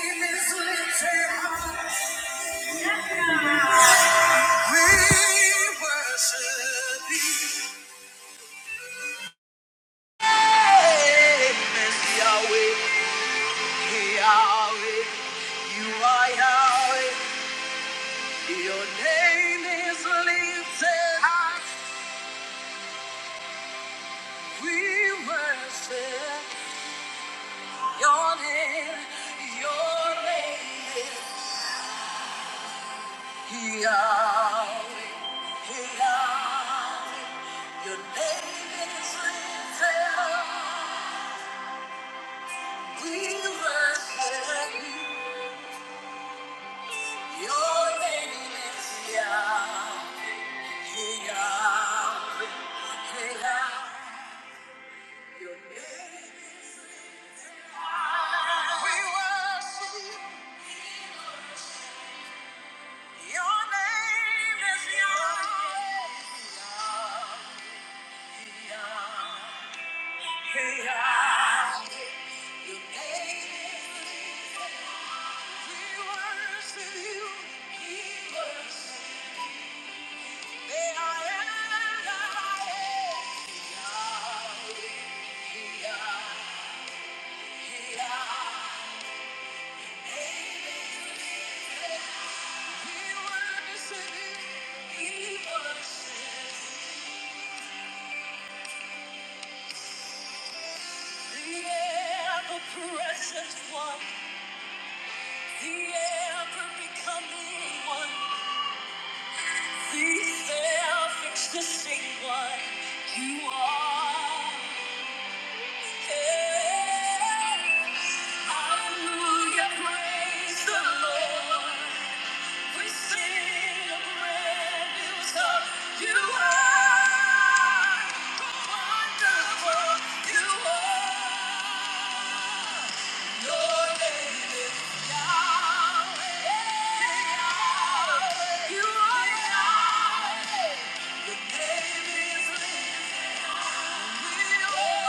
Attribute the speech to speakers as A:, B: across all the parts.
A: Your name is lifted. up. We worship you. Your name is Yahweh. Hey, Yahweh. Hey, We worship Your name is Yahweh. Hey, Yahweh. Hey, Your name is- We worship you. you. Hey, I am that I am. Yahweh. Hey, Hey, The the ever-present One, One, the self-existing One, ever-becoming self-existent You are. Hey, Hallelujah, praise the Lord. We sing a brand new song. You are wonderful. You are your name is Yahweh. You are Yahweh. Your name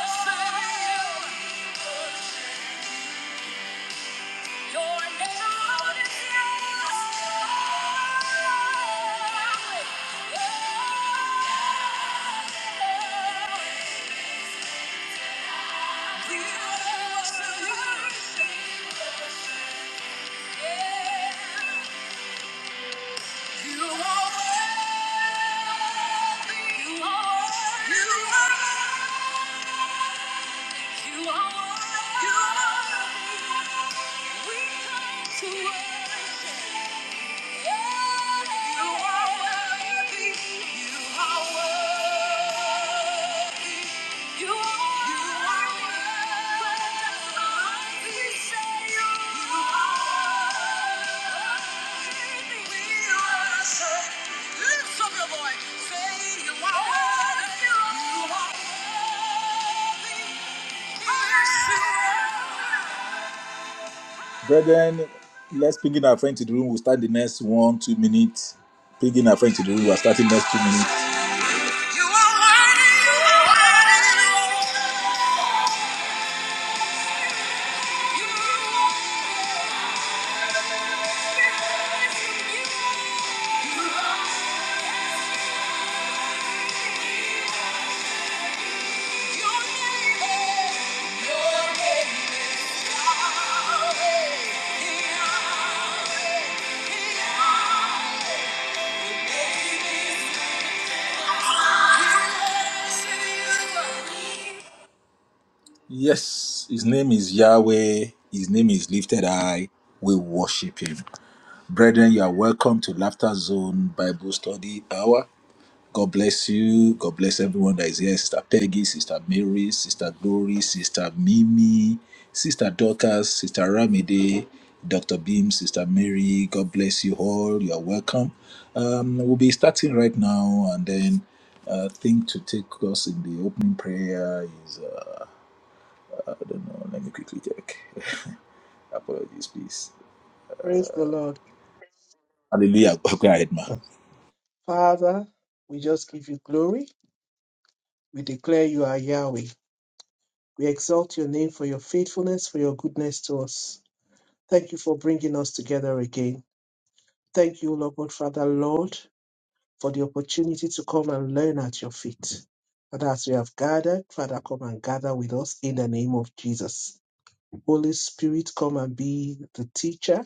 A: is Yahweh. Your name is You You You are are are worthy. worthy. Yeah. Brethren, let's ping in our friend to the room. We'll start the next one, two minutes. Ping in our friend to the room. We're starting next two minutes. You are worthy. Yes, his name is Yahweh. His name is Lifted High. We worship him. Brethren, you are welcome to Laughter Zone Bible Study Hour. God bless you. God bless everyone that is here. Sister Peggy, Sister Mary, Sister Glory, Sister Mimi, Sister Dorcas, Sister Ramide, Dr. Beam, Sister Mary. God bless you all. You are welcome. Um, we'll be starting right now and then uh, thing to take us in the opening prayer is I don't know. Let me quickly check. Apologies, please.
B: Praise the Lord.
A: Hallelujah. Go ahead, ma.
B: Father, we just give you glory. We declare you are Yahweh. We exalt your name for your faithfulness, for your goodness to us. Thank you for bringing us together again. Thank you, Lord God, Father, Lord, for the opportunity to come and learn at your feet. And as we have gathered, Father, come and gather with us in the name of Jesus. Holy Spirit, come and be the teacher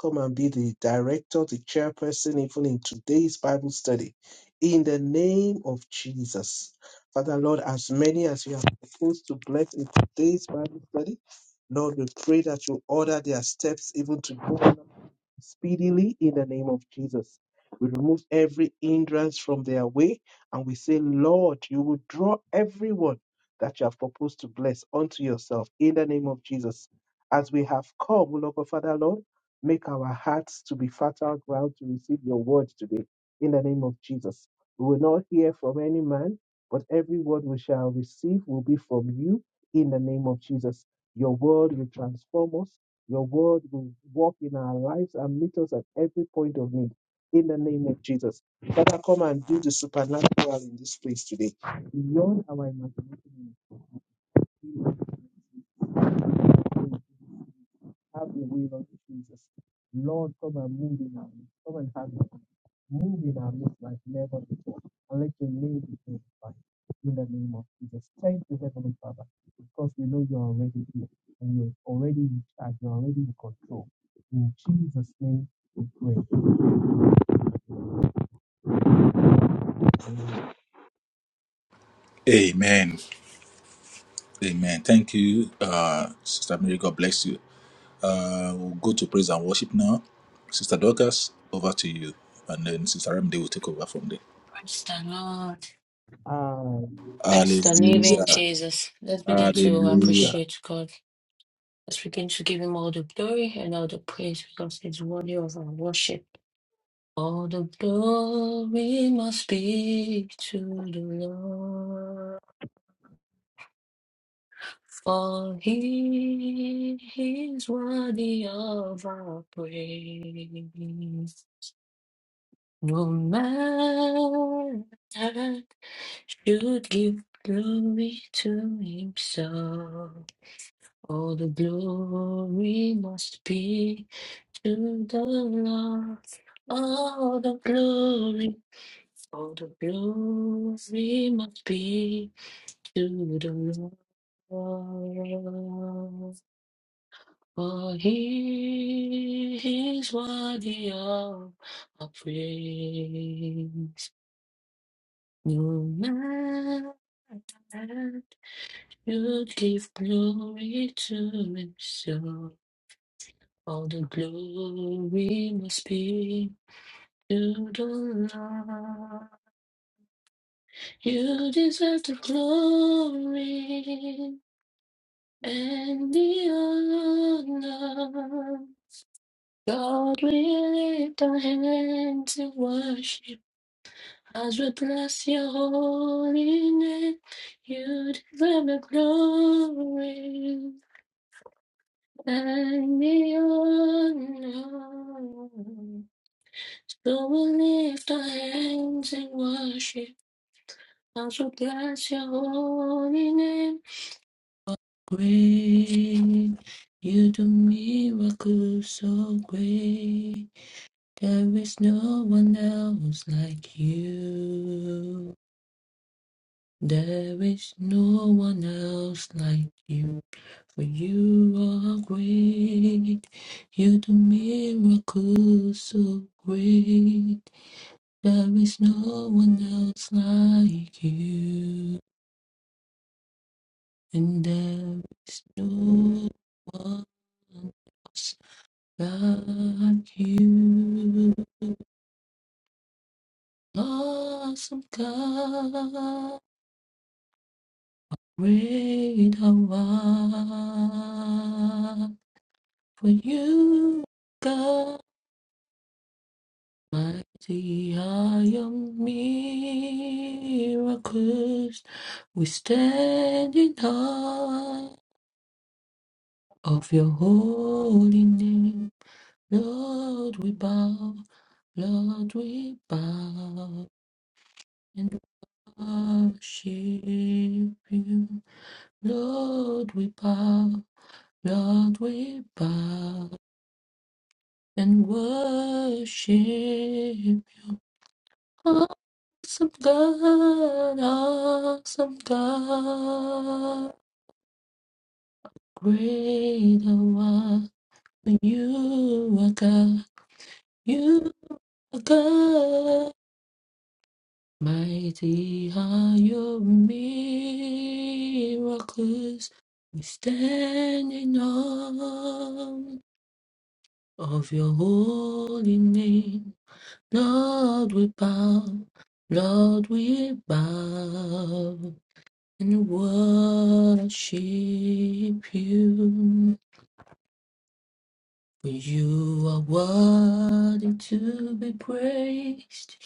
B: Come and be the director, the chairperson, even in today's Bible study. In the name of Jesus. Father, Lord, as many as you have proposed to bless in today's Bible study, Lord, we pray that you order their steps even to go speedily in the name of Jesus. We remove every hindrance from their way and we say, Lord, you will draw everyone that you have proposed to bless unto yourself in the name of Jesus. As we have come, O Lord God, Father, Lord. Make our hearts to be fertile ground to receive your word today in the name of Jesus. We will not hear from any man, but every word we shall receive will be from you in the name of Jesus. Your word will transform us. Your word will walk in our lives and meet us at every point of need in the name of Jesus. Father, come and do the supernatural in this place today beyond our imagination. Have your way, Lord Jesus. Lord, come and move in our midst. Come and have your way. Move in our midst like never before. And let your name be glorified in the name of Jesus. Thank you, Heavenly Father, because we know you're already here and you're already in charge. You're already in control. In Jesus' name, we pray.
A: Amen. Amen. Thank you, uh, Sister Mary. God bless you. Uh, we'll go to praise and worship now. Sister Dorcas, over to you. And then Sister Ramde will take over from there.
C: Praise the Lord.
B: Hallelujah.
C: Praise the living
A: Hallelujah.
C: Jesus. Let's begin to
A: Hallelujah.
C: appreciate God. Let's begin to give Him all the glory and all the praise because He's worthy of our worship. All the glory must be to the Lord, for He is worthy of our praise. No man should give glory to Himself. All the glory must be to the Lord. All the glory, all the glory must be to the Lord. For he is worthy of our praise. No man should give glory to himself. All the glory must be to the Lord. You deserve the glory and the honor. God, we lift our hands in worship as we bless your holy name. You deserve the glory and the honor. So we'll lift our hands and worship as we bless your holy name. Great, you do miracles so great. There is no one else like you. There is no one else like you. For you are great, you do miracles so great. There is no one else like you, and there is no one else like you. Awesome God, great thou art. For you, God. Mighty are your miracles. We stand in awe of your holy name. Lord, we bow. Lord, we bow and worship you. Lord, we bow. Lord, we bow and worship you. Awesome God, awesome God, great one. You are God, you are God. Mighty are your miracles. We stand in awe of your holy name. Lord, we bow. Lord, we bow. and worship you. For you are worthy to be praised.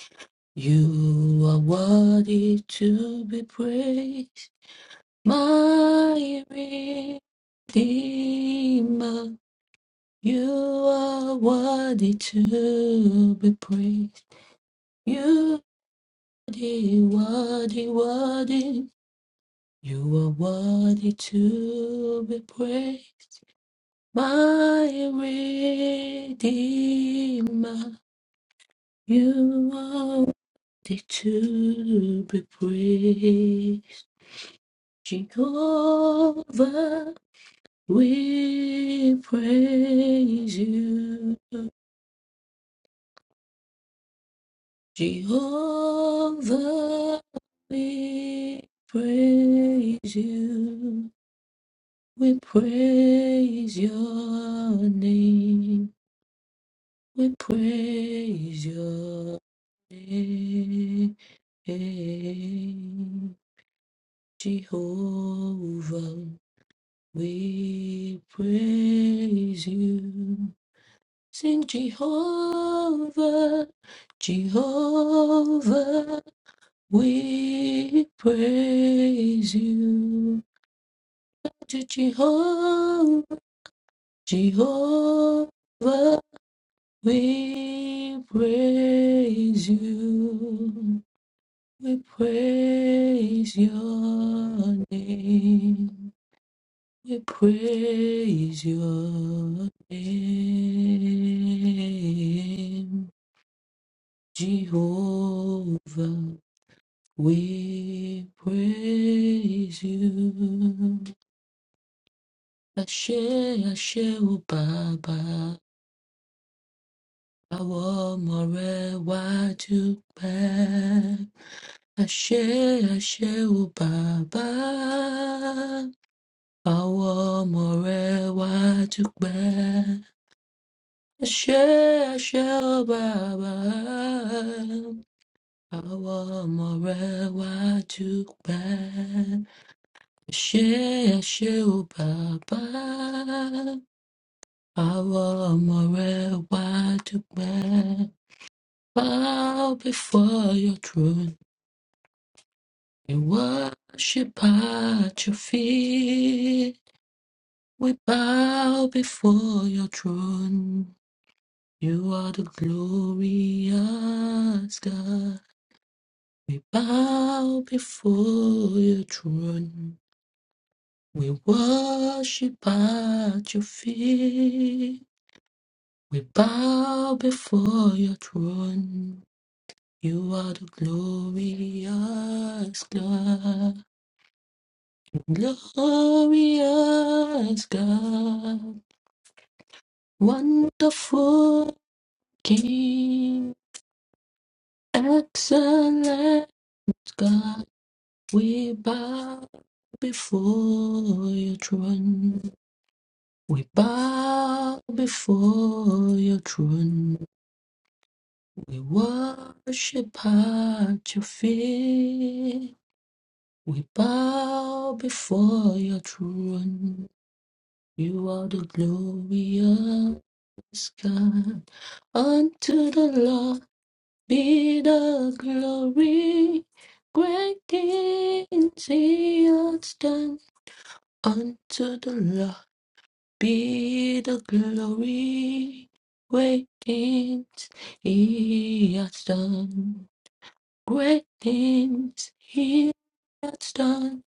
C: You are worthy to be praised. My Redeemer, you are worthy to be praised. You are worthy, worthy, worthy. You are worthy to be praised. My Redeemer, you are worthy to be praised. Jehovah, we praise you. Jehovah, we praise you. We praise your name. We praise your name. Hey, Jehovah, we praise you. Sing Jehovah, Jehovah, we praise you. To Jehovah, Jehovah, we praise you. We praise your name. We praise your name, Jehovah. We praise you. Ashe, Ashe, O Baba. Our more why to pay. Ashe, Ashe, O Baba. Our more why to pay. Shashaba Awa more wa tukba Shashaba Awa more wa tukba Bow before your throne and worship at your feet. We bow before your throne. You are the glorious God. We bow before your throne. We worship at your feet. We bow before your throne. You are the glorious God, glorious God, wonderful King, excellent God. We bow before your throne. We bow before your throne. We worship at your feet. We bow before your throne. You are the glorious God. Unto the Lord be the glory. Great things he hath done. Unto the Lord. be the glory, great things he has done, great things he has done,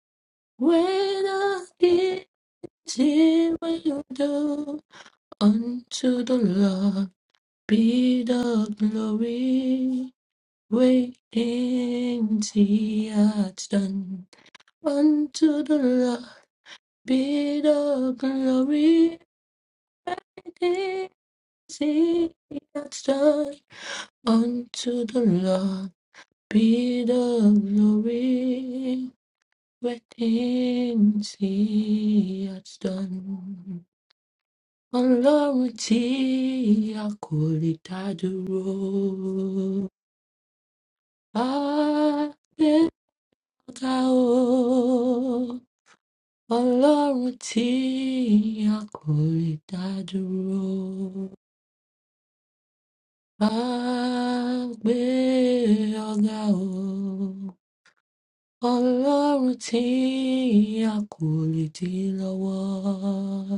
C: greater things he will do. Unto the Lord be the glory, great things he has done. Unto the Lord be the glory, great things he has done. Unto the Lord be the glory, great things He has done. Ọlọ́run tí a kò lè dá dúró, a gbé ọ̀gá o. Ọlọ́run tí a kò lè dá dúró, a gbé ọ̀gá o. Ọlọ́run tí a kò lè dí lọ́wọ́.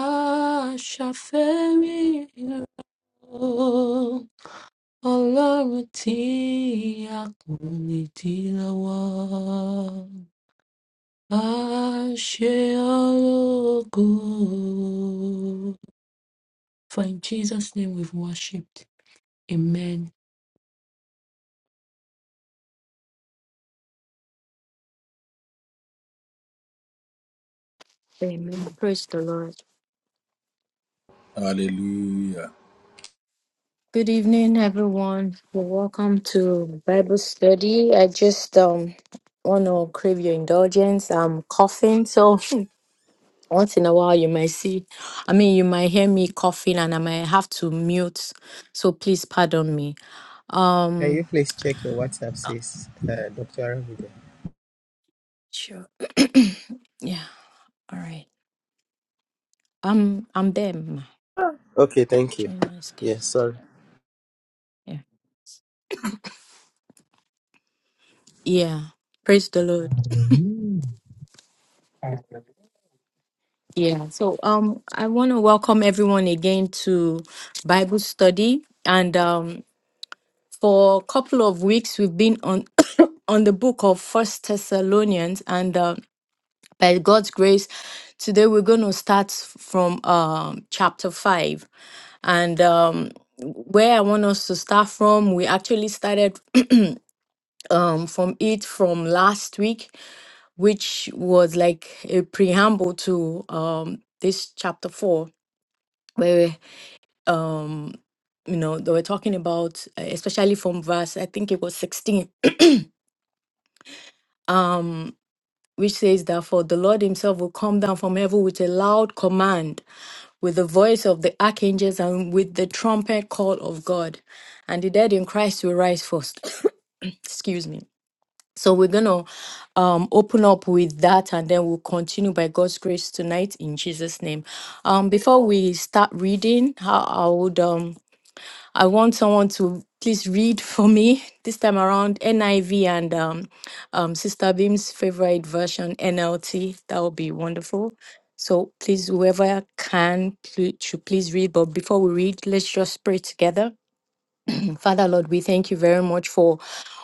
C: Aṣàfẹ́rí o, Ọlọ́run tí a kò lè dí lọ́wọ́. Àṣẹ ológo. For in Jesus' name we've worshipped. Amen.
D: Amen. Praise the Lord.
A: Hallelujah.
D: Good evening, everyone. You're welcome to Bible study. I just um want to crave your indulgence. I'm coughing, so once in a while you might see, I mean, you might hear me coughing, and I might have to mute. So please pardon me.
E: Can you
D: Um,
E: please check your WhatsApp, says uh, Dr. Araviga?
D: sure. yeah. All right. Um, I'm them.
E: Okay, thank you.
D: Join us,
E: Yeah,
D: guest.
E: sorry.
D: Yeah. Yeah. Praise the Lord.
B: Hallelujah.
D: Yeah, so um, I want to welcome everyone again to Bible study, and um, for a couple of weeks we've been on on the book of First Thessalonians, and uh, by God's grace, today we're going to start from um, chapter five, and um, where I want us to start from, we actually started um, from it from last week, which was like a preamble to um, this chapter four where um you know they were talking about uh, especially from verse i think it was 16 um which says that for the lord himself will come down from heaven with a loud command with the voice of the archangels and with the trumpet call of god and the dead in christ will rise first excuse me so we're gonna um open up with that and then we'll continue by god's grace tonight in jesus name um before we start reading i, I would um I want someone to please read for me this time around NIV and um, um, Sister Beam's favorite version, NLT. That would be wonderful. So please, whoever can, pl- should please read. But before we read, let's just pray together. Father, Lord, we thank you very much for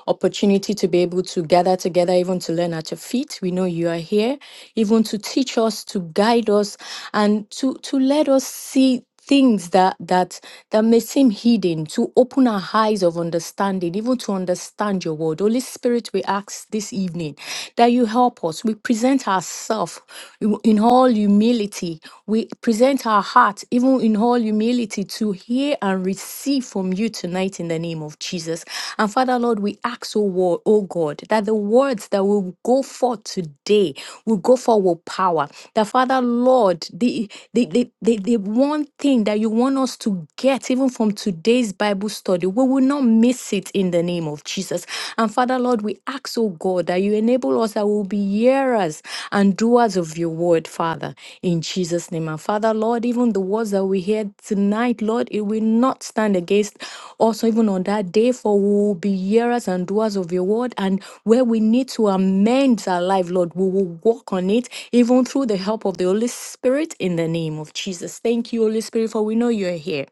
D: opportunity to be able to gather together, even to learn at your feet. We know you are here, even to teach us, to guide us, and to to let us see things that that that may seem hidden to open our eyes of understanding even to understand your word holy spirit we ask this evening that you help us we present ourselves in all humility we present our heart, even in all humility, to hear and receive from you tonight in the name of Jesus. And Father, Lord, we ask, oh, wo- oh God, that the words that will go forth today will go forth with power. That, Father, Lord, the, the, the, the, the one thing that you want us to get, even from today's Bible study, we will not miss it in the name of Jesus. And Father, Lord, we ask, oh God, Lord, that you enable us that we'll be hearers and doers of your word, Father, in Jesus' name. And Father, Lord, even the words that we hear tonight, Lord, it will not stand against us even on that day, for we will be hearers and doers of your word. And where we need to amend our life, Lord, we will walk on it, even through the help of the Holy Spirit, in the name of Jesus. Thank you, Holy Spirit, for we know you're here.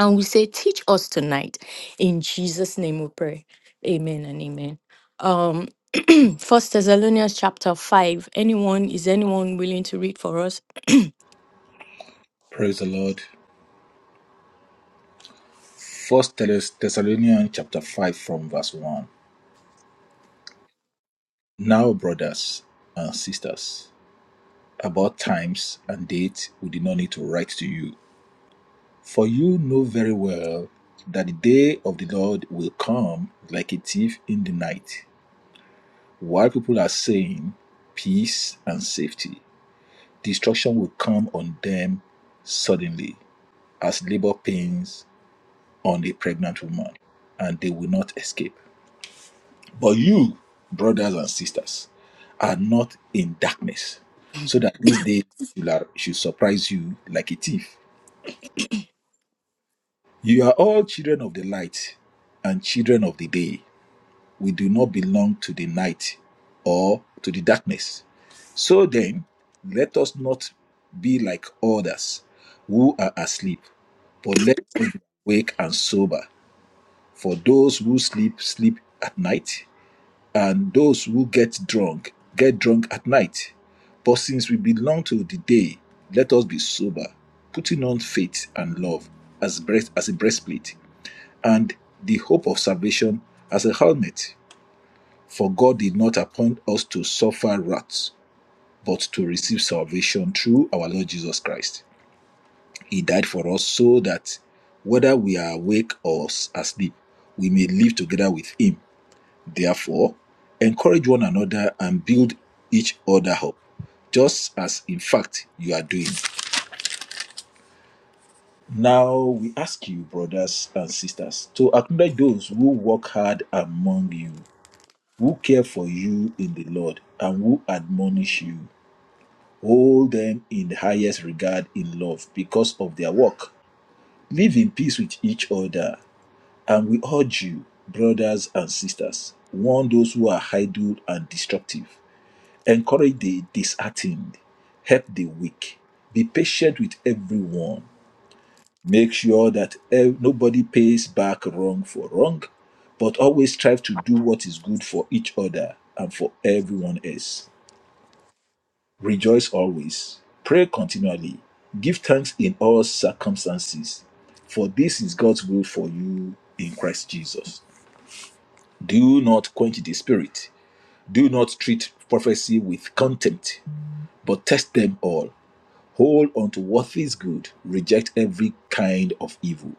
D: And we say, teach us tonight. In Jesus' name we pray. Amen and amen Um. First Thessalonians chapter 5. Anyone, is anyone willing to read for us?
A: Praise the Lord. First Thessalonians chapter 5 from verse 1. Now, brothers and sisters. about times and dates we did not need to write to you. For you know very well that the day of the Lord will come like a thief in the night. While people are saying peace and safety, destruction will come on them suddenly as labor pains on a pregnant woman, and they will not escape. But you, brothers and sisters, are not in darkness, so that this day should surprise you like a thief. You are all children of the light and children of the day. We do not belong to the night or to the darkness. So then, let us not be like others who are asleep, but let us be awake and sober. For those who sleep, sleep at night, and those who get drunk, get drunk at night. But since we belong to the day, let us be sober, putting on faith and love as breast as a breastplate and the hope of salvation as a helmet. For God did not appoint us to suffer wrath, but to receive salvation through our Lord Jesus Christ. He died for us so that whether we are awake or asleep, we may live together with Him. Therefore, encourage one another and build each other up, just as in fact you are doing. Now we ask you, brothers and sisters, to acknowledge those who work hard among you who care for you in the Lord and who admonish you. Hold them in the highest regard in love because of their work. Live in peace with each other. And we urge you, brothers and sisters, warn those who are idle and destructive. Encourage the disheartened. Help the weak. Be patient with everyone. Make sure that eh, nobody pays back wrong for wrong, but always strive to do what is good for each other and for everyone else. Rejoice always. Pray continually. Give thanks in all circumstances, for this is God's will for you in Christ Jesus. Do not quench the spirit. Do not treat prophecy with contempt, but test them all. Hold on to what is good. Reject every kind of evil.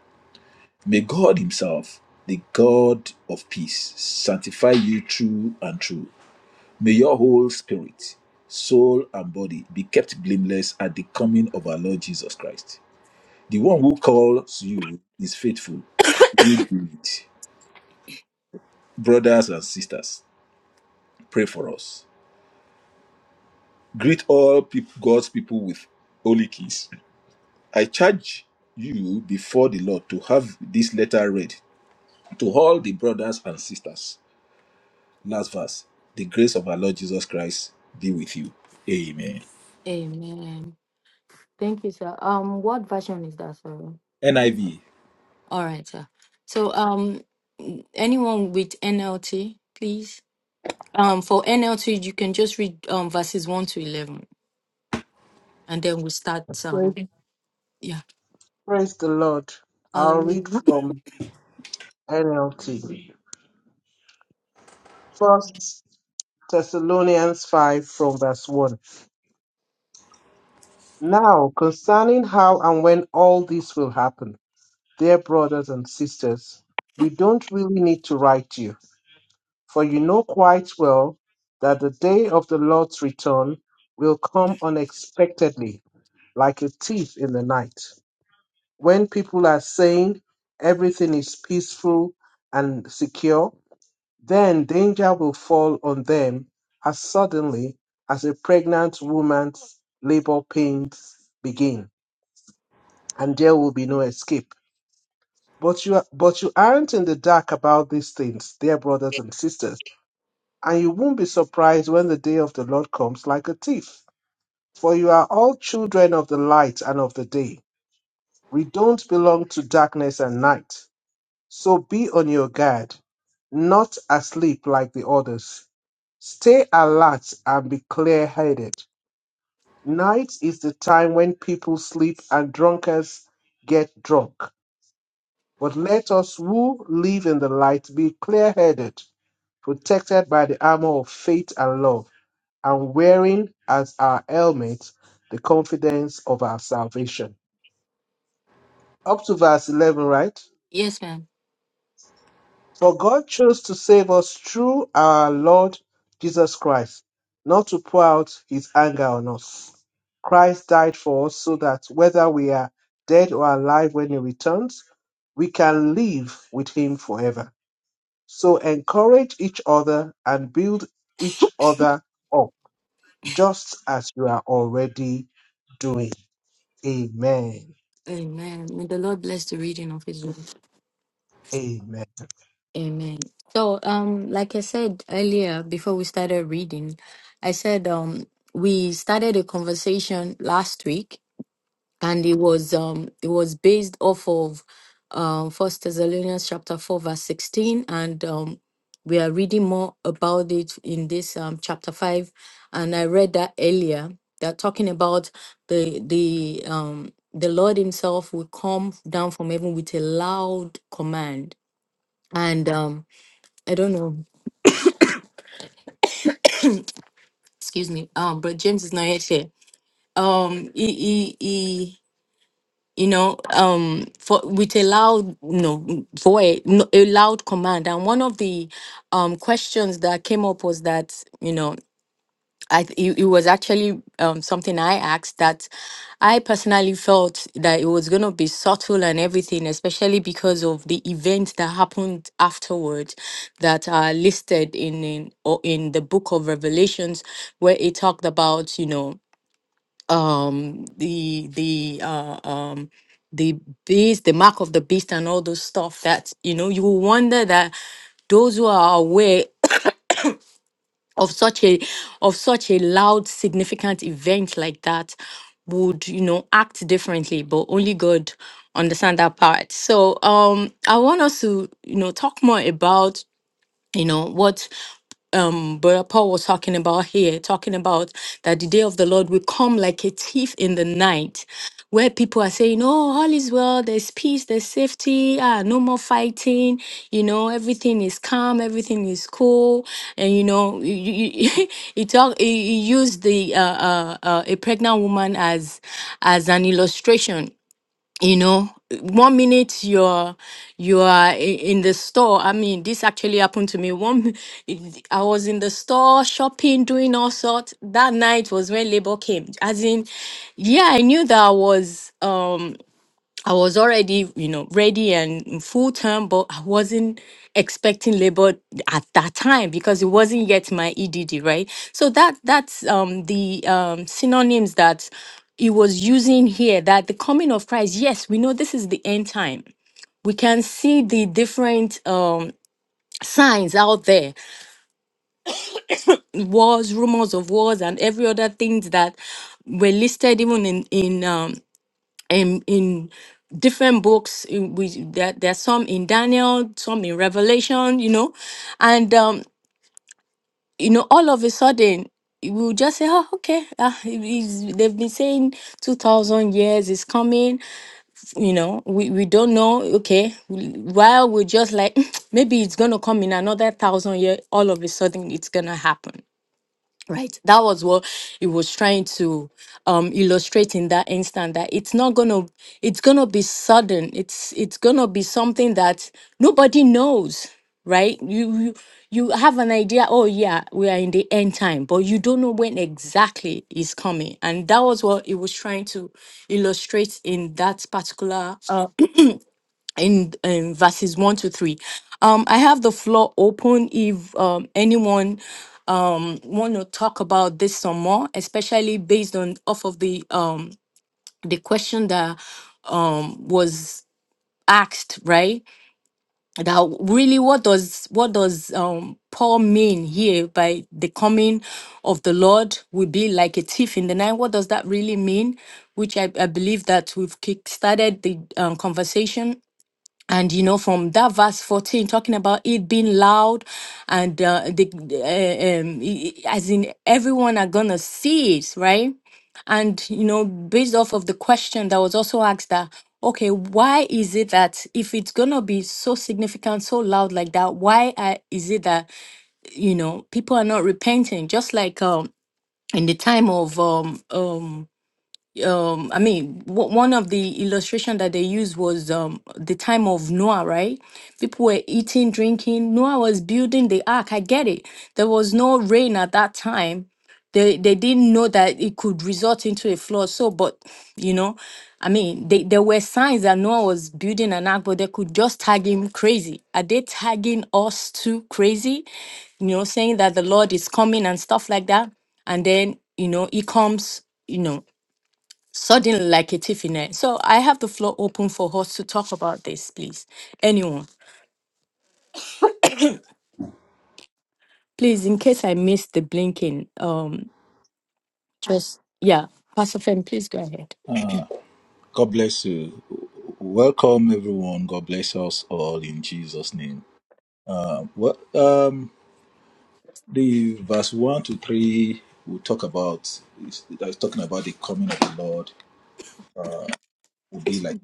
A: May God Himself, the God of peace, sanctify you true and true. May your whole spirit, soul, and body be kept blameless at the coming of our Lord Jesus Christ. The one who calls you is faithful, and we do it. Brothers and sisters, pray for us. Greet all peop- God's people with holy kiss. I charge you before the Lord to have this letter read to all the brothers and sisters. Last verse. The grace of our Lord Jesus Christ be with you. Amen.
D: Amen. Thank you, sir. Um, what version is that, sir?
A: NIV.
D: All right, sir. So, um, anyone with NLT, please. Um, for NLT, you can just read um verses one to eleven, and then we'll start.
B: Praise,
D: Um, yeah.
B: praise the Lord. I'll read
D: Hallelujah.
B: from NLT. First Thessalonians 5 from verse 1. Now, concerning how and when all this will happen, dear brothers and sisters, we don't really need to write you, for you know quite well that the day of the Lord's return will come unexpectedly, like a thief in the night, when people are saying everything is peaceful and secure, Then danger will fall on them as suddenly as a pregnant woman's labor pains begin, and there will be no escape. But you, are, but you aren't in the dark about these things, dear brothers and sisters, and you won't be surprised when the day of the Lord comes like a thief. For you are all children of the light and of the day. We don't belong to darkness and night. So be on your guard, not asleep like the others. Stay alert and be clear headed. Night is the time when people sleep and drunkards get drunk. But let us who live in the light be clear headed, protected by the armor of faith and love, and wearing as our helmet the confidence of our salvation. Up to verse 11, right?
D: Yes, ma'am.
B: For God chose to save us through our Lord Jesus Christ, not to pour out his anger on us. Christ died for us so that whether we are dead or alive when he returns, we can live with him forever. So encourage each other and build each other up, just as you are already doing. Amen.
D: Amen. May the Lord bless the reading of His word.
B: Amen.
D: Amen. So, um, like I said earlier, before we started reading, I said um we started a conversation last week, and it was um it was based off of um First Thessalonians chapter four verse sixteen, and um we are reading more about it in this um chapter five, and I read that earlier. They're talking about the the um the Lord Himself will come down from heaven with a loud command, and um I don't know. Excuse me. Um, but James is not yet here. Um, he, he, he, you know, um, for with a loud, no, voice, no, a loud command, and one of the um questions that came up was that, you know. I th- it, it was actually um, something I asked that I personally felt that it was going to be subtle and everything, especially because of the events that happened afterwards that are listed in in, or in the book of Revelations, where it talked about you know um, the the uh, um, the beast, the mark of the beast, and all those stuff that you know you will wonder that those who are aware of such a of such a loud significant event like that would you know act differently but only god understand that part so um i want us to you know talk more about you know what um brother paul was talking about here talking about that the day of the lord will come like a thief in the night where people are saying oh all is well there's peace there's safety ah no more fighting you know everything is calm everything is cool and you know you, you, you- he talk he, he used the uh, uh, uh, a pregnant woman as as an illustration you know one minute you're you are i- in the store i mean this actually happened to me one mi- i was in the store shopping doing all sorts that night was when labor came as in yeah i knew that i was um I was already, you know, ready and in full term, but I wasn't expecting labor at that time because it wasn't yet my EDD, right? So that that's um, the um, synonyms that he was using here. That the coming of Christ, yes, we know this is the end time. We can see the different um, signs out there, wars, rumors of wars, and every other things that were listed even in in um, and in different books in which there, there's some in daniel some in revelation you know and um you know all of a sudden we will just say oh okay ah, it is- they've been saying 2000 years is coming you know we, we don't know okay while we're just like maybe it's gonna come in another thousand years, all of a sudden it's gonna happen Right. That was what it was trying to um illustrate in that instant that it's not gonna it's gonna be sudden. It's it's gonna be something that nobody knows, right? You you you have an idea, oh yeah, we are in the end time, but you don't know when exactly it's coming. And that was what it was trying to illustrate in that particular uh, in in verses one to three. Um I have the floor open if um anyone want to talk about this some more, especially based on off of the um the question that um was asked, right? That really what does what does um Paul mean here by the coming of the Lord will be like a thief in the night? What does that really mean? Which I, I believe that we've kick started the um, conversation and you know from that verse 14 talking about it being loud and uh, the uh, um, i- i- as in everyone are gonna see it right and you know based off of the question that was also asked that okay why is it that if it's gonna be so significant so loud like that why are, is it that you know people are not repenting just like um in the time of um um um i mean w- one of the illustration that they used was um the time of noah right people were eating drinking noah was building the ark i get it there was no rain at that time they they didn't know that it could result into a flood so but you know i mean they, there were signs that noah was building an ark but they could just tag him crazy are they tagging us too crazy you know saying that the lord is coming and stuff like that and then you know he comes you know suddenly like a thief in it. So I have the floor open for us to talk about this, please. Anyone, please, in case I missed the blinking, um, just yeah, Pastor Fem, please go ahead.
A: God bless you. Welcome, everyone. God bless us all in Jesus' name. Uh, what um, the verse one to three will talk about is is talking about the coming of the Lord will be like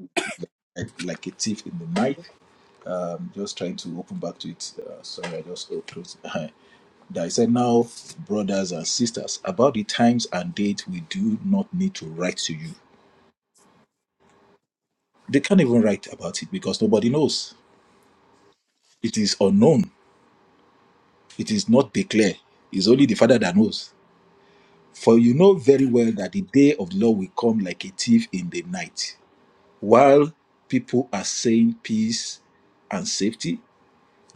A: like, like a thief in the night. I'm just trying to open back to it. Uh, sorry, I just closed. That I said now, brothers and sisters, about the times and date we do not need to write to you. They can't even write about it because nobody knows. It is unknown It is not declared. It's only the Father that knows. For you know very well that the day of the Lord will come like a thief in the night. While people are saying peace and safety,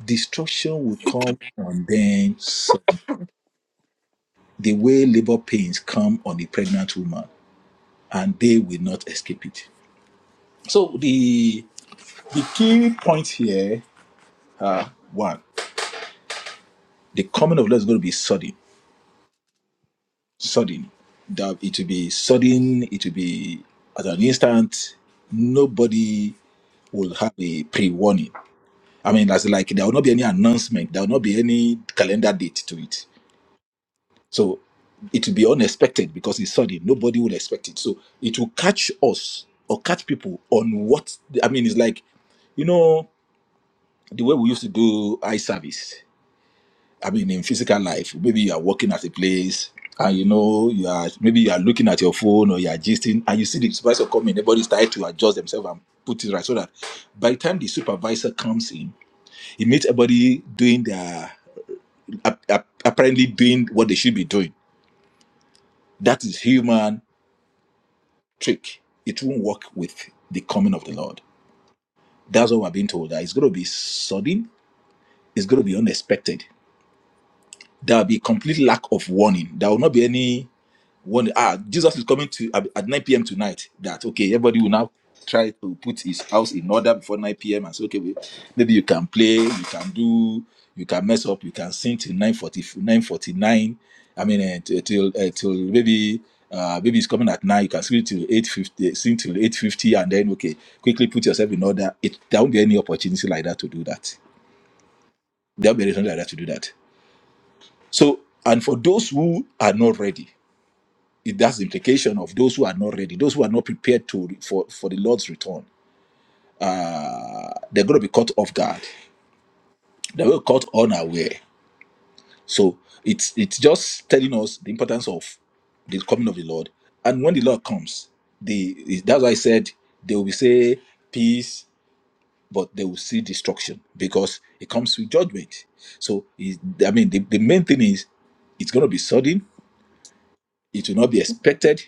A: destruction will come on them suddenly. The way labor pains come on a pregnant woman, and they will not escape it. So the the key points here are one, the coming of the Lord is going to be sudden. sudden. That it will be sudden, it will be at an instant. Nobody will have a pre warning. I mean, as in, like there will not be any announcement, there will not be any calendar date to it. So it will be unexpected because it's sudden. Nobody will expect it. So it will catch us or catch people on what I mean, it's like, you know, the way we used to do eye service. I mean, in physical life, maybe you are working at a place and you know you are maybe you are looking at your phone or you are gisting and you see the supervisor coming, everybody's trying to adjust themselves and put it right so that by the time the supervisor comes in, he meets everybody doing their ap- ap- apparently doing what they should be doing. That is human trick. It won't work with the coming of the Lord. That's what we're being told. That it's going to be sudden. It's going to be unexpected. There will be complete lack of warning. There will not be any. One ah, Jesus is coming to at at 9 p.m. tonight. That okay, everybody will now try to put his house in order before 9 p.m. and say, okay, wait, maybe you can play, you can do, you can mess up, you can sing till 9:40, 9:49. I mean, eh, till till, eh, till maybe uh, maybe it's coming at nine. You can sing till 8:50, sing till 8:50, and then okay, quickly put yourself in order. It there won't be any opportunity like that to do that. There won't be anything like that to do that. So, and for those who are not ready it- that's the implication of those who are not ready, those who are not prepared to for, for the Lord's return. Uh, they're going to be caught off guard. They will be caught unaware. So it's it's just telling us the importance of the coming of the Lord. And when the Lord comes, the that's why I said they will say peace, but they will see destruction because it comes with judgment. So it, I mean, the, the main thing is it's going to be sudden. It will not be expected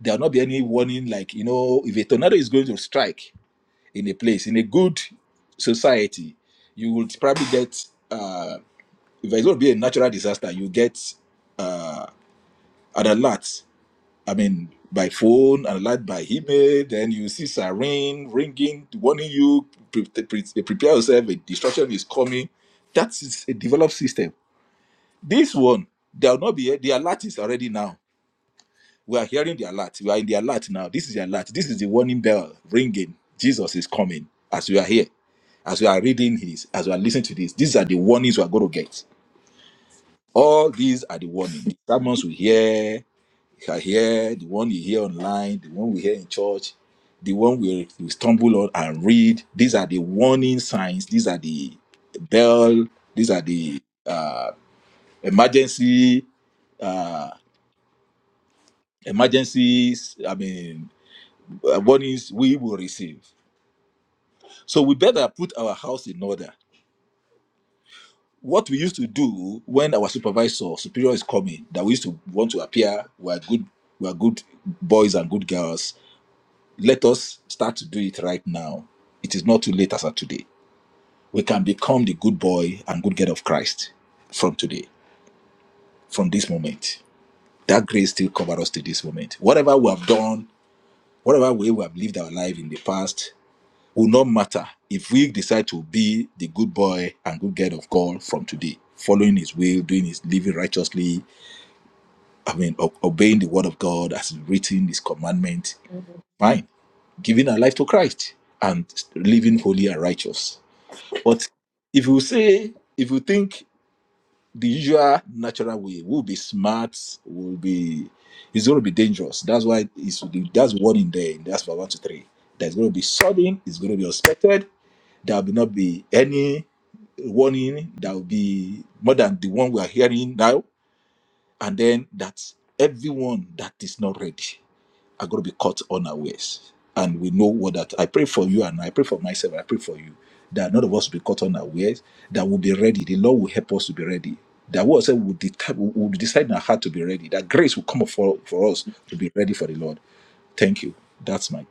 A: there will not be any warning like you know if a tornado is going to strike in a place in a good society you would probably get uh if it's going to be a natural disaster you get uh an alert i mean by phone an alert by email then you see siren ringing warning you pre- pre- prepare yourself a destruction is coming that is a developed system this one there will not be the alert is already now We are hearing the alert. We are in the alert now. This is the alert. This is the warning bell ringing. Jesus is coming as we are here, as we are reading his, as we are listening to this. These are the warnings we are going to get. All these are the warning. The sermons we hear, we are here, the one you hear online, the one we hear in church, the one we, we stumble on and read. These are the warning signs. These are the bell. These are the uh, emergency uh, emergencies. I mean, uh, warnings we will receive. So we better put our house in order. What we used to do when our supervisor or superior is coming, that we used to want to appear, we are good, we are good boys and good girls. Let us start to do it right now. It is not too late as of today. We can become the good boy and good girl of Christ from today, from this moment. That grace still covers us to this moment. Whatever we have done, whatever way we have lived our life in the past, will not matter if we decide to be the good boy and good girl of God from today, following His will, doing His living righteously. I mean, obeying the word of God as written, His commandment. Fine, giving our life to Christ and living holy and righteous. But if you say, if you think the usual natural way. We'll be smart. We'll be. It's going to be dangerous. That's why it's that's warning there. That's for one to three. There's going to be sudden. It's going to be unexpected. There will not be any warning. There will be more than the one we are hearing now. And then that everyone that is not ready are going to be caught unawares. And we know what that I pray for you and I pray for myself, I pray for you that none of us will be caught unawares, that we'll be ready. The Lord will help us to be ready. That we will, deta- we will decide in our heart to be ready. That grace will come up for, for us to be ready for the Lord. Thank you. That's my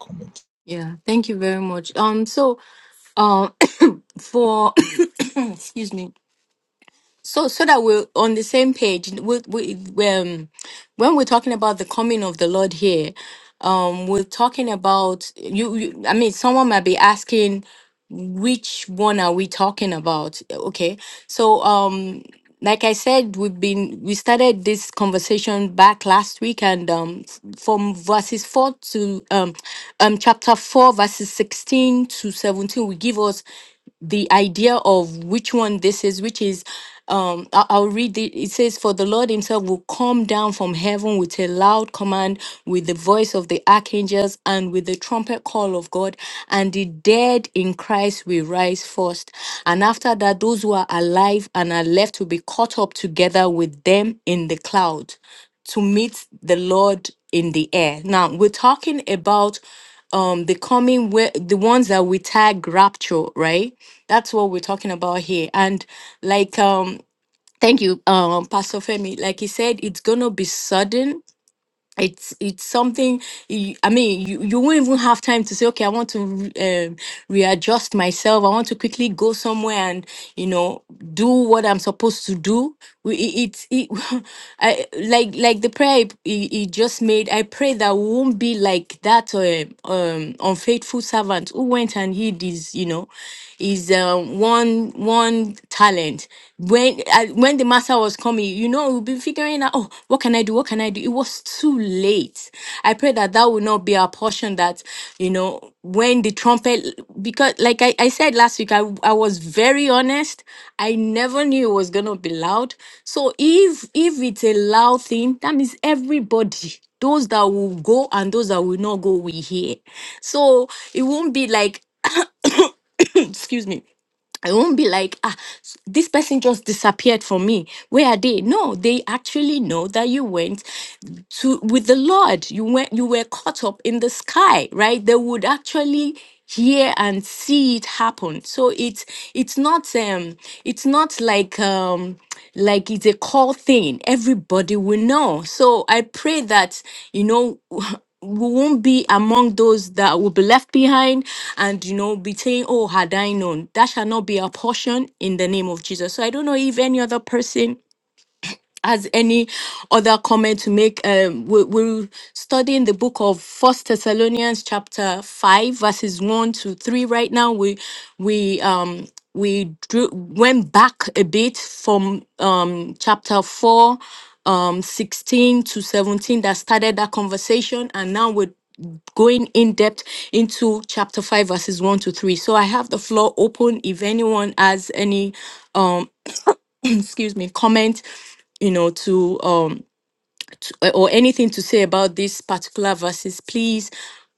A: comment.
D: Yeah, thank you very much. Um, so, um, for excuse me, so so that we're on the same page we, we, we, um, when we're talking about the coming of the lord here um we're talking about you, you i mean someone might be asking which one are we talking about okay so um like i said we've been we started this conversation back last week and um f- from verses 4 to um um chapter 4 verses 16 to 17 we give us the idea of which one this is, which is, um, I- I'll read it. It says, For the Lord himself will come down from heaven with a loud command, with the voice of the archangels, and with the trumpet call of God, and the dead in Christ will rise first. And after that, those who are alive and are left will be caught up together with them in the cloud to meet the Lord in the air. Now, we're talking about um the coming where the ones that we tag rapture right that's what we're talking about here and like um thank you um pastor femi like he said it's gonna be sudden it's it's something you- i mean you, you won't even have time to say okay i want to re- um, readjust myself i want to quickly go somewhere and you know do what i'm supposed to do We- it, it, it I, like like the prayer he, he just made i pray that we won't be like that uh, um unfaithful servant who went and hid his you know is um, one one talent. When I, when the master was coming, you know, we've been figuring out, oh, what can I do? What can I do? It was too late. I pray that that will not be our portion. That you know, when the trumpet, because like I, I said last week, I I was very honest. I never knew it was gonna be loud. So if if it's a loud thing, that means everybody those that will go and those that will not go will hear. So it won't be like excuse me i won't be like ah s- this person just disappeared from me where are they no they actually know that you went to with the lord you went you were caught up in the sky right they would actually hear and see it happen so it's it's not um it's not like um like it's a call thing everybody will know so i pray that you know we won't be among those that will be left behind and you know be saying oh had i known that shall not be our portion in the name of jesus so i don't know if any other person has any other comment to make, um, we- we're studying the book of First Thessalonians, chapter five, verses one to three. Right now, we we um we drew, went back a bit from um chapter four, um sixteen to seventeen that started that conversation, and now we're going in depth into chapter 5 verses 1 to 3 so i have the floor open if anyone has any excuse me comment you know to um uh, or anything to say about these particular verses, please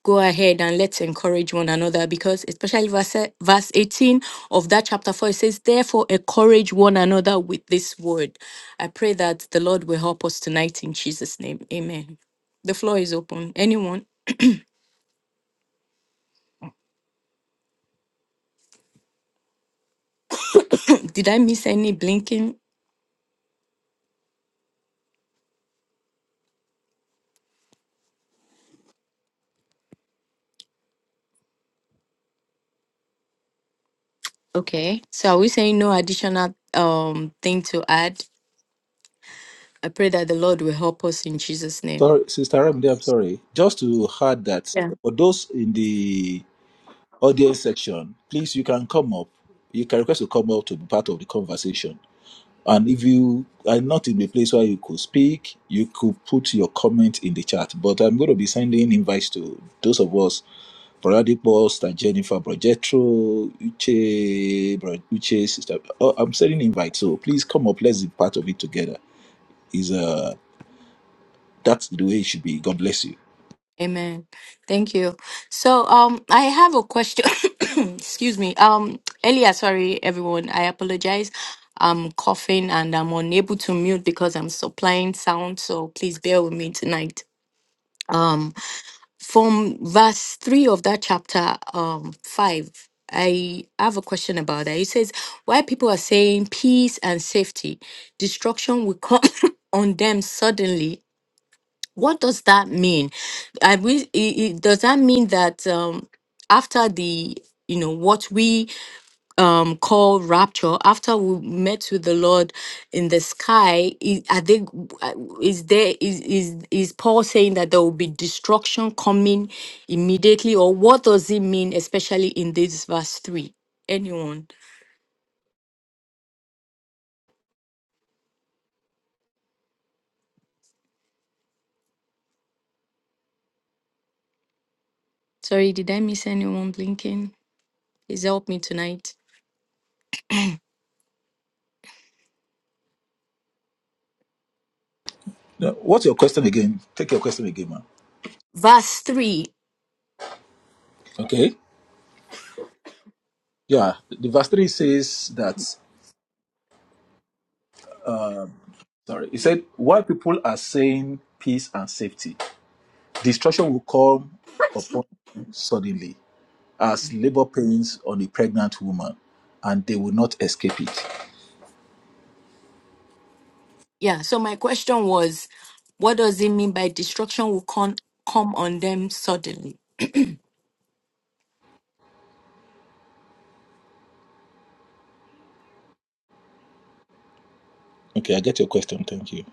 D: go ahead and let's encourage one another because especially verse, verse 18 of that chapter 4 it says therefore encourage one another with this word i pray that the lord will help us tonight in jesus name amen the floor is open anyone did i miss any blinking okay so are we saying no additional um thing to add i pray that the lord will help us in jesus name
A: Sorry, Sister Ramide, I'm sorry. Just to add that for those in the audience section, please you can come up. You can request to come up to be part of the conversation And if you are not in the place where you could speak, you could put your comment in the chat. But I'm going to be sending invites to those of us, Brady Post Jennifer Brogetro, Uche, Bro- Uche sister. Oh, I'm sending invites, so please come up. Let's be part of it together. Is uh, that's the way it should be. God bless you.
D: Amen. Thank you. So, um, I have a question. Excuse me. Um, earlier, sorry, everyone. I apologize. I'm coughing and I'm unable to mute because I'm supplying sound. So please bear with me tonight. Um, from verse three of that chapter, um, five. I have a question about that. It says, "Why people are saying peace and safety, destruction will come on them suddenly what does that mean? I we i- i- does that mean that um, after the you know what we um, call rapture, after we met with the Lord in the sky, is, are they? g- uh, Is there? Is is is Paul saying that there will be destruction coming immediately, or what does it mean, especially in this verse three? Anyone? Sorry, did I miss anyone blinking? Please help me tonight.
A: Now, what's your question again? Take your question again, man.
D: Verse 3
A: Okay. Yeah. The verse three says that. Um, sorry, it said why people are saying peace and safety Destruction will come upon them suddenly as labor pains on a pregnant woman, and they will not escape it.
D: Yeah, so my question was, what does it mean by destruction will con- come on them suddenly?
A: Okay, I get your question. Thank you.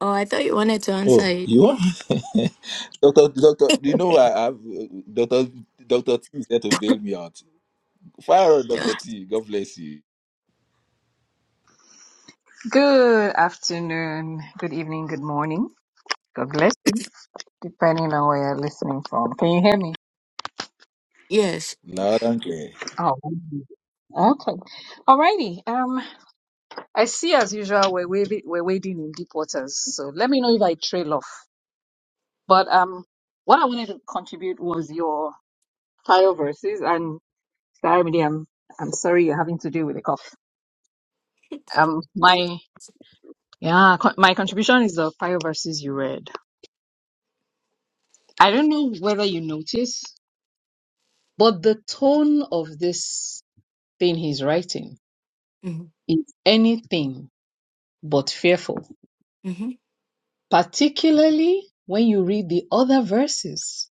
D: Oh, I thought you wanted to answer
A: Oh,
D: it.
A: you want? Doctor, doctor, do you know I have uh, Doctor Doctor T is there to bail me out. Fire on Doctor T. God bless you.
F: Good afternoon, good evening, good morning. God bless you, depending on where you're listening from. Can you hear me?
D: yes.
A: Loud and clear.
F: Oh, okay. Alrighty. Um, I see as usual we're wading, we're wading in deep waters. So let me know if I trail off. But um, what I wanted to contribute was your fire verses, and sorry, Midi, I'm I'm sorry you're having to deal with a cough. Um, my yeah, co- my contribution is the fire verses you read. I don't know whether you noticed. But the tone of this thing he's writing
D: Mm-hmm.
F: is anything but fearful,
D: hmm
F: particularly when you read the other verses.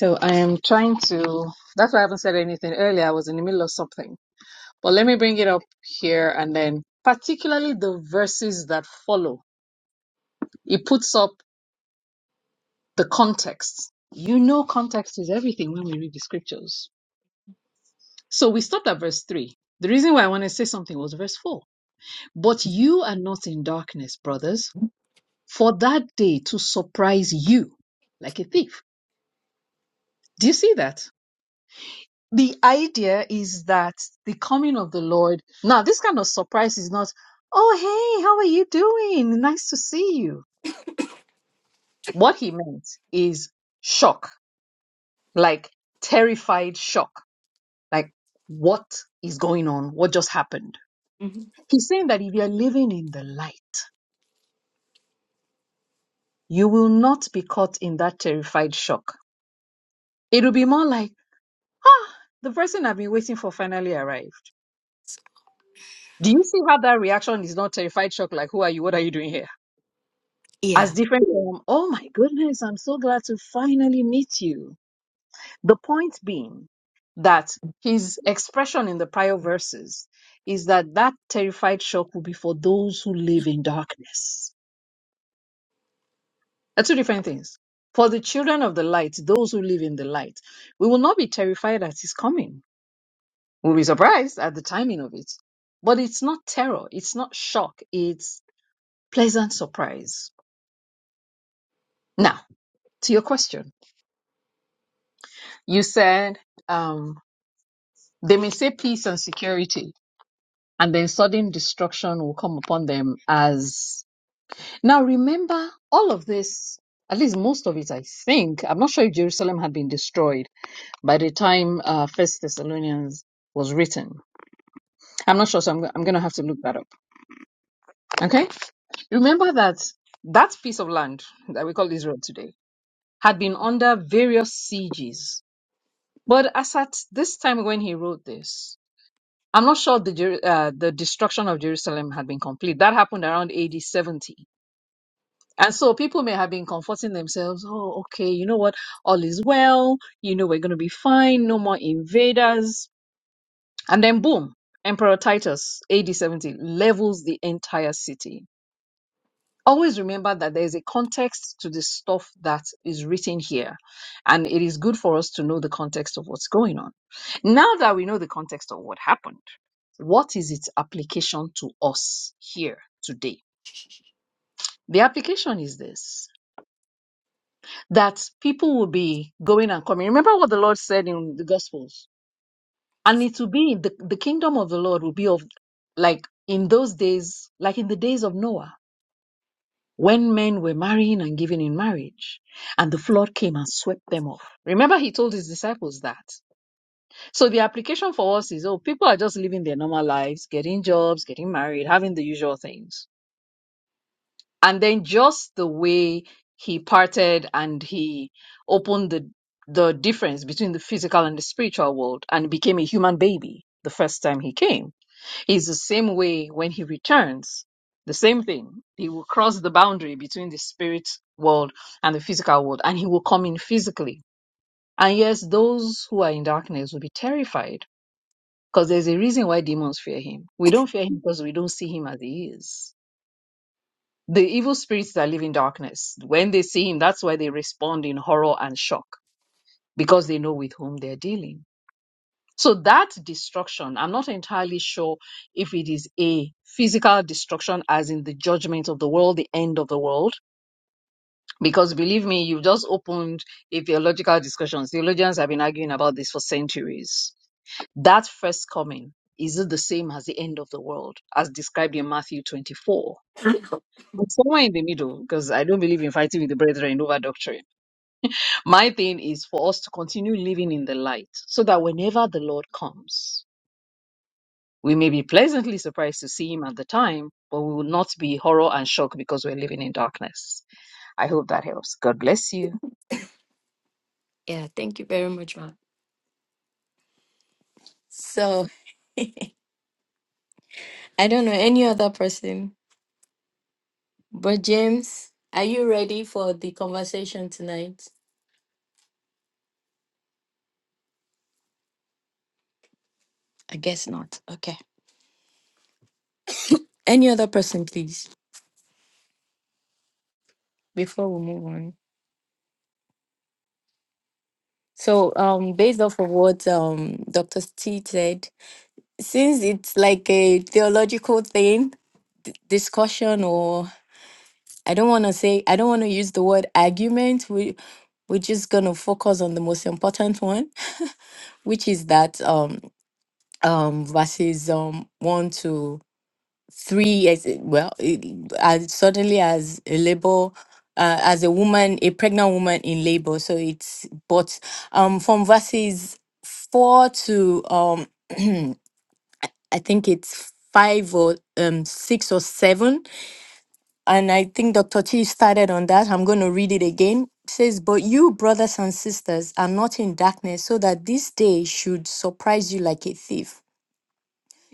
F: So I am trying to, that's why I haven't said anything earlier. I was in the middle of something. But let me bring it up here and then, particularly the verses that follow. It puts up the context. You know, context is everything when we read the scriptures. So we stopped at verse 3. The reason why I want to say something was verse 4 But you are not in darkness, brothers, for that day to surprise you like a thief. Do you see that? The idea is that the coming of the Lord. Now, this kind of surprise is not, oh, hey, how are you doing? Nice to see you. What he meant is shock, like terrified shock, like what is going on? What just happened?
D: hmm
F: He's saying that if you're living in the light, you will not be caught in that terrified shock. It will be more like, Ah, The person I've been waiting for finally arrived. Do you see how that reaction is not terrified shock? Like, who are you? What are you doing here?
D: Yeah.
F: As different from, oh my goodness, I'm so glad to finally meet you. The point being that his expression in the prior verses is that that terrified shock will be for those who live in darkness. Are two different things. For the children of the light, those who live in the light, we will not be terrified at his coming We'll be surprised at the timing of it. But it's not terror, it's not shock, it's pleasant surprise. Now, to your question, you said um, they may say peace and security, and then sudden destruction will come upon them as. Now, remember, all of this, at least most of it, I think, I'm not sure if Jerusalem had been destroyed by the time uh, First Thessalonians was written. I'm not sure, so I'm, I'm going to have to look that up. Okay? Remember that that piece of land that we call Israel today had been under various sieges. But as at this time when he wrote this, I'm not sure the, Jer- uh, the destruction of Jerusalem had been complete. That happened around AD 70. And so people may have been comforting themselves, oh, okay, you know what? All is well. You know, we're going to be fine. No more invaders. And then boom, Emperor Titus, AD 70, levels the entire city. always remember that there is a context to the stuff that is written here. And it is good for us to know the context of what's going on. Now that we know the context of what happened, what is its application to us here today? The application is this that people will be going and coming. Remember what the Lord said in the Gospels? And it will be the, the kingdom of the Lord will be of like in those days, like in the days of Noah when men were marrying and giving in marriage, and the flood came and swept them off. Remember, he told his disciples that. So the application for us is oh, people are just living their normal lives, getting jobs, getting married, having the usual things. And then just the way he parted and he opened the the difference between the physical and the spiritual world and became a human baby the first time he came it's the same way when he returns. The same thing. He will cross the boundary between the spirit world and the physical world, and he will come in physically. And yes, those who are in darkness will be terrified because there's a reason why demons fear him. We don't fear him because we don't see him as he is. The evil spirits that live in darkness, when they see him, that's why they respond in horror and shock because they know with whom they're dealing. So that destruction, I'm not entirely sure if it is a physical destruction, as in the judgment of the world, the end of the world. Because believe me, you've just opened a theological discussion. Theologians have been arguing about this for centuries. That first coming, is it the same as the end of the world, as described in Matthew 24? It's somewhere in the middle, because I don't believe in fighting with the brethren over doctrine. My thing is for us to continue living in the light so that whenever the Lord comes, We may be pleasantly surprised to see him at the time, but we will not be horror and shocked because we're living in darkness. I hope that helps. God bless you.
D: Yeah, thank you very much, ma. So, I don't know any other person, but James, are you ready for the conversation tonight? I guess not. Okay. Any other person, please, before we move on. So, um, based off of what um Dr. T said, since it's like a theological thing d- discussion or i don't want to say i don't want to use the word argument we we're just going to focus on the most important one which is that um um verses um 1 to 3 as it- well it, as suddenly as a labor uh, as a woman a pregnant woman in labor so it's but um from verses 4 to um I think it's five or um, six or seven. And I think Dr. T started on that. I'm going to read it again. It says, But you, brothers and sisters, are not in darkness, so that this day should surprise you like a thief.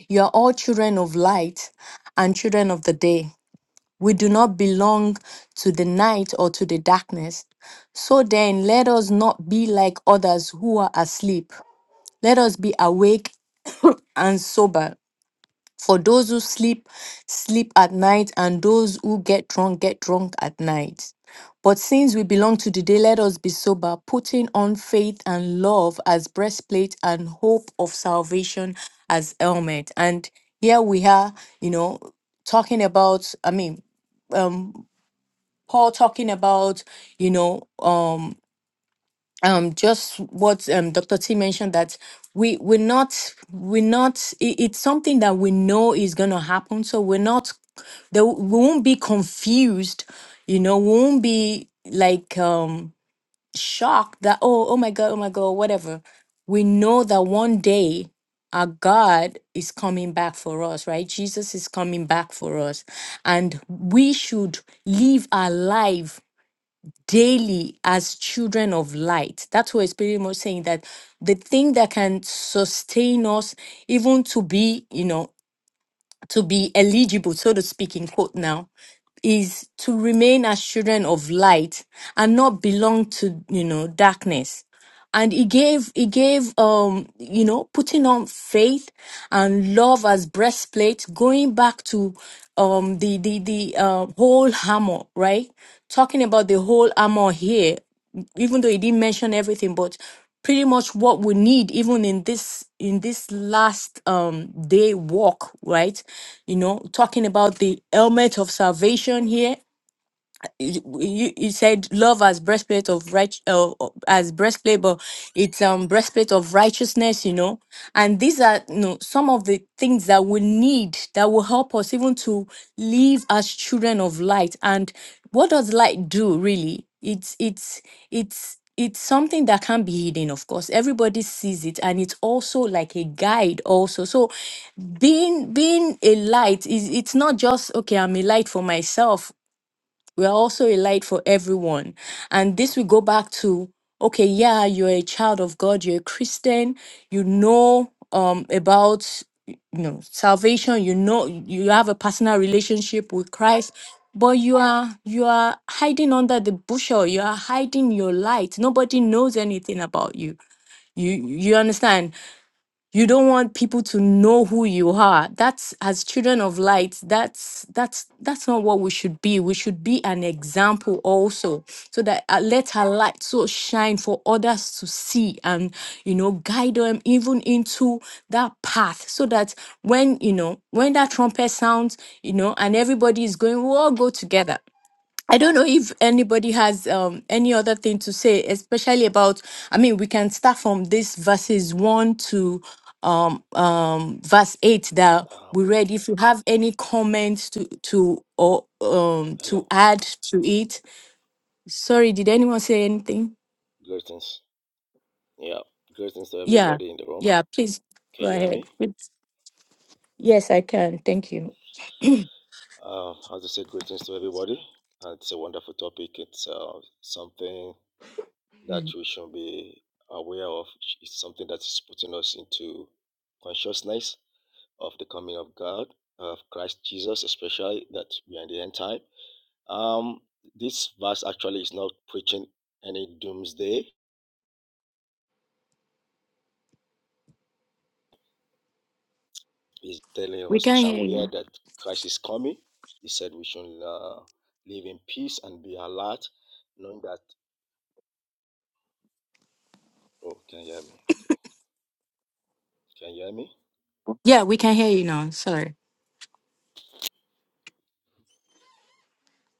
D: You are all children of light and children of the day. We do not belong to the night or to the darkness. So then, let us not be like others who are asleep. Let us be awake and sober. For those who sleep, sleep at night, and those who get drunk, get drunk at night. But since we belong to the day, let us be sober, putting on faith and love as breastplate and hope of salvation as helmet. And here we are, you know, talking about, I mean, um, Paul talking about, you know, um, um just what um dr t mentioned that we we're not we're not it, it's something that we know is going to happen so we're not there we won't be confused you know we won't be like um shocked that oh oh my god oh my god whatever we know that one day our god is coming back for us right jesus is coming back for us and we should live our life daily as children of light. That's what it's pretty much saying that the thing that can sustain us, even to be, you know, to be eligible, so to speak, in quote now, is to remain as children of light and not belong to, you know, darkness and he gave he gave um you know putting on faith and love as breastplate going back to um the the the uh, whole armor right talking about the whole armor here even though he didn't mention everything but pretty much what we need even in this in this last um day walk right you know talking about the helmet of salvation here you, you you said love as breastplate of right uh, uh, as breastplate but it's um breastplate of righteousness you know and these are you know some of the things that we need that will help us even to live as children of light and what does light do really it's it's it's it's something that can not be hidden of course everybody sees it and it's also like a guide also so being being a light is it's not just okay i'm a light for myself we are also a light for everyone. And this will go back to okay, yeah, you're a child of God, you're a Christian, you know um, about you know salvation, you know you have a personal relationship with Christ, but you are you are hiding under the bushel, you are hiding your light. Nobody knows anything about you. You you understand? you don't want people to know who you are that's as children of light that's that's that's not what we should be we should be an example also so that uh, let our light so shine for others to see and you know guide them even into that path so that when you know when that trumpet sounds you know and everybody is going we all go together I don't know if anybody has um, any other thing to say, especially about. I mean, we can start from this verses one to um, um, verse eight that we
G: Um,
D: read. If you have any comments to to or um, to
G: hello.
D: add to it, sorry, did anyone say anything?
G: Greetings. Yeah, greetings to
D: Yeah,
G: everybody in the room.
D: yeah. Please go
G: Can you hear
D: ahead.
G: me?
D: It's- yes, I can. Thank you.
G: Uh, as I say, greetings to everybody. Uh, it's a wonderful topic. It's uh, something that we should be aware of. It's something that is putting us into consciousness of the coming of God, of Christ Jesus, especially that we are in the end time. Um, this verse actually is not preaching any doomsday He's telling
D: We
G: us,
D: can
G: "Are
D: hear
G: aware
D: you.
G: that Christ is coming." He said, "We should uh, live in peace and be alert, knowing that." Oh, can you hear me? Okay, can you hear me?
D: Yeah, we can hear you now. Sorry.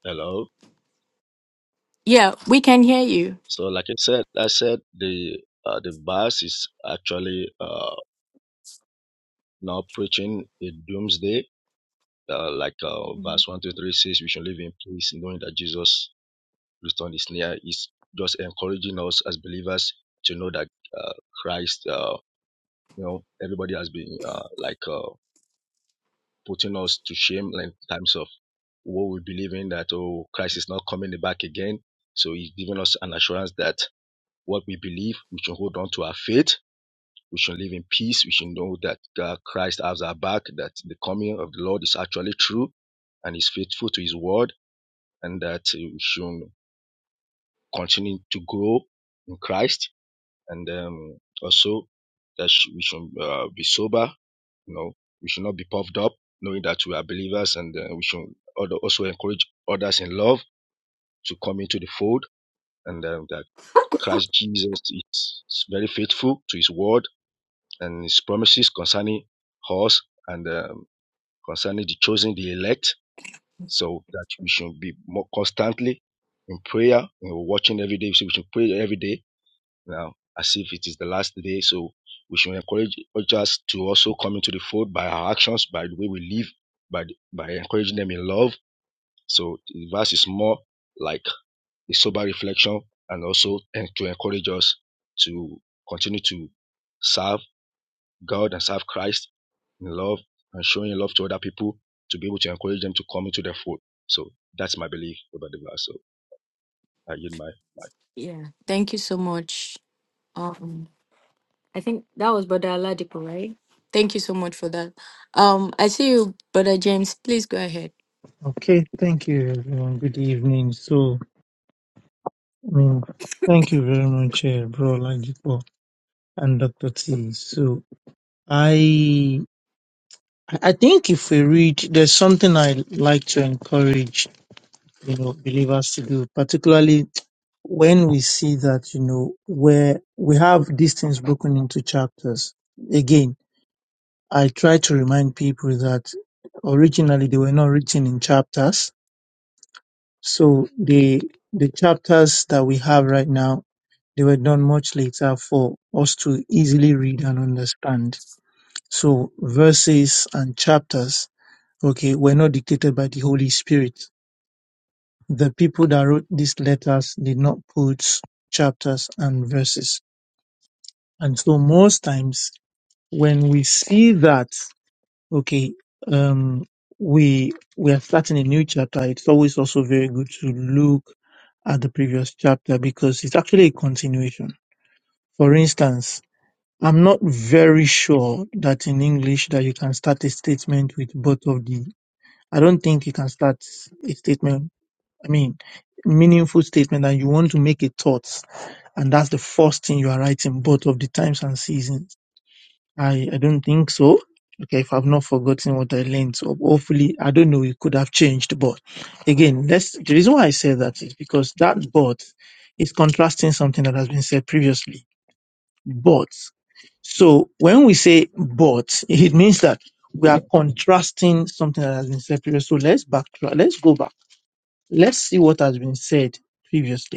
G: Hello.
D: Yeah, we can hear you.
G: So, like I said, I said the uh, the verse is actually uh, now preaching a doomsday. Uh, like uh,
D: Mhm.
G: verse one to three says, we should live in peace, knowing that Jesus' return is near. Is just encouraging us as believers to know that uh, Christ. Uh, you know, everybody has been uh, like. uh, putting us to shame in terms of what we believe in that, oh, Christ is not coming back again. So he's giving us an assurance that what we believe, we should hold on to our faith. We should live in peace. We should know that uh, Christ has our back, that the coming of the Lord is actually true and is faithful to his word, and that uh, we should continue to grow in Christ and um, also that sh- we should uh, be sober. You know, we should not be puffed up, knowing that we are believers, and uh, we should al- also encourage others in love to come into the fold, and um, that Christ Jesus is very faithful to His word and His promises concerning us and um, concerning the chosen, the elect. So that we should be more constantly in prayer, and watching every day. So we should pray every day now as if it is the last day. So we should encourage others to also come into the fold by our actions, by the way we live, by the- by encouraging them in love. So the verse is more like a sober reflection and also and to encourage us to continue to serve God and serve Christ in love and showing love to other people to be able to encourage them to come into the fold. So that's my belief about the verse. So I yield my
D: Yeah. Thank you so much. Um, I think that was Brother Aladipo, right? Thank you so much for that. Um, I see you, Brother James. Please go ahead.
H: Okay, thank you everyone. Good evening. So, I mean, thank you very much, uh, Bro Lagipo and Dr. T. So, I I think if we read, there's something I like to encourage, you know, believers to do, particularly when we see that, you know, where we have these things broken into chapters. Again, I try to remind people that originally they were not written in chapters So the the chapters that we have right now, they were done much later for us to easily read and understand. So verses and chapters, okay, were not dictated by the Holy Spirit. The people that wrote these letters did not put chapters and verses. And so most times when we see that Okay, um, we we are starting a new chapter. It's always also very good to look at the previous chapter because it's actually a continuation. For instance, I'm not very sure that in English that you can start a statement with both of the. I don't think you can start a statement. I mean, meaningful statement, and you want to make a thought, and that's the first thing you are writing both of the times and seasons. I I don't think so. Okay, if I've not forgotten what I learned, so hopefully I don't know it could have changed. But again, that's the reason why I say that is because that but is contrasting something that has been said previously. But so when we say but, it means that we are contrasting something that has been said previously. So let's backtrack. Let's go back. Let's see what has been said previously.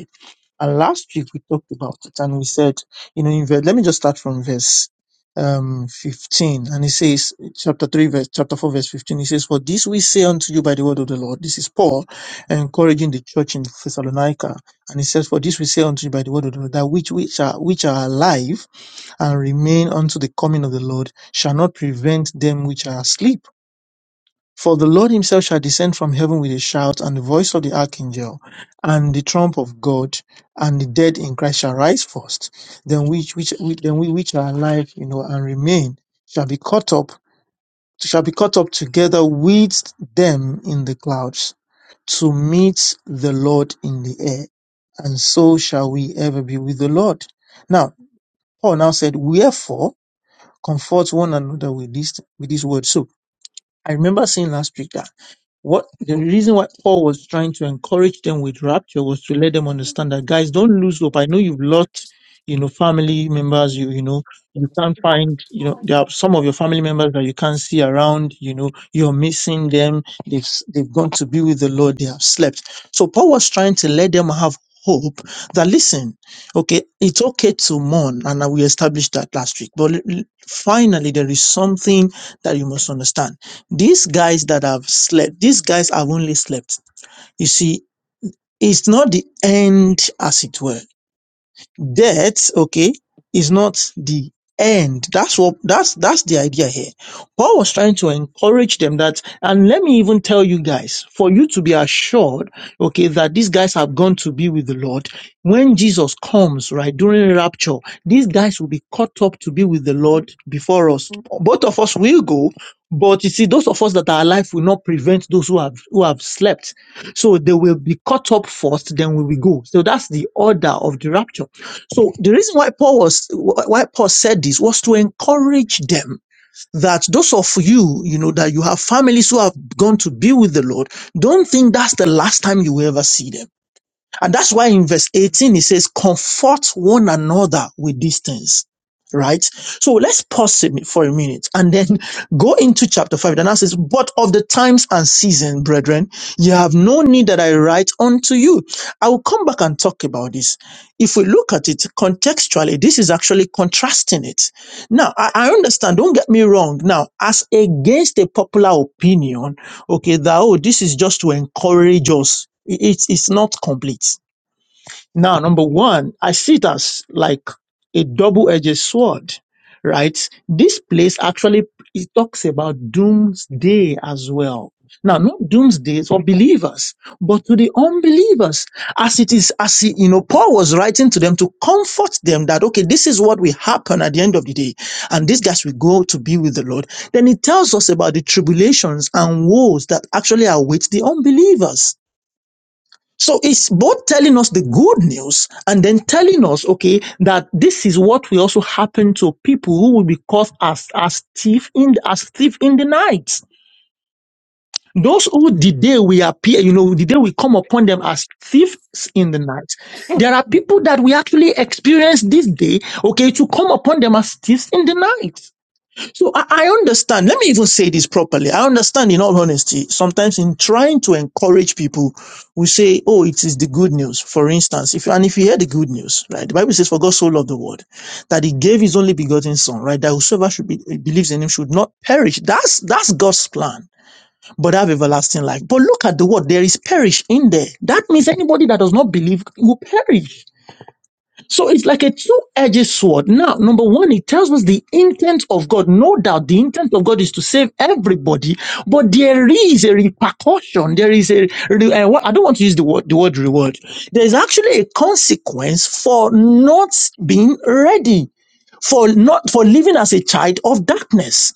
H: And last week we talked about it and we said, you know, in verse, let me just start from verse um 15 and it says chapter 3 verse chapter 4 verse 15 it says for this we say unto you by the word of the lord this is paul encouraging the church in thessalonica and he says for this we say unto you by the word of the lord that which which are which are alive and remain unto the coming of the lord shall not prevent them which are asleep for the Lord himself shall descend from heaven with a shout, and the voice of the archangel, and the trump of God, and the dead in Christ shall rise first. Then which which which- then we which are alive, you know, and remain shall be caught up, shall be caught up together with them in the clouds to meet the Lord in the air. And so shall we ever be with the Lord. Now, Paul now said, Wherefore comfort one another with this with this word. So I remember saying last week that what the reason why Paul was trying to encourage them with rapture was to let them understand that guys, don't lose hope. I know you've lost, you know, family members. You you know you can't find, you know, there are some of your family members that you can't see around. You know, you're missing them. They've s- they've gone to be with the Lord. They have slept. So Paul was trying to let them have hope that listen okay it's okay to mourn and uh, we established that last week but l- l- finally there is something that you must understand these guys that have slept, these guys have only slept. You see, it's not the end as it were death, okay, is not the end. That's what that's that's the idea here. Paul was trying to encourage them that, and let me even tell you guys, for you to be assured, okay, that these guys have gone to be with the Lord. When Jesus comes, right, during rapture, these guys will be caught up to be with the Lord before us. Both of us will go, but you see, those of us that are alive will not prevent those who have who have slept. So they will be caught up first, then we will go. So that's the order of the rapture. So the reason why Paul was why Paul said this was to encourage them that those of you, you know, that you have families who have gone to be with the Lord, don't think that's the last time you will ever see them. And that's why in verse 18 it says, comfort one another with these things. Right? So let's pause it for a minute and then go into chapter 5. And now says, But of the times and season, brethren, you have no need that I write unto you. I will come back and talk about this. If we look at it contextually, this is actually contrasting it. Now, I, I understand, don't get me wrong. Now, as against a popular opinion, Okay, That oh, this is just to encourage us. I- It's, it's not complete. Now, number one, I see it as like a double-edged sword, right? This place actually it talks about doomsday as well. Now, not doomsday for believers, but to the unbelievers, as it is, as he, you know, Paul was writing to them to comfort them that okay, this is what will happen at the end of the day, and these guys will go to be with the Lord. Then he tells us about the tribulations and woes that actually await the unbelievers. So it's both telling us the good news and then telling us, okay, that this is what will also happen to people who will be caught as as thief in as thief in the night. Those who the day we appear, you know, the day we come upon them as thieves in the night. There are people that we actually experience this day, okay, to come upon them as thieves in the night. So I, I understand. Let me even say this properly. I understand in all honesty. Sometimes in trying to encourage people, we say, Oh, it is the good news. For instance, if, and if you hear the good news, right? The Bible says, For God so loved the world that he gave his only begotten son, right? That whosoever should be, uh, believes in him should not perish. That's, that's God's plan, but have everlasting life. But look at the word. There is perish in there. That means anybody that does not believe will perish. So it's like a two-edged sword. Now, number one, it tells us the intent of God. No doubt the intent of God is to save everybody, but there is a repercussion. There is a, re- uh, what- I don't want to use the word, the word reward. There is actually a consequence for not being ready, for not, for living as a child of darkness.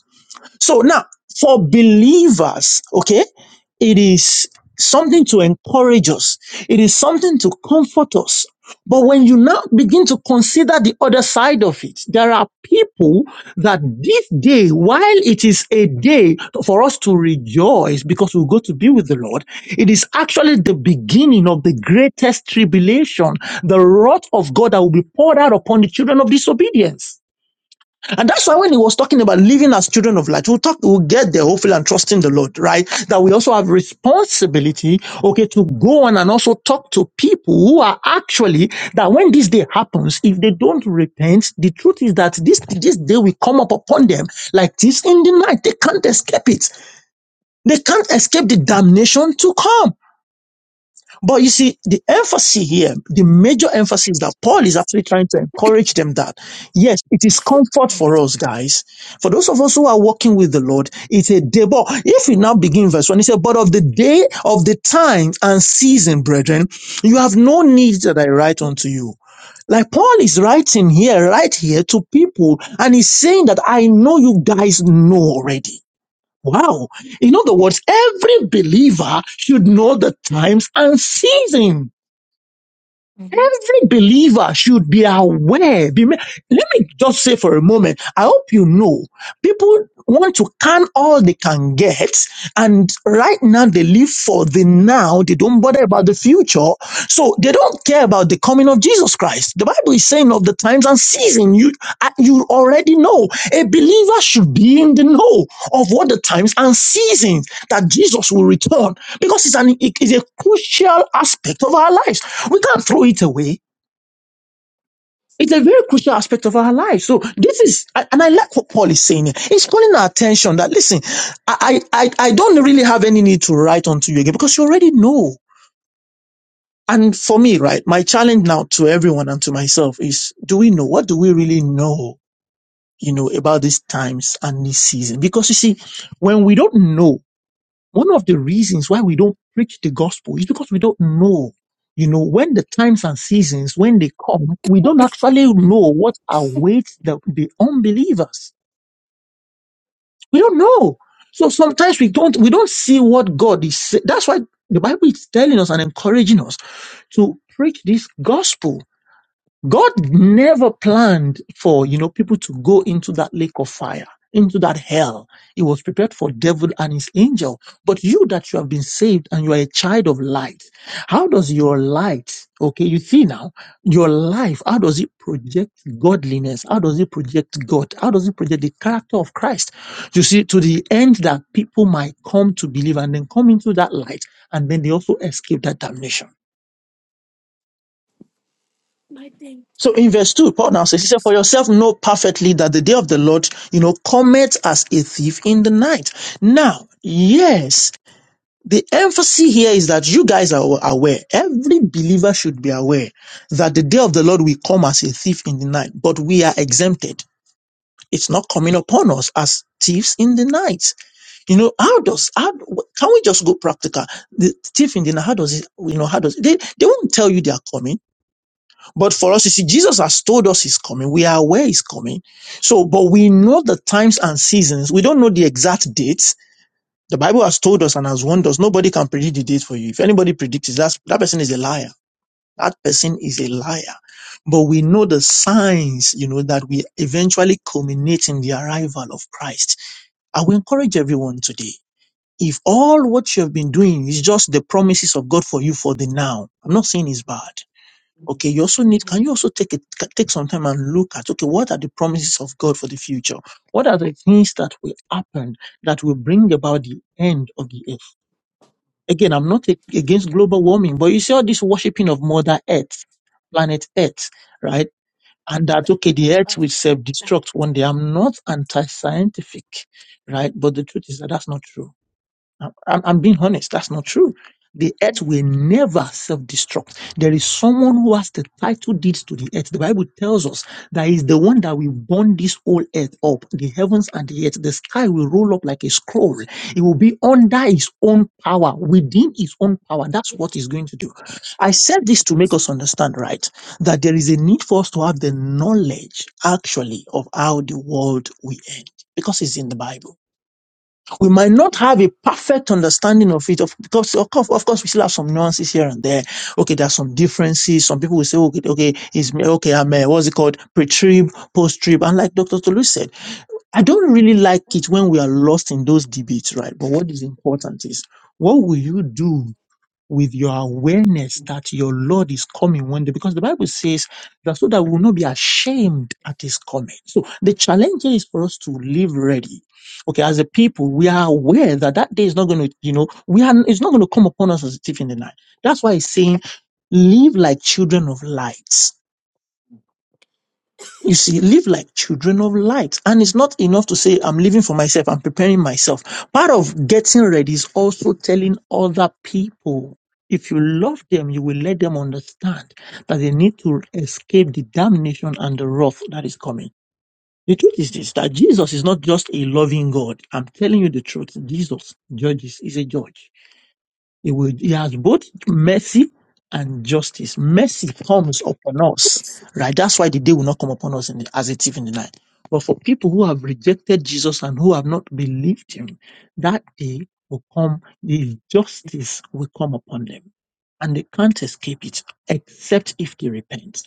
H: So now, for believers, okay, it is something to encourage us, it is something to comfort us. But when you now begin to consider the other side of it, there are people that this day, while it is a day for us to rejoice because we'll go to be with the Lord, it is actually the beginning of the greatest tribulation, the wrath of God that will be poured out upon the children of disobedience. And that's why when he was talking about living as children of light, we'll talk, we'll get there hopefully and trusting the Lord, right? That we also have responsibility, okay, to go on and also talk to people who are actually, that when this day happens, if they don't repent, the truth is that this, this day will come up upon them like this in the night. They can't escape it. They can't escape the damnation to come. But you see, the emphasis here, the major emphasis that
D: Yeah.
H: Paul is actually trying to encourage them that, yes, it is comfort for us, guys. For those of us who are walking with the Lord, it's a day. But if we now begin verse 1, he said, But of the day, of the time and season, brethren, you have no need that I write unto you. Like Paul is writing here, right here to people, and he's saying that I know you guys know already. Wow. In other words, every believer should know the times and season.
D: Mhm.
H: Every believer should be aware. Be ma- Let me just say for a moment, I hope you know people want to can all they can get. And right now they live for the now. They don't bother about
D: Yeah.
H: the future. So they don't care about the coming of Jesus Christ. The Bible is saying of the times and season. You, uh, you already know. A believer should be in the know of what the times and seasons that Jesus will return because it's an, it is a crucial aspect of our lives. We can't throw it away. It's a very crucial aspect of our life. So this is, and I like what Paul is saying. here. He's calling our attention that listen, I, I, I don't really have any need to write unto you again because you already know. And for me, right, my challenge now to everyone and to myself is, do we know? What do we really know, you know, about these times and this season? Because you see, when we don't know one of the reasons why we don't preach the gospel is because we don't know. You know, when the times and seasons, when they come, we don't actually know what awaits the, the unbelievers. We don't know. So sometimes we don't, we don't see what God is. say- That's why the Bible is telling us and encouraging us to preach this gospel God never planned for, you know, people to go into that lake of fire, into that hell. It was prepared for devil and his angel. But you that you have been saved and you are a child of light, how does your light, okay, you see now, your life, how does it project godliness? How does it project God? How does it project the character of Christ? You see, to the end that people might come to believe and then come into that light and then they also escape that damnation.
D: My thing.
H: So in verse 2, Paul now says, He said, For
D: Sorry.
H: yourself know perfectly that the day of the Lord, you know, cometh as a thief in the night. Now, yes, the emphasis here is that you guys are aware. Every believer should be aware that the day of the Lord will come as a thief in the night, but we are exempted. It's not coming upon us as thieves in the night. You know, how does, how, can we just go practical? The thief in the night, how does it, you know, how does, they, they won't tell you they are coming but for us, you see, Jesus has told us he's coming. We are aware he's coming. So, but we know the times and seasons. We don't know the exact dates. The Bible has told us and has warned us. Nobody can predict the date for you. If anybody predicts it, that's, that person is a liar. That person is a liar. But we know the signs, you know, that we eventually culminate in the arrival of Christ. I will encourage everyone today. If all what you have been doing is just the promises of God for you for the now, I'm not saying it's bad Okay, you also need, can you also take it take some time and look at, okay, what are the promises of God for the future? What are the things that will happen that will bring about the end of the earth? Again, I'm not a- against global warming, but you see all this worshipping of Mother Earth, planet Earth, right? And that, okay, the
D: Uh,
H: earth will self
D: uh,
H: destruct one day. I'm not anti scientific, right? But the truth is that that's not true I'm, I'm I'm being honest. That's not true. The earth will never self-destruct. There is someone who has the title deeds to the earth. The Bible tells us that is the one that will burn this whole earth up, the heavens and the earth. The sky will roll up like a scroll. It will be under his own power, within his own power. That's what he's going to do. I said this to make us understand, right, that there is a need for us to have the knowledge, actually, of how the world will end, because it's in the Bible we might not have a perfect understanding of it. Of course, of course, of course, we still have some nuances here and there. Okay, there are some differences. Some people will say, okay, okay, is okay, I'm uh, what's it called, pre-trib, post-trib, and like Dr. Tolu said, I don't really like it when we are lost in those debates, right? But what is important is what will you do with your awareness that your Lord is coming one day, because the Bible says that so that we will not be ashamed at his coming. So the challenge here is for us to live ready. Okay, as a people, we are aware that that day is not going to, you know, we are, it's not going to come upon us as a thief in the night. That's why it's saying, live like children of light. You see, live like children of light. And it's not enough to say, I'm living for myself, I'm preparing myself. Part of getting ready is also telling other people. If you love them, you will let them understand that they need to escape the damnation and the wrath that is coming. The truth is this, that Jesus is not just a loving God. I'm telling you the truth. Jesus judges, is a judge. He will, he has both mercy and justice. Mercy comes upon us, right? That's why the day will not come upon us in the, as a thief in the night. But for people who have rejected Jesus and who have not believed him, that day will come, the justice will come upon them. And they can't escape it except if they repent.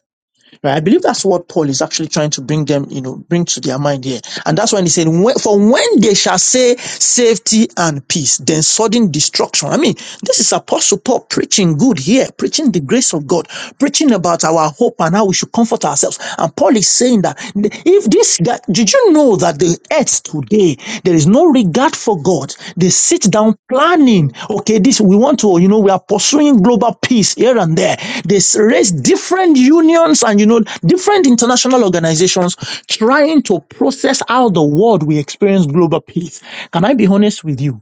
H: Right? I believe that's what Paul is actually trying to bring them, you know, bring to their mind here. And that's when he said, "When- For when they shall say safety and peace, then sudden destruction. I mean, this is Apostle Paul preaching good here, preaching the grace of God, preaching about our hope and how we should comfort ourselves. And Paul is saying that if this guy, did you know that the earth today, there is no regard for God? They sit down planning,
D: mm,
H: okay, this we want to, you know, we are pursuing global peace here and there. They raise different unions and, you know, different international organizations trying to process how the world will experience global peace. Can I be honest with you?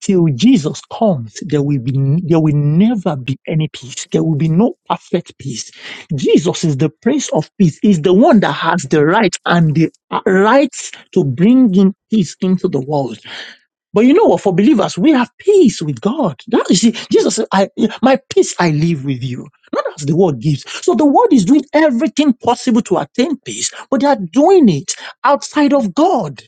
H: till Jesus comes, there will be there will never be any peace. There will be no perfect peace. Jesus is the Prince of Peace. Is the one that has the right and the uh, rights to bring in peace into the world. But you know what? For believers, we have peace with God. That is it. Jesus said, "I my peace I leave with you." Not as the world gives. So the world is doing everything possible to attain peace, but they are doing it outside of God.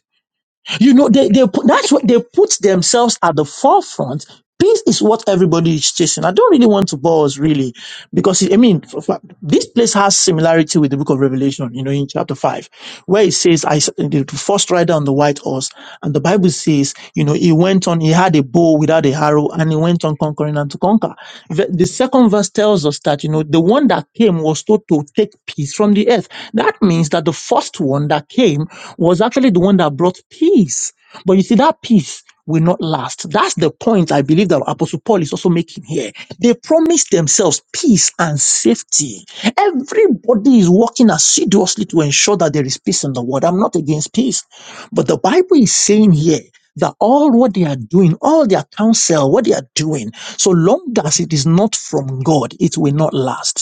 H: You know, they, they put, that's what they put themselves at the forefront. Peace is what everybody is chasing. I don't really want to bore us really because I mean, for- for- this place has similarity with the book of Revelation, you know, in chapter five, where it says, "I s- the first rider on the white horse," and the Bible says, you know, he went on, he had a bow without a arrow, and he went on conquering and to conquer. The, the second verse tells us that you know the one that came was told to take peace from the earth. That means that the first one that came was actually the one that brought peace but you see, that peace will not last. That's the point I believe that Apostle Paul is also making here. They promised themselves peace and safety. Everybody is working assiduously to ensure that there is peace in the world. I'm not against peace. But the Bible is saying
D: mhm.
H: here that all what they are doing, all their counsel, what they are doing, so long as it is not from God, it will not last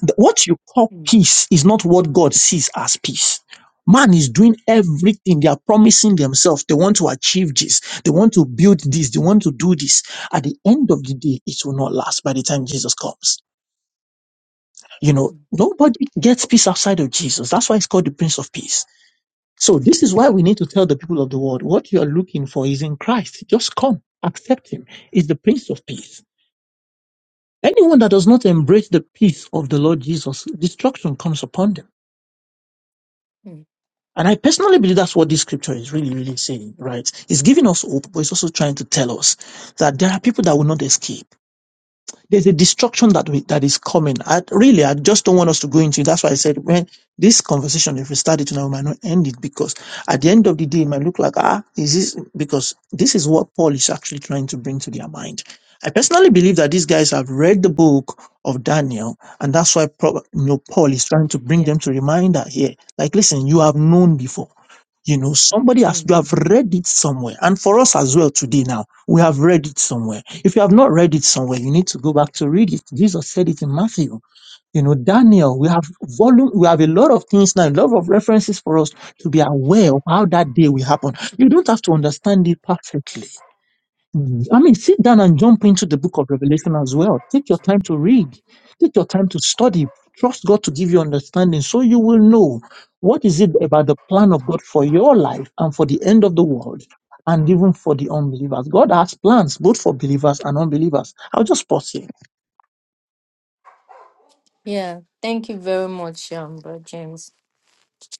H: th- what you call peace is not what God sees as peace. Man is doing everything. They are promising themselves. They want to achieve this. They want to build this. They want to do this. At the end of the day, it will not last by the time Jesus comes. You know,
D: Mm.
H: nobody gets peace outside of Jesus. That's why it's called the Prince of Peace. So this is why we need to tell the people of the world what you are looking for is in Christ. Just come, accept him. He's the Prince of Peace. Anyone that does not embrace the peace of the Lord Jesus, destruction comes upon them.
D: Mm.
H: And I personally believe that's what this scripture is really, really saying, right? It's giving us hope, but it's also trying to tell us that there are people that will not escape. There's a destruction that we, that is coming. I, really, I just don't want us to go into. it. That's why I said when this conversation, if we start it now, we might not end it because at the end of the day, it might look like ah, is this because this is what Paul is actually trying to bring to their mind. I personally believe that these guys have read the book of Daniel, and that's why prob- you know, Paul is trying to bring
D: Yeah.
H: them to reminder here. Like, listen, you have known before you know, somebody has, you
D: Mm.
H: have read it somewhere. And for us as well today now, we have read it somewhere. If you have not read it somewhere, you need to go back to read it. Jesus said it in Matthew. You know, Daniel, we have volume, we have a lot of things now, a lot of references for us to be aware of how that day will happen. You don't have to understand it perfectly. Mhm. I mean, sit down and jump into the book of Revelation as well. Take your time to read, take your time to study. Trust God to give you understanding so you will know what is it about the plan of God for your life and for the end of the world and even for the unbelievers. God has plans both for believers and unbelievers. I'll just pause here.
D: Yeah. Thank you very much, um, Bro James.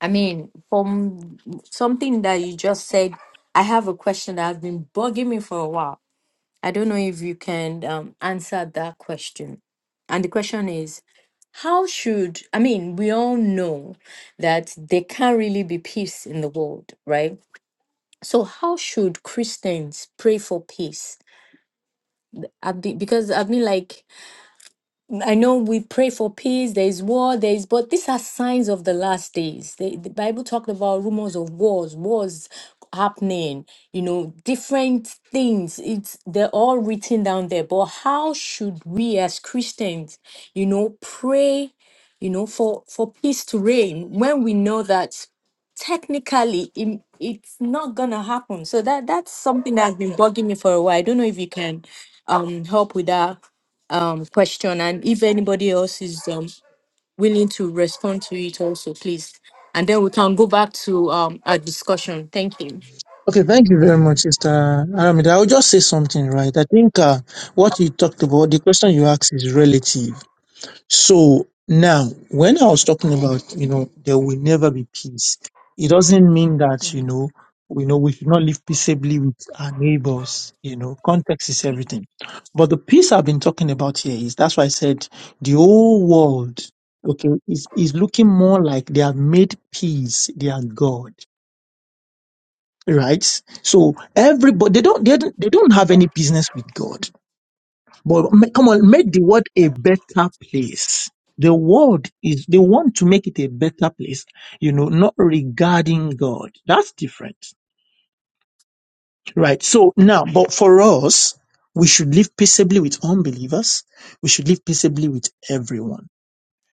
D: I mean, from something that you just said, I have a question that has been bugging me for a while. I don't know if you can um, answer that question. And the question is, how should, I mean, we all know that there can't really be peace in the world, right? So, how should Christians pray for peace? I've been, because I've been like, I know we pray for peace, there is war, there is, but these are signs of the last days. The, the Bible talked about rumors of wars, wars happening, you know, different things. It's they're all written down there. But how should we as Christians, you know, pray, you know, for for peace to reign when we know that technically im- it's not gonna happen so that that's something that's been bugging me for a while i don't know if you can um help with that um, question, and if anybody else is um, willing to respond to it, also please, and then we can go back to um, our discussion. Thank you.
H: Okay, thank you very much, Sister Aramida. I'll just say something, right? I think uh, what you talked about, the question you asked is relative. So now, when I was talking about, you know, there will never be peace, it doesn't mean that, you
D: Mhm,
H: know, we know we should not live peaceably with our neighbors. You know, context is everything. But the peace I've been talking about here is that's why I said the whole world, okay, is, is looking more like they have made peace their God,
D: mm,
H: right? So everybody, they don't, they don't, they don't have any business with God but ma- come on, make the world a better place. The world is, they want to make it a better place, you know, not regarding God. That's different. Right. So now, but for us, we should live peaceably with unbelievers. We should live peaceably with everyone.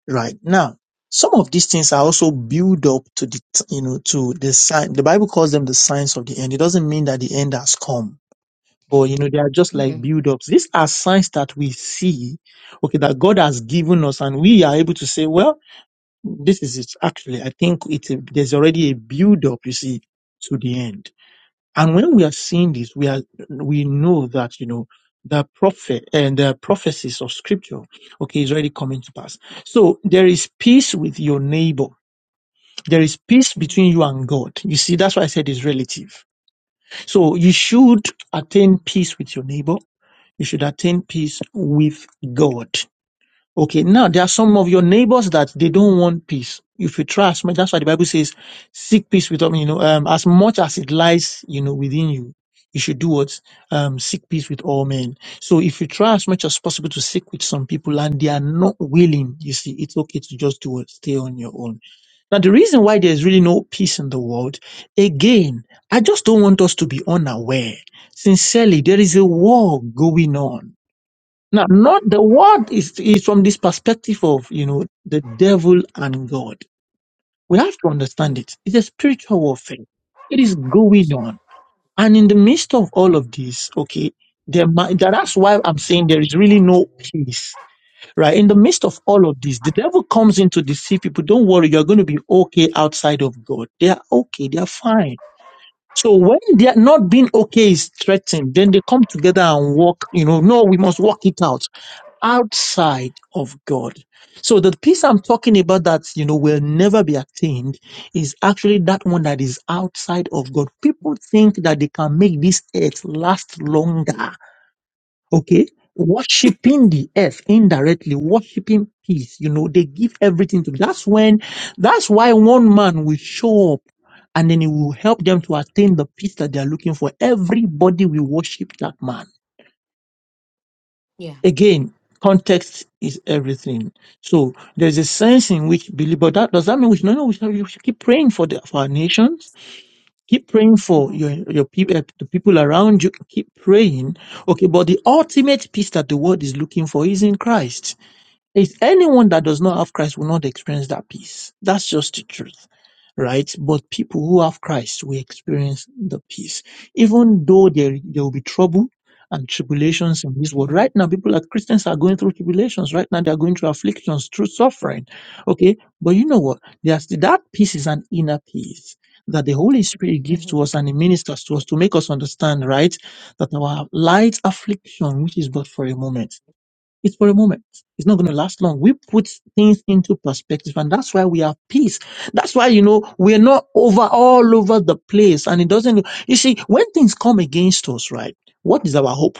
H: Right. Now, some of these things are also build up to the, you know, to the sign. The Bible calls them the signs of the end. It doesn't mean that the end has come but you know, they are just like
D: mhm,
H: build-ups. These are signs that we see, okay, that God has given us, and we are able to say, well, this is it. Actually, I think it's a, there's already a build-up, you see, to the end. And when we are seeing this, we are we know that you know the prophet and the prophecies of Scripture, okay, is already coming to pass. So there is peace with your neighbor. There is peace
D: mhm,
H: between you and God. You see, that's why I said it's relative. So you should attain peace with your neighbor you should attain peace with God. Okay, now there are some of your neighbors that they don't want peace. If you try as much, that's why the Bible says, seek peace with them, you know, um, as much as it lies, you know, within you. You should do what? Um, seek peace with all men. So if you try as much as possible to seek with some people and they are not willing, you see, it's okay to just do it, stay on your own. Now, the reason why there's really no peace in the world, again, I just don't want us to be unaware. Sincerely, there is a war going on now, not the word is, is from this perspective of, you know, the devil and God. We have to understand
D: mm,
H: it. It's a spiritual warfare. It is going on. And in the midst of all of this, okay, there, might- that- that's why I'm saying there is really no peace, right? In the midst of all of this, the devil comes in to deceive people. Don't worry, you're going to be okay outside of God. They are okay. They are fine. So when they are not being okay is threatened, then they come together and walk, you know, no, we must walk it out outside of God. So the peace I'm talking about that, you know, will never be attained is actually that one that is outside of God. People think that they can make this earth last longer. Okay. Worshipping the earth indirectly, worshipping peace, you know, they give everything to. That's when, that's why one man will show up and then it will help them to attain the peace that they are looking for. Everybody will worship that man
D: Yeah.
H: Again, context is everything. So there's a sense in which believe, but that does that mean we should, no, no, we should, we should keep praying for the for our nations, keep praying for
D: Mhm,
H: your your people, the people around you, keep praying. Okay, but the ultimate peace that the world is looking for is in Christ. It's anyone that does not have Christ will not experience that peace. That's just the truth, right? But people who have Christ will experience the peace, even though there, there will be trouble and tribulations in this world.
D: mhm,
H: Right now, people like Christians are going through tribulations. Right now, they are going through afflictions, through suffering. Okay. But you know what? There's that peace is an inner peace that the Holy Spirit gives to
D: mhm,
H: us and He ministers to us to make us understand, right? That our light affliction, which is but for a moment it's for a moment. It's not going to last long. We put things into perspective, and that's why we have peace. That's why, you know, we're not over all over the place. And it doesn't, you see, when things come against us, right? What is our hope?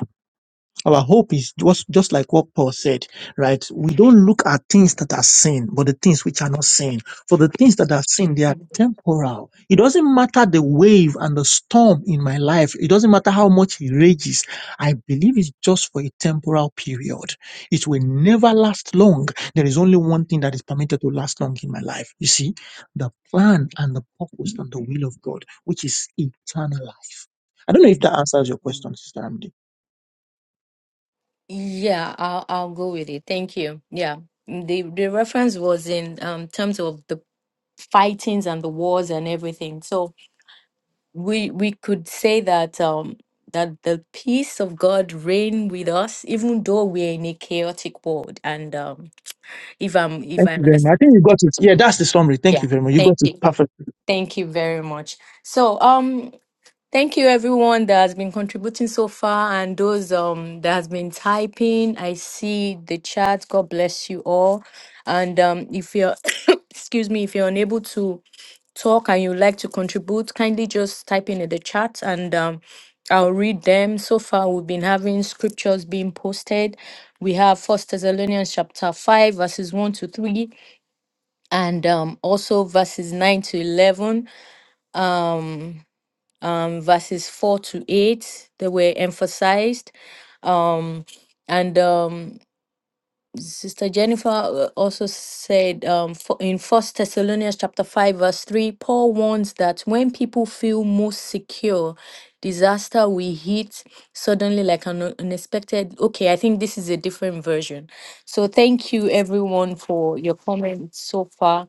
H: Our hope is just, just like what Paul said, right? We don't look at things that are seen, but the things which are not seen. For the things that are seen, they are
D: mhm,
H: temporal. It doesn't matter the wave and the storm in my life. It doesn't matter how much it rages. I believe it's just for a temporal period. It will never last long. There is only one thing that is permitted to last long in my life. You see, the plan and the purpose and the will of God, which is eternal life. I don't know if that answers your
D: mm.
H: question, Sister Amdi.
D: Yeah, I'll I'll go with it. Thank you. Yeah, Mm, the the reference was in um, terms of the fightings and the wars and everything. So we we could say that um that the peace of God reign with us, even though we're in a chaotic world. And um, if I'm if
H: Thank
D: I
H: you very much. I
D: understand,
H: think you got it. Yeah, that's the summary. Thank
D: yeah.
H: you very much. You
D: Thank
H: got it
D: you,
H: perfectly.
D: thank you very much. So um, thank you everyone that has been contributing so far, and those um that has been typing. I see the chat. God bless you all. And um, if you're excuse me, if you're unable to talk and you'd like to contribute, kindly just type in in the chat and um, I'll read them. So far, we've been having scriptures being posted. We have First Thessalonians chapter 5, verses 1 to 3, and um, also verses 9 to 11, um, um, verses 4 to 8 They were emphasized. Um, and um, Sister Jennifer uh, also said um, fo- in First Thessalonians chapter five verse three, Paul warns that when people feel most secure, disaster will hit suddenly like an un- unexpected. Okay, I think this is a different version. So thank you everyone for your comments so far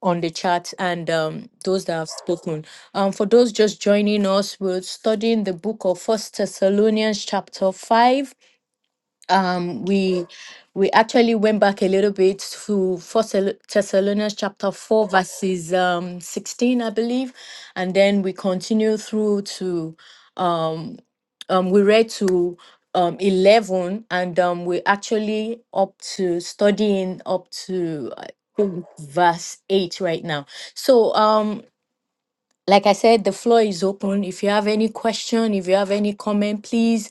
D: on the chat and um, those that have spoken. Um, for those just joining us, we're studying the book of First Thessalonians chapter five um, we we actually went back a little bit to First Thel- Thessalonians chapter four, verses um, sixteen, I believe, and then we continue through to um, um, we read to um, eleven, and um, we actually up to studying up to I think verse eight right now. So um, like I said, the floor is open. If you have any question, if you have any comment, please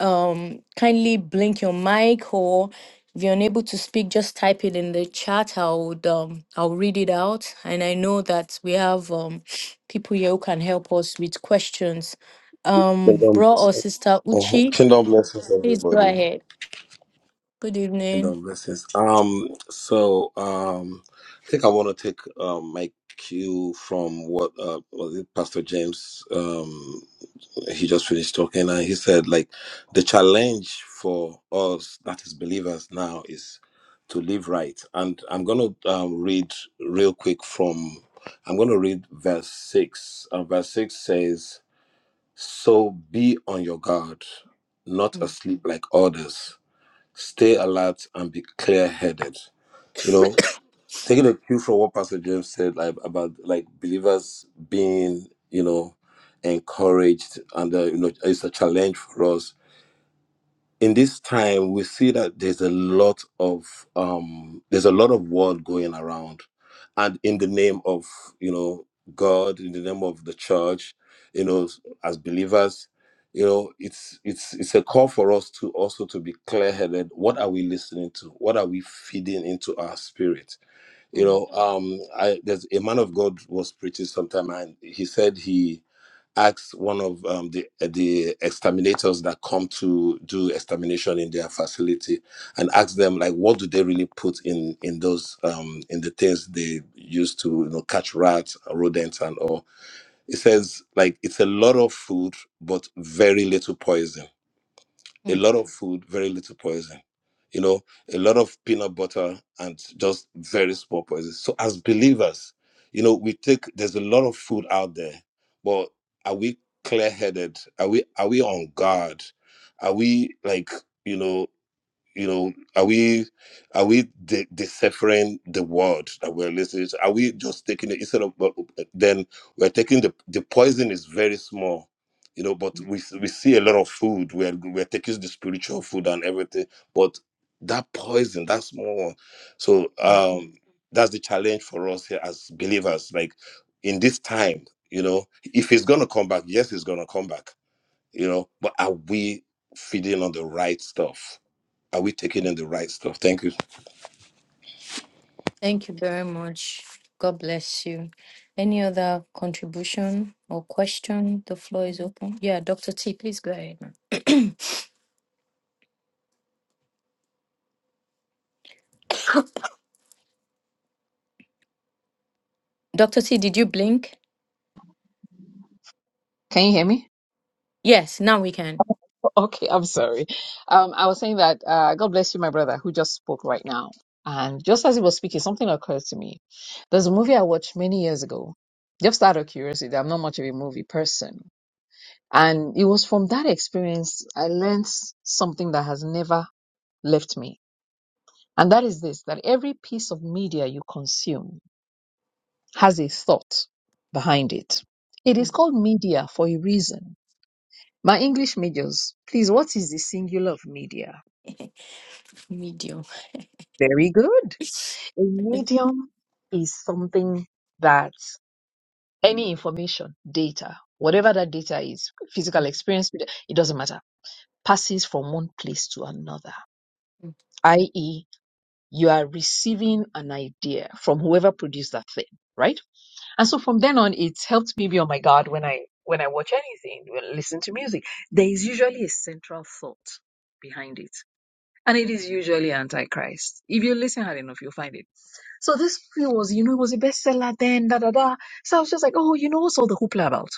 D: um kindly blink your mic or if you're unable to speak, just type it in the chat. I would um I'll read it out. And I know that we have um people here who can help us with questions. Um
I: Kingdom
D: bro or
I: blessings.
D: sister
I: Uh-huh.
D: Uchi,
I: Kingdom blessings,
D: please go
I: everybody.
D: ahead. Good evening.
I: Kingdom blessings. Um, so um, I think I want to take um my cue from what uh was it Pastor James um he just finished talking and he said like the challenge for us that is believers now is to live right and I'm gonna um, read real quick from I'm gonna read verse six. Uh, verse six says. So be on your guard, not
D: Mm,
I: asleep like others. Stay alert and be clear headed. You know, taking a cue from what Pastor James said like about like believers being, you know, encouraged and uh, you know, it's a challenge for us in this time we see that there's a lot of um there's a lot of world going around and in the name of you know god in the name of the church you know as believers you know it's it's it's a call for us to also to be clear-headed what are we listening to what are we feeding into our spirit you
D: mm, mm,
I: know um i there's a man of god was preaching sometime and he said he asked one of um, the the exterminators that come to do extermination in their facility and asked them like what do they really put in in those um, in the things they use to you know catch rats rodents and all it says like it's a lot of food but very little poison a
D: mm,
I: lot of food, very little poison. You know, a lot of peanut butter and just very small poison. So as believers, you know, we take there's a lot of food out there, but are we clear headed? Are we are we on guard? Are we like, you know? you know are we are we de- deciphering the word that we're listening to are we just taking it instead of but uh, then we're taking the the poison is very small you know but
D: mm.
I: we we see a lot of food we're we're taking the spiritual food and everything but that poison that small one so
D: mm.
I: um that's the challenge for us here as believers like in this time you know if it's gonna come back yes it's gonna come back you know but are we feeding on the right stuff are we
D: mm.
I: taking in the right stuff? Thank you
D: Thank you very much. God bless you. Any other contribution or question? The floor is open. Yeah, Dr. T, please go ahead. ma'am. Dr. T, did you blink?
F: Can you hear me?
D: Yes, now we can.
F: Okay, I'm sorry. Um, I was saying that uh, God bless you, my brother, who just spoke right now. And just as he was speaking, something occurred to me. There's a movie I watched many years ago, just out of curiosity. I'm not much of a movie person. And it was from that experience I learned something that has never left me. And that is this that every piece of media you consume, has a thought behind it. It is called media for a reason. My English majors, please, what is the singular of media?
D: Medium.
F: Very good. A
D: Mm,
F: medium is something that any information, data, whatever that data is, physical experience, it doesn't matter, passes from one place to another,
D: mm,
F: i.e., you are receiving an idea from whoever produced that thing, right? And so from then on, it's helped me be on my guard when I when I watch anything, when I listen to music. There is usually a central thought behind it, and it is usually antichrist. If you listen hard enough, you'll find it. So this movie was, you know, it was a bestseller then, da da da. So I was just like, oh, you know, what's all the hoopla about?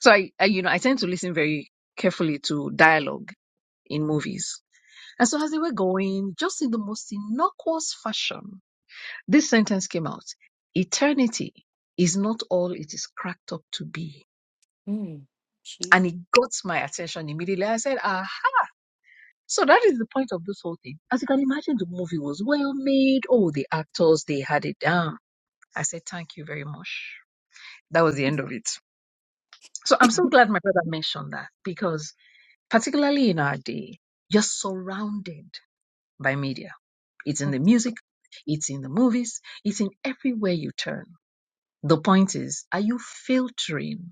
F: So I, I, you know, I tend to listen very carefully to dialogue in movies. And so as they were going, just in the most innocuous fashion, this sentence came out. Eternity is not all it is cracked up to be.
D: mm. She-
F: And it got my attention immediately. I said, ah, so that is the point of this whole thing. As you can imagine, the movie was well made. Oh, the actors, they had it down. I said, thank you very much. That was the end of it. So I'm so glad my brother mentioned that because particularly in our day, you're surrounded by media. It's in the music. It's in the movies. It's in everywhere you turn. The point is, are you filtering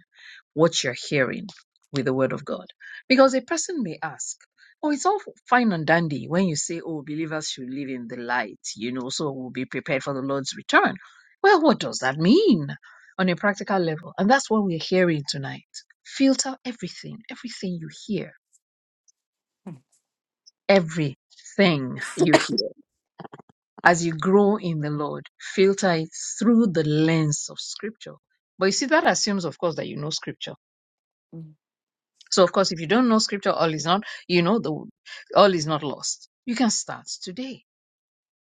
F: what you're hearing with the word of God? Because a person may ask, Oh, it's all fine and dandy when you say, Oh, believers should live in the light, you know, so we'll be prepared for the Lord's return. Well, what does that mean on a practical level? And that's what we're hearing tonight. Filter everything, everything you hear, everything you hear. As you grow in the Lord, filter it through the lens of Scripture. But you see, that assumes, of course, that you know Scripture
D: mm,
F: So of course, if you don't know scripture, all is not, you know, the all is not lost. You can start today.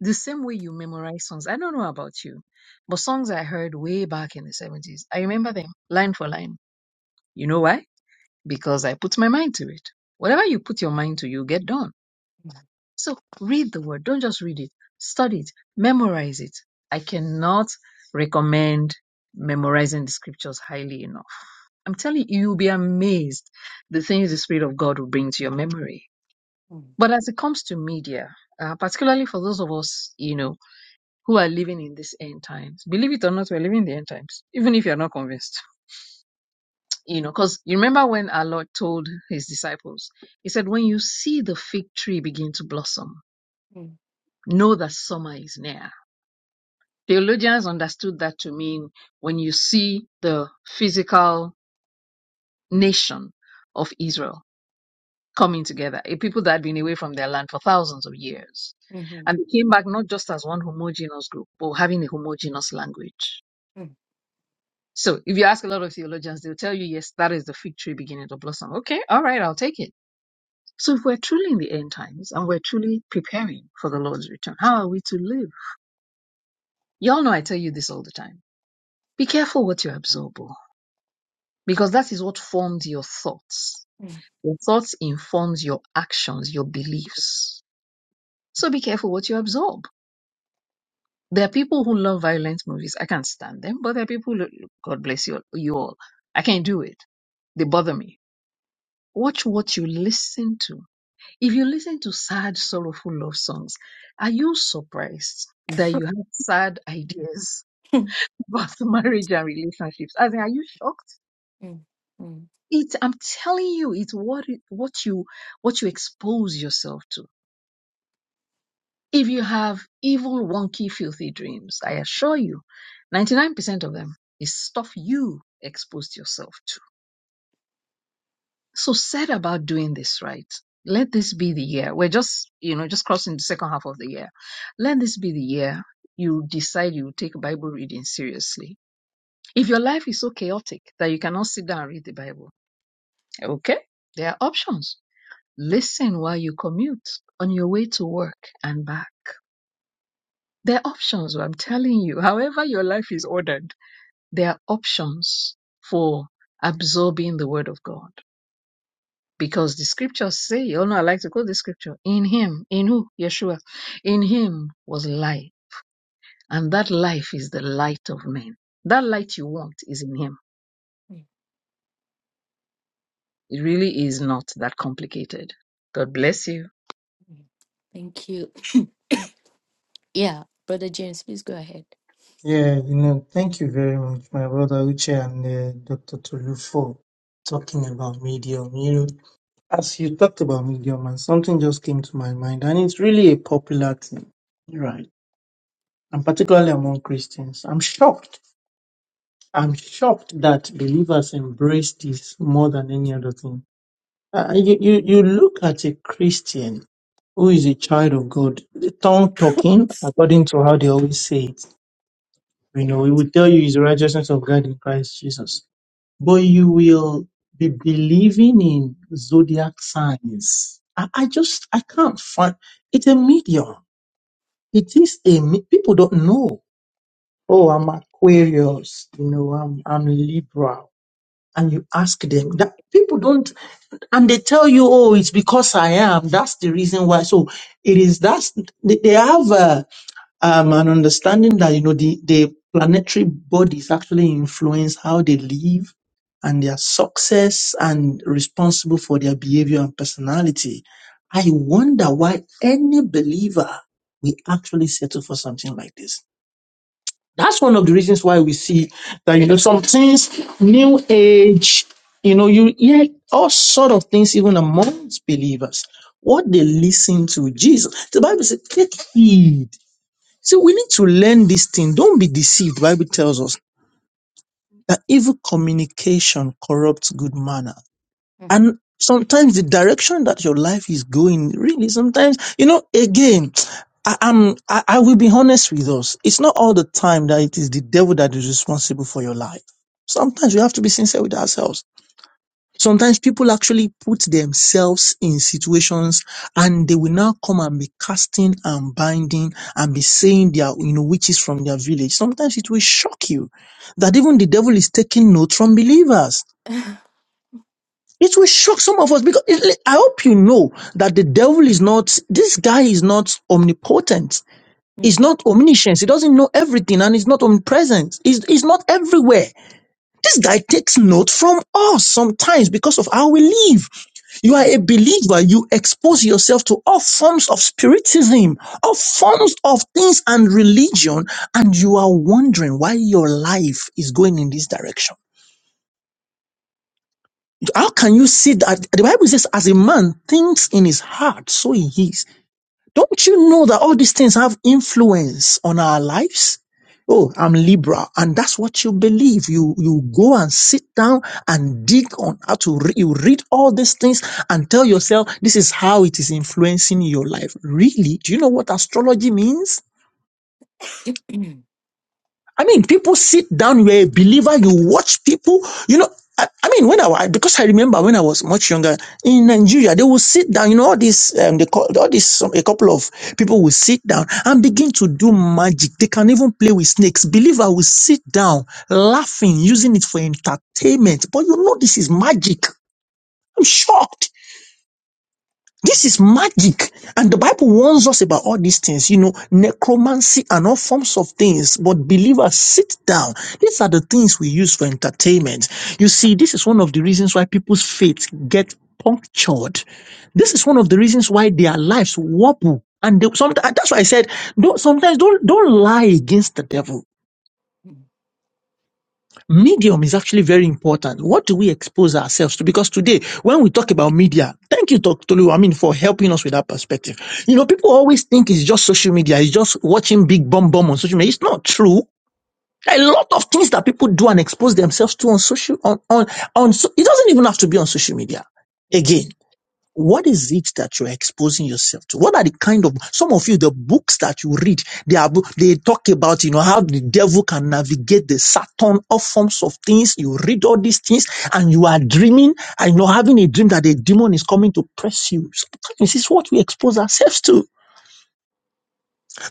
F: The same way you memorize songs. I don't know about you, but songs I heard way back in the 70s, I remember them line for line. You know why? Because I put my mind to it. Whatever you put your mind to, you get done.
D: mm,
F: So read the word. Don't just read it. Study it. Memorize it. I cannot recommend memorizing the scriptures highly enough. I'm telling you, you'll be amazed the things the Spirit of God will bring to your memory
D: mm,
F: But as it comes to media, uh, particularly for those of us, you know, who are living in these end times, believe it or not, we're living in the end times, even if you're not convinced. You know, because you remember when our Lord told his disciples, he said, When you see the fig tree begin to blossom,
D: mm,
F: know that summer is near. Theologians understood that to mean when you see the physical nation of Israel coming together, a people that had been away from their land for thousands of years.
D: mhm,
F: And they came back not just as one homogeneous group, but having a homogeneous language.
D: mm,
F: So if you ask a lot of theologians, they'll tell you, yes, that is the fig tree beginning to blossom. Okay, all right, I'll take it. So if we're truly in the end times and we're truly preparing for the Lord's return, how are we to live? Y'all know I tell you this all the time. Be careful what you absorb, oh, because that is what formed your thoughts.
D: mm,
F: Your thoughts informs your actions, your beliefs. So be careful what you absorb There are people who love violent movies. I can't stand them, but there are people. Who, God bless you, you all. I can't do it. They bother me. Watch what you listen to. If you listen to sad, sorrowful love songs, are you surprised that you have sad ideas
D: mm,
F: about marriage and relationships? As in, are you shocked?
D: mm, mm,
F: It. I'm telling you, it's what it- what you what you expose yourself to. If you have evil, wonky, filthy dreams, I assure you, 99% of them is stuff you exposed yourself to. So set about doing this right. Let this be the year. We're just, you know, just crossing the second half of the year. Let this be the year you decide you take Bible reading seriously. If your life is so chaotic that you cannot sit down and read the Bible, okay, there are options. Listen while you commute on your way to work and back. There are options, I'm telling you. However, your life is ordered, there are options for absorbing the word of God. Because the scriptures say, you all know I like to quote the scripture, in him, in who? Yeshua. In him was light. And that life is the light of men. That light you want is in him.
D: mm.
F: It really is not that complicated. God bless you.
D: Thank you. Yeah, Brother James, please go ahead.
H: Yeah, you know, thank you very much, my brother Uche and uh, Dr. Tolu for talking about medium. You know, as you talked about medium, and something just came to my mind, and it's really a popular thing, right? And particularly among Christians, I'm shocked. I'm shocked that believers embrace this more than any other thing. Uh, you, you, you look at a Christian who is a child of God, the tongue talking, according to how they always say it. You know, it will tell you his righteousness of God in Christ Jesus. But you will be believing in zodiac signs. I, I just, I can't find, it's a medium. It is a, me- people don't know. Oh, I'm Aquarius, you know, I'm, I'm Libra. And you ask them that people don't and they tell you, oh, it's because I am. That's the reason why. So it is that's they they have uh, um, an understanding that you know the the planetary bodies actually influence how they live and their success and responsible for their behavior and personality. I wonder why any believer will actually settle for something like this that's one of the reasons why we see that you know some things, new age, you know, you hear all sort of things even amongst believers. What they listen to Jesus. The Bible says, take heed. So we need to learn this thing. Don't be deceived. The Bible tells us that evil communication corrupts good manner.
D: Mm.
H: And sometimes the direction that your life is going, really, sometimes, you know, again, I, I'm, I, I will be honest with us. It's not all the time that it is the devil that is responsible for your life. Sometimes we have to be sincere with ourselves. Sometimes people actually put themselves in situations and they will now come and be casting and binding and be saying their, you know, witches from their village. Sometimes it will shock you that even the devil is taking note from believers. It will shock some of us because it, I hope you know that the devil is not, this guy is not omnipotent. He's
D: Mhm,
H: not omniscient. He doesn't know everything and he's not omnipresent. He's, he's not everywhere. This guy takes note from us sometimes because of how we live. You are
D: mm,
H: a believer. You expose yourself to all forms of spiritism, all forms of things and religion, and you are wondering why your life is going in this direction. How can you see that? The Bible says, as a man thinks in his heart, so he is. Don't you know that all these things have influence on our lives? Oh, I'm Libra, and that's what you believe. You you go and sit down and dig on how to re- you read all these things and tell yourself this is how it is influencing your life. Really? Do you know what astrology means? I mean, people sit down. You're a believer. You watch people. You know, I, I mean, when I wa- because I remember when I was much younger in Nigeria, they will sit down. You know, all these, um, they call, all this. um, a couple of people will sit down and begin to do magic. They can even play with snakes. Believer will sit down, laughing, using it for entertainment. But you know, this is magic. I'm shocked. This is magic. And the Bible warns us about all these things, you know, necromancy and all forms of things. But believers, sit down. These are the things we use for entertainment. You see, this is one of the reasons why people's faith get punctured. This is one of the reasons why their lives wobble. And they, sometimes, that's why I said, don't, sometimes don't, don't lie against the devil medium is actually very important. What do we expose ourselves to? Because today, when we talk about media, thank you, Dr. Tolu, I mean, for helping us with that perspective. You know, people always think it's just social media, it's just watching big bomb bomb on social media. It's not true. A lot of things that people do and expose themselves to on social, on, on, on, so, it doesn't even have to be on social media.
D: Yeah.
H: Again, what is it that you're exposing yourself to? What are the kind of some of you the books that you read? They are bo- they talk about you know how the devil can navigate the Saturn, all forms of things. You read all these things, and you are dreaming and you're having a dream that a demon is coming to press you. Sometimes this is what we expose ourselves to.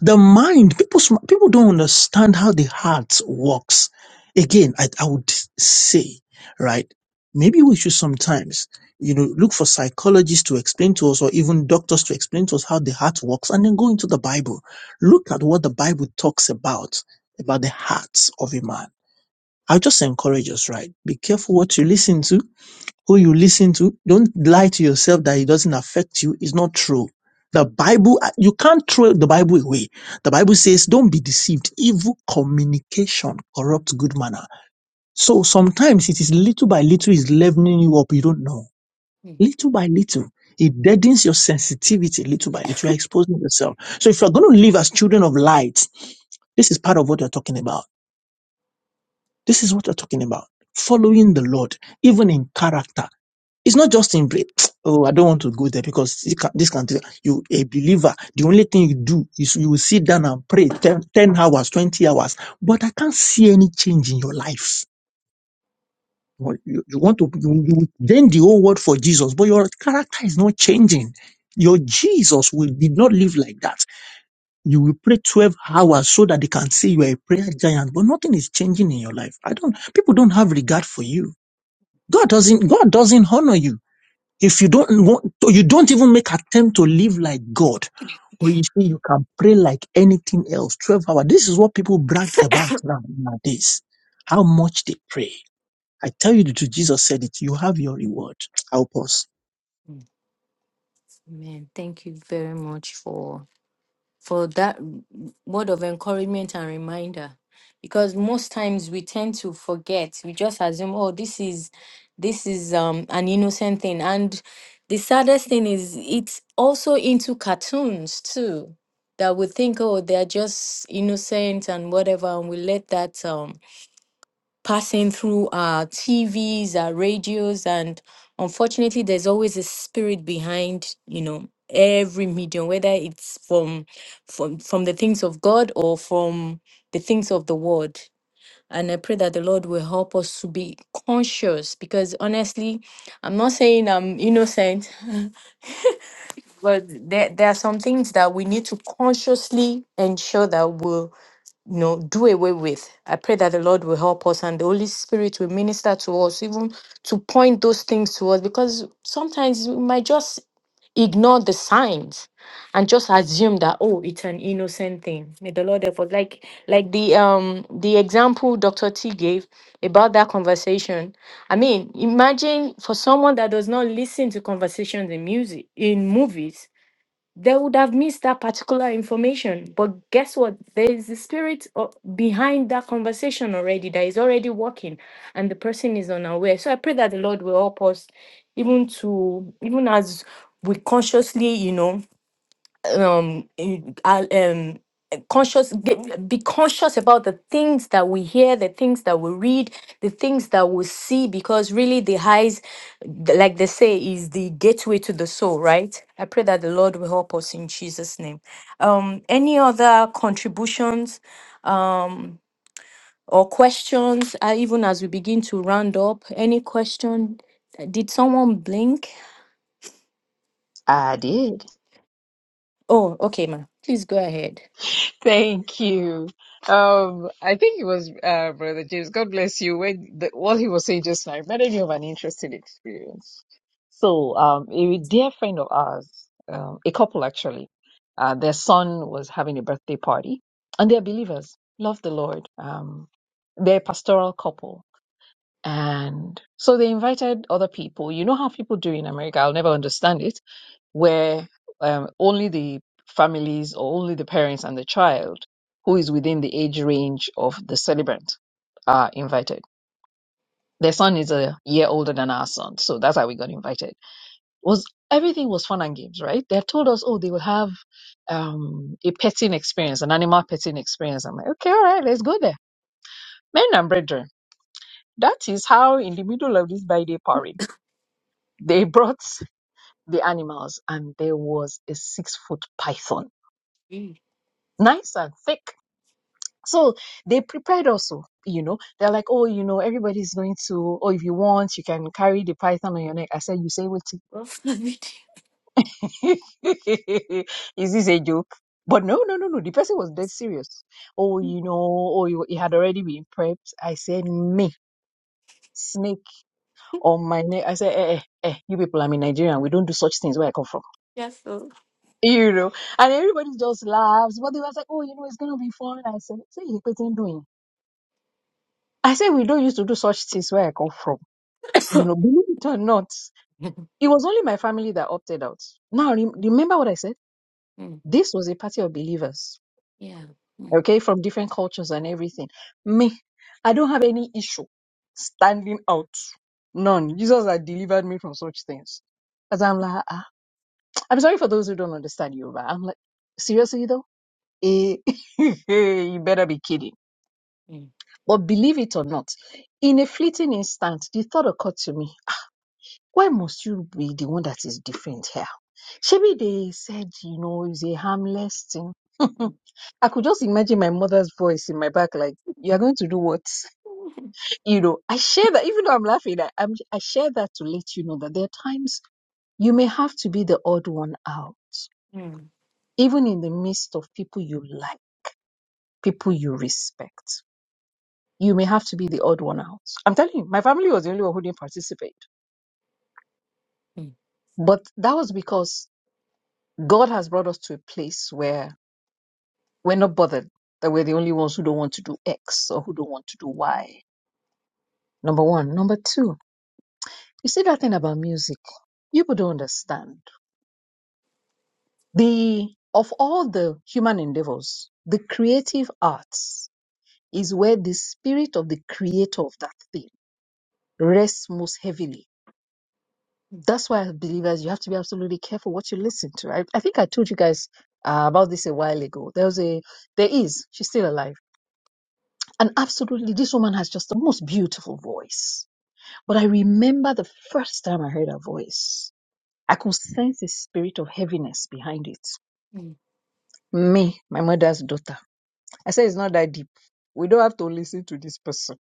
H: The mind, people, sm- people don't understand how the heart works. Again, I, I would say, right? Maybe we should sometimes, you know, look for psychologists to explain to us or even doctors to explain to us how the heart works and then go into the Bible. Look at what the Bible talks about, about the hearts of a man. I just encourage us, right? Be careful what you listen to who you listen to. Don't lie to yourself that it doesn't affect you. It's not true. The Bible, uh, you can't throw the Bible away. The Bible says, don't be deceived. Evil communication corrupts good manner. So sometimes it is little by little is leveling you up. You don't know.
D: mm,
H: Little by little. It deadens your sensitivity little by little. You're exposing yourself. So if you're going to live as children of light, this is part of what you're talking about. This is what you're talking about. Following the Lord, even in character it's not just in, bra- oh, I don't want to go there because this can, this can, you, a believer, the only thing you do is you will sit down and pray 10, ten hours, 20 hours, but I can't see any change in your life. You, want- you you want to, you, you then the whole world for Jesus, but your character is not changing. Your Jesus will did not live like that. You will pray 12 hours so that they can say you are a prayer giant, but nothing is changing in your life. I don't, people don't have regard for you. God doesn't, God doesn't honor you. If you don't want, or you don't even make attempt to live like God, but you see, you can pray like anything else. 12 hours. This is what people brag about now, nowadays. How much they pray. I tell you the truth, Jesus said it. You have your reward. Help us.
D: mm. Amen. Thank you very much for for that word of encouragement and reminder because most times we tend to forget we just assume oh this is this is um an innocent thing and the saddest thing is it's also into cartoons too that we think oh they're just innocent and whatever and we let that um passing through our TVs, our radios, and unfortunately, there's always a spirit behind, you know, every medium, whether it's from from from the things of God or from the things of the world. And I pray that the Lord will help us to be conscious because honestly, I'm not saying I'm innocent, but there, there are some things that we need to consciously ensure that you know, do away with. I pray that the Lord will help us and the Holy Spirit will minister to us, even to point those things to us, because sometimes we might just ignore the signs and just assume that oh it's an innocent thing may the lord help us like like the um the example dr t gave about that conversation i mean imagine for someone that does not listen to conversations in music in movies they would have missed that particular information. But guess what? There is the spirit o- behind that conversation already that is already working, and the person is unaware. So I pray that the Lord will help us, even to even as we consciously, you know um in- I- um conscious get- be conscious about the things that we hear the things that we read the things that we see because really the eyes th- like they say is the gateway to the soul right i pray that the lord will help us in jesus name um any other contributions um or questions uh, even as we begin to round up any question did someone blink
F: I did.
D: oh okay ma please go ahead
F: Thank you. Um, I think it was uh, Brother James. God bless you. When the, what he was saying just now reminded me of an interesting experience. So, um, a dear friend of ours, um, a couple actually, uh, their son was having a birthday party, and they're believers, love the Lord. Um, they're a pastoral couple, and so they invited other people. You know how people do in America. I'll never understand it where um, only the families or only the parents and the child who is within the age range of the celebrant are invited. Their son is a year older than our son, so that's how we got invited. Was everything was fun and games, right? They have told us, oh, they will have um, a petting experience, an animal petting experience. I'm like, okay, all right, let's go there. Men and brethren, that is how in the middle of this by day parade, they brought the animals, and there was a six foot python, nice and thick So they prepared also, you know. They're like, oh, you know, everybody's going to, oh, if you want, you can carry the python on your neck. I said, you say what?
D: Mm.
F: Is this a joke? But no, no, no, no. The person was dead serious. Oh, you know, oh, you, it had already been prepped. I said, me, snake on my neck. I said, eh, eh, eh, eh, you people, I'm in Nigeria. We don't do such things where I come from.
D: Yes, Lord.
F: You know, and everybody just laughs. But they was like, oh, you know, it's going to be fun. I said, say, you're doing. I said, we don't used to do such things where I come from. you know, believe it or not, it was only my family that opted out. Now, rem- remember what I said?
D: Mm,
F: This was a party of believers,
D: yeah. Mm,
F: okay, from different cultures and everything. Me, I don't have any issue standing out. None. Jesus had delivered me from such things. Because I'm like, ah. I'm sorry for those who don't understand Yoruba. I'm like, seriously though? Eh, you better be kidding.
D: mm,
F: But believe it or not, in a fleeting instant, the thought occurred to me Why must you be the one that is different here? Maybe they said, you know, it's a harmless thing. I could just imagine my mother's voice in my back, like, you are going to do what? You know, I share that, even though I'm laughing, I, I'm, I share that to let you know that there are times you may have to be the odd one out,
D: mm,
F: even in the midst of people you like, people you respect. You may have to be the odd one out. I'm telling you, my family was the only one who didn't participate.
D: mm,
F: But that was because God has brought us to a place where We're not bothered that we're the only ones who don't want to do X or who don't want to do Y. Number one. Number two, you see that thing about music. People don't understand. The of all the human endeavors, the creative arts is where the spirit of the creator of that thing rests most heavily.
D: mm,
F: That's why, as believers, you have to be absolutely careful what you listen to. I, I think I told you guys uh, about this a while ago. There was a, there is, she's still alive, and absolutely, this woman has just the most beautiful voice But I remember the first time I heard her voice. I could sense a spirit of heaviness behind it.
D: mm,
F: Me, my mother's daughter. I said it's not that deep. We don't have to listen to this person.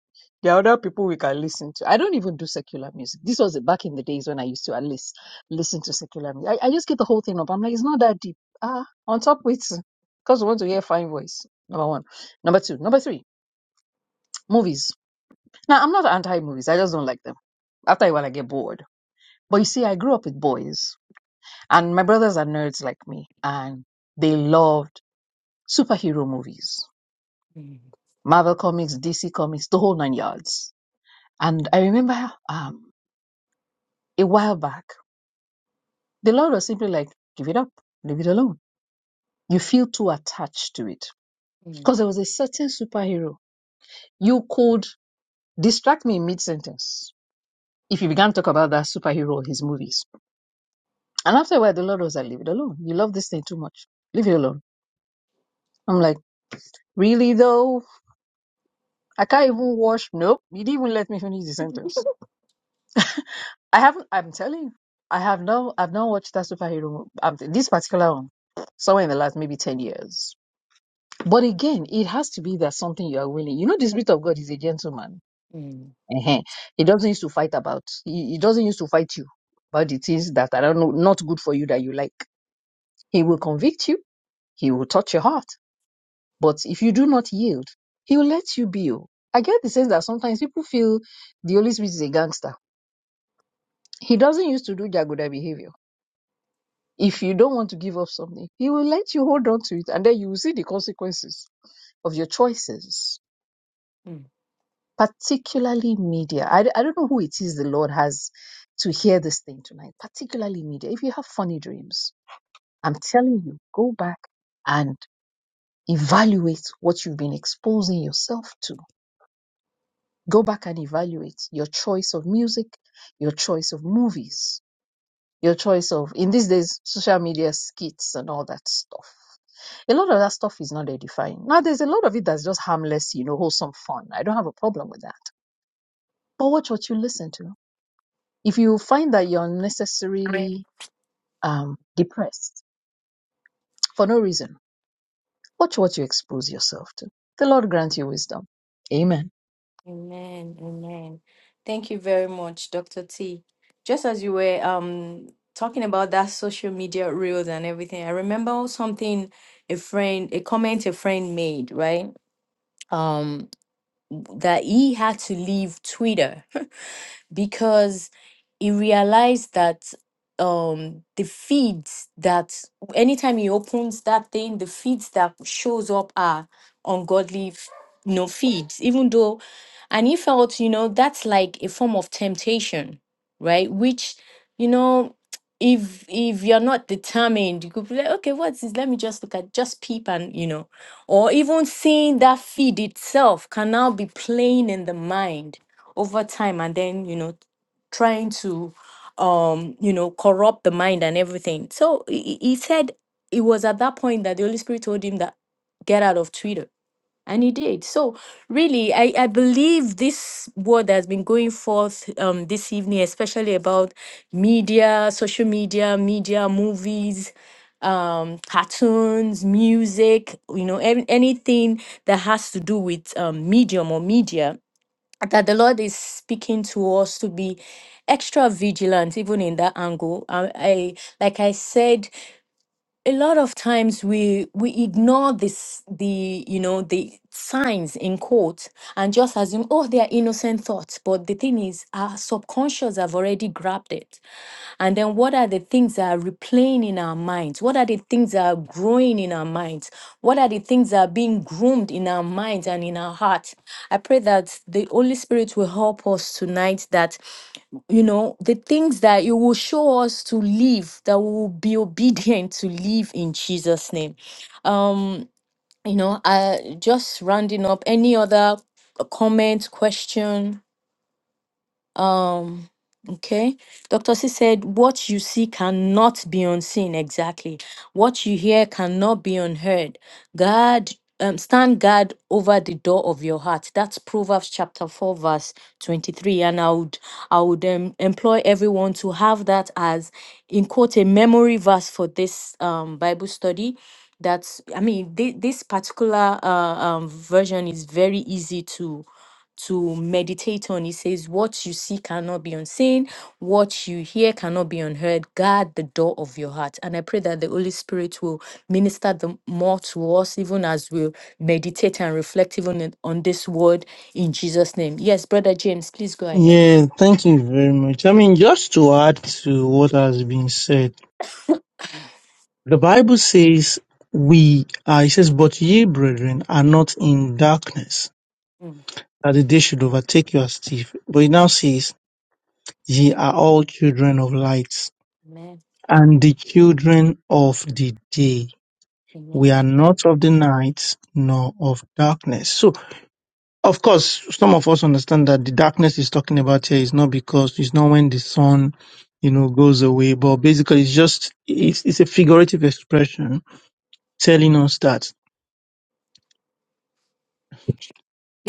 F: There are other people we can listen to. I don't even do secular music. This was back in the days when I used to at least listen to secular music. I, I just get the whole thing up. I'm like, it's not that deep. Ah, on top with because we want to hear fine voice. Number one. Number two. Number three. Movies. Now I'm not anti movies. I just don't like them. After a while I get bored. But you see, I grew up with boys, and my brothers are nerds like me, and they loved superhero movies,
D: mm,
F: Marvel comics, DC comics, the whole nine yards. And I remember um, a while back, the Lord was simply like, "Give it up, leave it alone." You feel too attached to it
D: mm,
F: because there was a certain superhero you could distract me in mid sentence if you began to talk about that superhero or his movies. And after a while, the Lord was like, "Leave it alone. You love this thing too much. Leave it alone." I'm like, "Really though?" I can't even watch. Nope. You didn't even let me finish the sentence. I haven't. I'm telling you, I have no. I've not watched that superhero. Um, this particular one, somewhere in the last maybe ten years. But again, it has to be that something you are willing. You know, the spirit of God is a gentleman.
D: mm,
F: Ehen. He doesn't used to fight about. He, he doesn't used to fight you about the things that I don't know not good for you that you like. He will convict you. He will touch your heart. But if you do not yield, he will let you be. oh. I get the sense that sometimes people feel the Holy Spirit is a gangster He doesn't used to do Jagoda behavior. If you don't want to give up something, he will let you hold on to it and then you will see the consequences of your choices,
D: mm.
F: particularly media. I, I don't know who it is the Lord has to hear this thing tonight, particularly media. If you have funny dreams, I'm telling you, go back and evaluate what you've been exposing yourself to. Go back and evaluate your choice of music, your choice of movies, your choice of, in these days, social media skits and all that stuff A lot of that stuff is not edifying. Now, there's a lot of it that's just harmless, you know, wholesome fun. I don't have a problem with that. But watch what you listen to. If you find that you're
D: Right.
F: unnecessarily um, depressed for no reason, watch what you expose yourself to. The Lord grant you wisdom. Amen.
D: Amen. Amen. Thank you very much, Dr. T. Just as you were um talking about that social media reels and everything, I remember something a friend, a comment a friend made, right? Um, that he had to leave Twitter because he realized that um the feeds that anytime he opens that thing the feeds that shows up are ungodly f- you know feeds even though and he felt you know that's like a form of temptation right which you know if if you're not determined you could be like okay what's this let me just look at just peep and you know or even seeing that feed itself can now be playing in the mind over time and then you know trying to um you know corrupt the mind and everything so he, he he said it was at that point that the holy spirit told him that get out of twitter and he did so really i i believe this word that has been going forth um this evening especially about media social media media movies um cartoons music you know an- anything that has to do with um medium or media that the Lord is speaking to us to be extra vigilant, even in that angle. I, I like I said, a lot of times we we ignore this the you know the signs in quote and just assume oh they are innocent thoughts, but the thing is our subconscious have already grabbed it. And then what are the things that are replaying in our minds? What are the things that are growing in our minds? What are the things that are being groomed in our minds and in our heart? I pray that the Holy Spirit will help us tonight that, you know, the things that you will show us to live, that we will be obedient to live in Jesus' name. Um, you know, uh, just rounding up any other comment, question, um, okay. Dr. C said, What you see cannot be unseen. Exactly. What you hear cannot be unheard. God, um, stand guard over the door of your heart. That's Proverbs chapter 4, verse 23. And I would, I would um, employ everyone to have that as, in quote, a memory verse for this um, Bible study. That's, I mean, thi- this particular uh, um, version is very easy to." to meditate on. He says, What you see cannot be unseen, what you hear cannot be unheard. Guard the door of your heart. And I pray that the Holy Spirit will minister the more to us, even as we meditate and reflect even in- on this word in Jesus' name. Yes, Brother James, please go ahead.
H: Yeah, thank you very much. I mean, just to add to what has been said, the Bible says, we are, it says, but ye, brethren, are not in darkness,
D: Mm.
H: that the day should overtake you as thief. But it now says, Ye are all children of light,
D: Amen.
H: and the children of the day. We
D: Amen.
H: are not of the night nor of darkness. So, of course, some of us understand that the darkness is talking about here is not because it's not when the sun, you know, goes away, but basically it's just it's, it's a figurative expression telling us that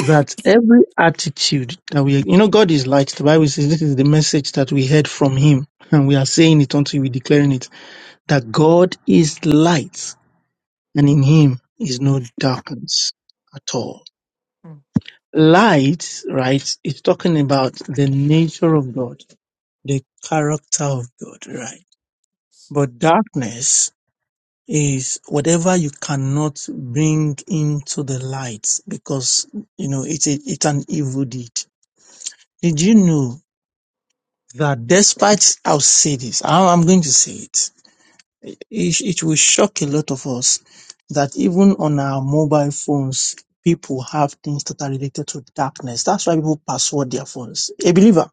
H: that every attitude that we, you know, God is light. The Bible says this is the message that we heard from Him, and we are saying it until we declaring it that God is light and in him is no darkness at all.
D: Mm,
H: Light, right, is talking about the nature of God, the character of God, right? But darkness is whatever you cannot bring into the light because, you know, it's, a, it's an evil deed. Did you know that despite, I'll say this, I- I'm going to say it It, sh- it will shock a lot of us that even on our mobile phones, people have things that are related to darkness. That's why people password their phones. A believer,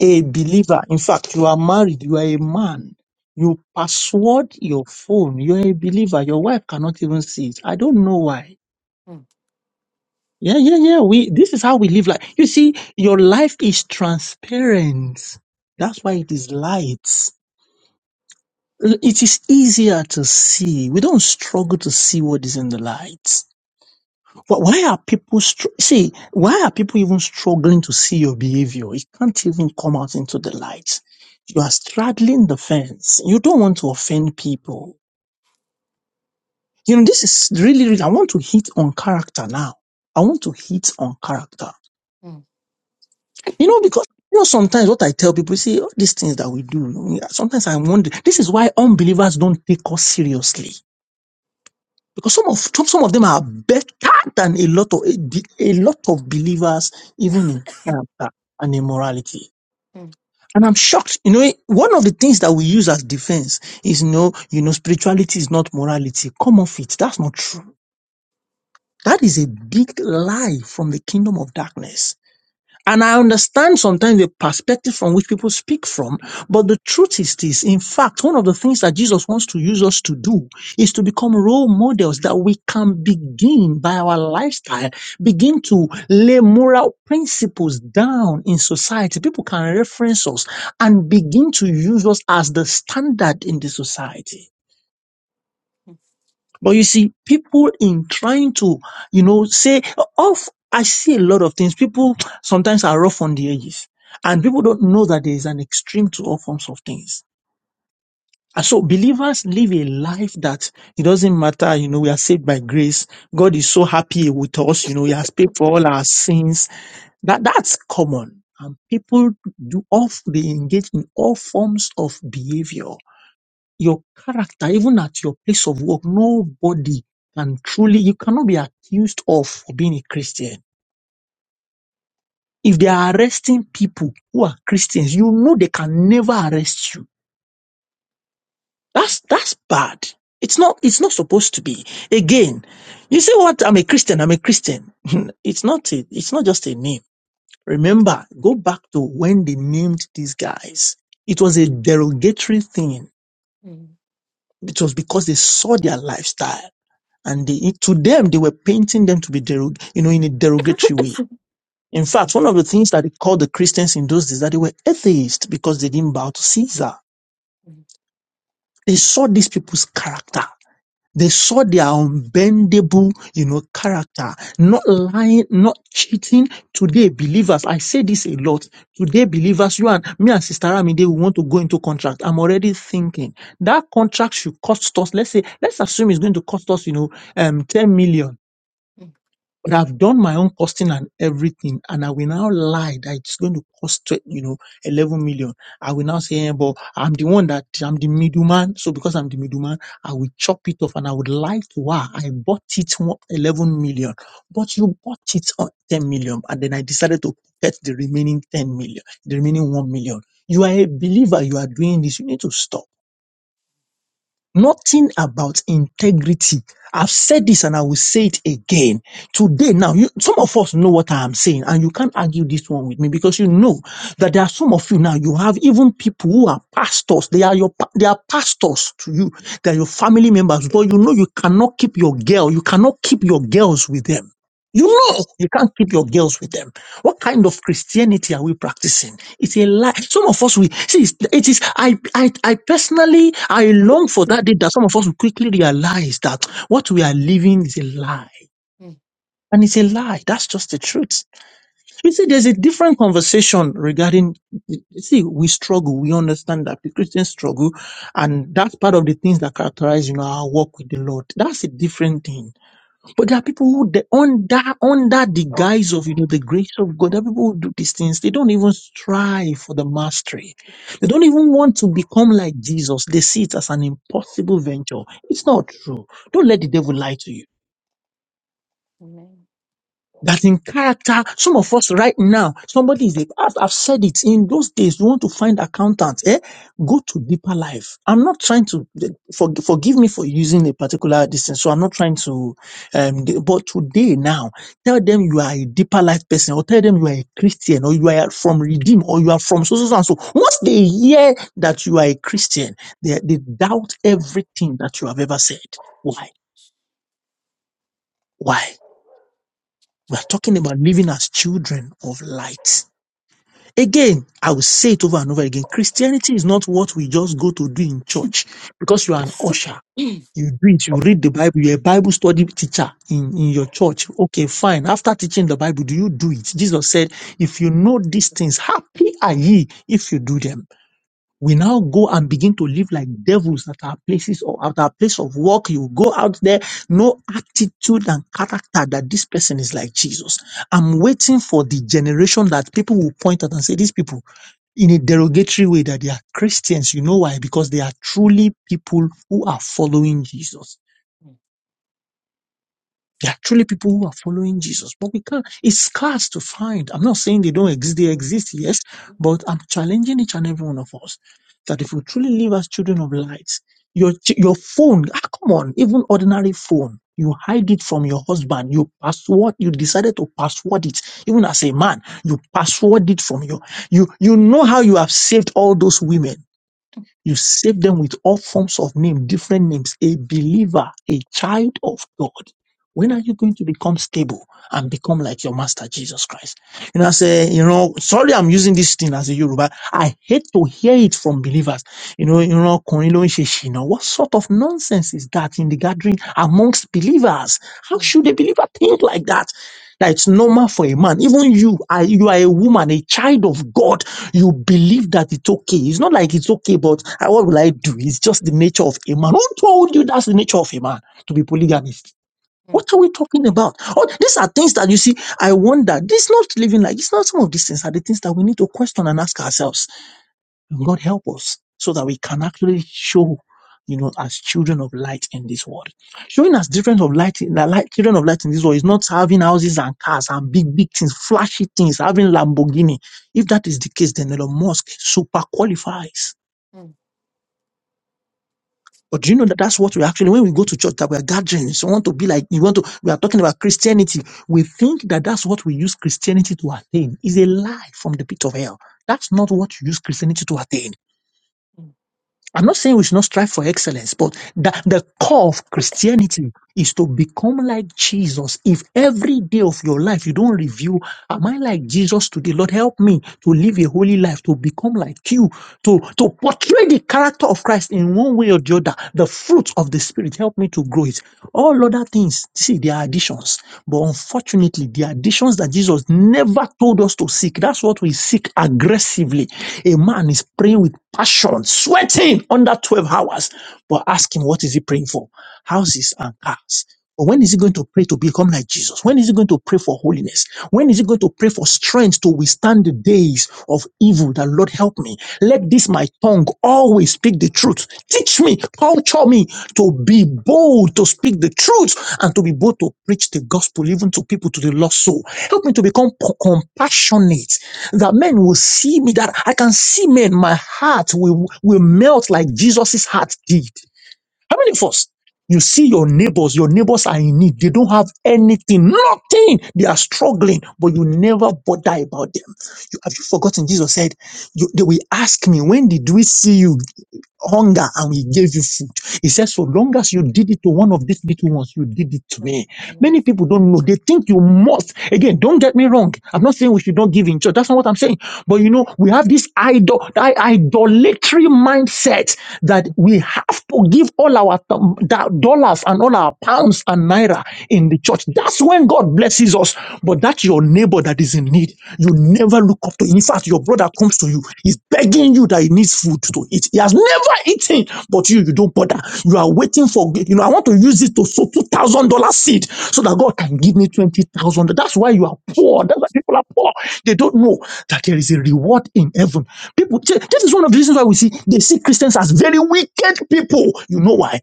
H: a
D: mm,
H: believer. In fact, you are married, you are a man. You password your phone. You're a believer. Your wife cannot even see it. I don't know why.
D: mm,
H: Yeah, yeah, yeah. We this is how we live life. You see, your life is transparent. That's why it is light. It is easier to see. We don't struggle to see what is in the light. Wh- Why are people str- see? Why are people even struggling to see your behavior? It can't even come out into the light. You are straddling the fence. You don't want to offend people. You know this is really, really. I want to hit on character now. I want to hit on character.
D: mm, mm,
H: You know because. You know, sometimes what I tell people, see, all these things that we do, sometimes I wonder, this is why unbelievers don't take us seriously because some of some some of them are better than a lot of a be- a lot of believers, even in character and in morality.
D: mm.
H: And I'm shocked. You know, one of the things that we use as defense is no, you know, spirituality is not morality. Come off it. That's not true. That is a big lie from the kingdom of darkness and I understand sometimes the perspective from which people speak from, but the truth is this. In fact, one of the things that Jesus wants to use us to do is to become role models that we can begin by our lifestyle, begin to lay moral principles down in society. People can reference us and begin to use us as the standard in the society. But you see, people in trying to, you know, say off, I see a lot of things. People sometimes are rough on the edges and people don't know that there is an extreme to all forms of things. And so believers live a life that it doesn't matter, you know, we are saved by grace. God is so happy with us, you know, he has paid for all our sins. That, that's common. And people do off, they engage in all forms of behavior your character, even at your place of work, nobody can truly, you cannot be accused of for being a Christian. If they are arresting people who are Christians, you know they can never arrest you. That's, that's bad. It's not, it's not supposed to be. Again, you say what? I'm a Christian. I'm a Christian. it's not a, it's not just a name. Remember, go back to when they named these guys. It was a derogatory thing. It was because they saw their lifestyle and they, to them they were painting them to be derog- you know in a derogatory way in fact one of the things that they called the christians in those days that they were atheists because they didn't bow to caesar
D: Mm,
H: they saw these people's character they saw their unbendable you know character not lying not cheating today believers i say this a lot today believers you and me and sister Ramide, we want to go into contract i'm already thinking that contract should cost us let's say let's assume it's going to cost us you know um 10 million
D: mm,
H: But I've done my own costing and everything, and I will now lie that it's going to cost, twe- you know, 11 million. I will now say, eh, but I'm the one that I'm the middleman. So because I'm the middleman, I will chop it off and I would lie to her. I bought it wo- 11 million, but you bought it on 10 million. And then I decided to get the remaining 10 million, the remaining 1 million. You are a believer. You are doing this. You need to stop. Nothing about integrity. I've said this and I will say it again. Today, now, you, some of us know what I am saying, and you can't argue this one with me because you know that there are some of you now, you have even people who are pastors. They are your, pa- they are pastors to you. They are your family members, but you know you cannot keep your girl. You cannot keep your girls with them. You know you can't keep your girls with them. What kind of Christianity are we practicing? It's a lie. Some of us, we see, it's- it is. I, I, I personally, I long for that day that some of us will quickly realize that what we are living is a lie.
D: Mm,
H: And it's a lie. That's just the truth. You see, there's a different conversation regarding, you see, we struggle. We understand that the Christians struggle. And that's part of the things that characterize, you know, our walk with the Lord. That's a different thing. But there are people who, de- under under the guise of you know the grace of God, there are people who do these things. They don't even strive for the mastery. They don't even want to become like Jesus. They see it as an impossible venture. It's not true. Don't let the devil lie to you
D: Amen.
H: that in character, some of us right now, somebody is a, I've, I've said it in those days, you want to find accountants. eh? Go to deeper life. I'm not trying to, for, forgive me for using a particular distance. So I'm not trying to, um, de- but today now, tell them you are a deeper life person or tell them you are a Christian or you are from Redeem or you are from so, so, so and so. Once they hear that you are a Christian, they, they doubt everything that you have ever said. Why? Why? We are talking about living as children of light. Again, I will say it over and over again. Christianity is not what we just go to do in church because you are an usher. You do it, you read the Bible, you're a Bible study teacher in, in your church. Okay, fine. After teaching the Bible, do you do it? Jesus said, If you know these
D: Yep.
H: things, happy are ye if you do them we now go and begin to live like devils at our places or at our place of work. You go out there, no attitude and character that this person is like Jesus. I'm waiting for the generation that people will point at and say, these people in a derogatory way that they are Christians. You know why? Because they are truly people who are following Jesus. There are truly people who are following Jesus, but we can't. It's scarce to find. I'm not saying they don't exist. They exist, yes, but I'm challenging each and every one of us that if we truly live as children of light, your ch- your phone, ah, come on, even ordinary phone, you hide it from your husband. You password. You decided to password it, even as a man. You password it from your. You you know how you have saved all those women. You save them with all forms of name, different names, a believer, a child of God. When are you going to become stable and become like your master Jesus Christ? You know, I say, you know, sorry I'm using this thing as a Yoruba. I hate to hear it from believers. You know, you know, ọkùnrin ló ń ṣe ṣìnà. what sort of nonsense is that in the gathering amongst believers? How should a believer think like that? That it's normal for a man. Even you, I, you are a woman, a child of God. You believe that it's okay. It's not like it's okay, but ah, what will I do? It's just the nature of a man. Who told you that's the nature of a man to be polygamist? What are we talking about? Oh, these are things that you see. I wonder. This not living like it's not some of these things are the things that we need to question and ask ourselves. God help us so that we can actually show, you know, as children of light in this world. Showing as different of light, the light, children of light in this world is not having houses and cars and big, big things, flashy things, having Lamborghini. If that is the case, then Elon Musk super qualifies. But do you know that that's what we actually, when we go to church, that we are gatherings, we want to be like, you want to, we are talking about Christianity. We think that that's what we use Christianity to attain. Is a lie from the pit of hell. That's not what you use Christianity to attain.
D: Jesus,
H: I'm not saying we should not strive for excellence, but the, the core of Christianity is to become like Jesus. If every day of your life you don't review, am I like Jesus today? Lord, help me to live a holy life, to become like you, to, to portray the character of Christ in one way or the other, the fruit of the Spirit. Help me to grow it. All other things, see, they are additions. But unfortunately, the additions that Jesus never told us to seek, that's what we seek aggressively. A man is praying with passion, sweating under 12 hours. But ask him, what is he praying for? houses and cars. But when is he going to pray to become like Jesus? When is he going to pray for holiness? When is he going to pray for strength to withstand the days of evil that Lord help me? Let this my tongue always speak the truth. Teach me, culture me to be bold to speak the truth and to be bold to preach the gospel even to people to the lost soul. Help me to become p- compassionate that men will see me, that I can see men, my heart will, will melt like Jesus' heart did. How many of us? You see your neighbors, your neighbors are in need. They don't have anything, nothing. They are struggling, but you never bother about them. You, have you forgotten? Jesus said, you, They will ask me, When did we see you hunger and we gave you food? He said, So long as you did it to one of these little ones, you did it to me. Many people don't know. They think you must. Again, don't get me wrong. I'm not saying we should not give in church. That's not what I'm saying. But you know, we have this idol, i- idolatry mindset that we have to give all our thou- thou- dollars and all our pounds and naira in the church. That's when God blesses us. But that's your neighbor that is in need. You never look up to. him. In fact, your brother comes to you, he's begging you that he needs food to eat. He has never eaten, but you, you don't bother. You are waiting for, you know, I want to use it to sow $2,000 seed so that God can give me 20000 That's why you are poor. That's why people are poor. They don't know that there is a reward in heaven. People, this is one of the reasons why we see they see Christians as very wicked people. You know why?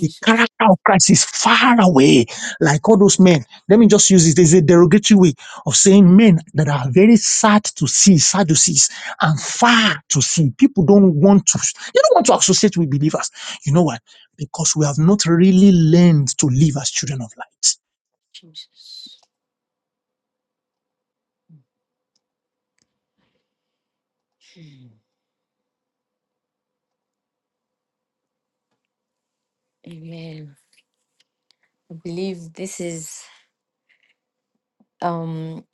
H: The character of Christ is far away, like all those men. Let me just use this. There's a derogatory way of saying men that are very sad to see, Sadducees, and far to see. People don't want to, they don't want to associate with believers. You know why? Because we have not really learned to live as children of light.
D: Jesus. Amen. I believe this is um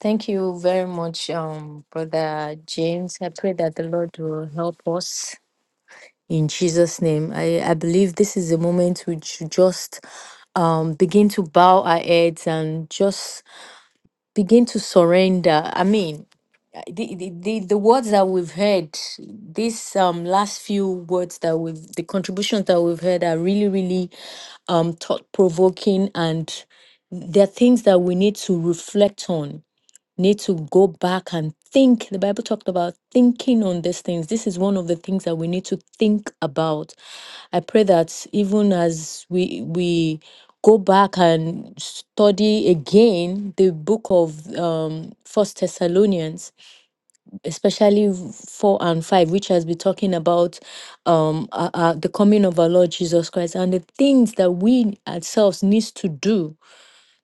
D: thank you very much, um, brother James. I pray that the Lord will help us in Jesus' name. I, I believe this is a moment we should just um begin to bow our heads and just begin to surrender. I mean, Uh, the, the the the words that we've heard these um last few words that we've the contributions that we've heard are really really um thought provoking and they're things that we need to reflect on need to go back and think the bible talked about thinking on these things this is one of the things that we need to think about i pray that even as we we go back and study again the book of um first thessalonians especially 4 and 5 which has been talking about um uh, uh, the coming of our lord jesus christ and the things that we ourselves needs to do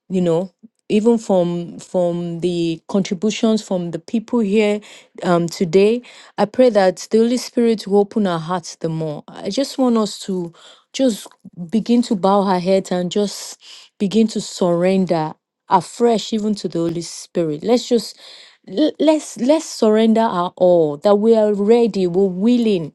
D: you know even from from the contributions from the people here um, today i pray that the holy spirit will open our hearts the more i just want us to just begin to bow our heads and just begin to surrender afresh even to the holy spirit let's just l- let's let's surrender our all that we are ready we're willing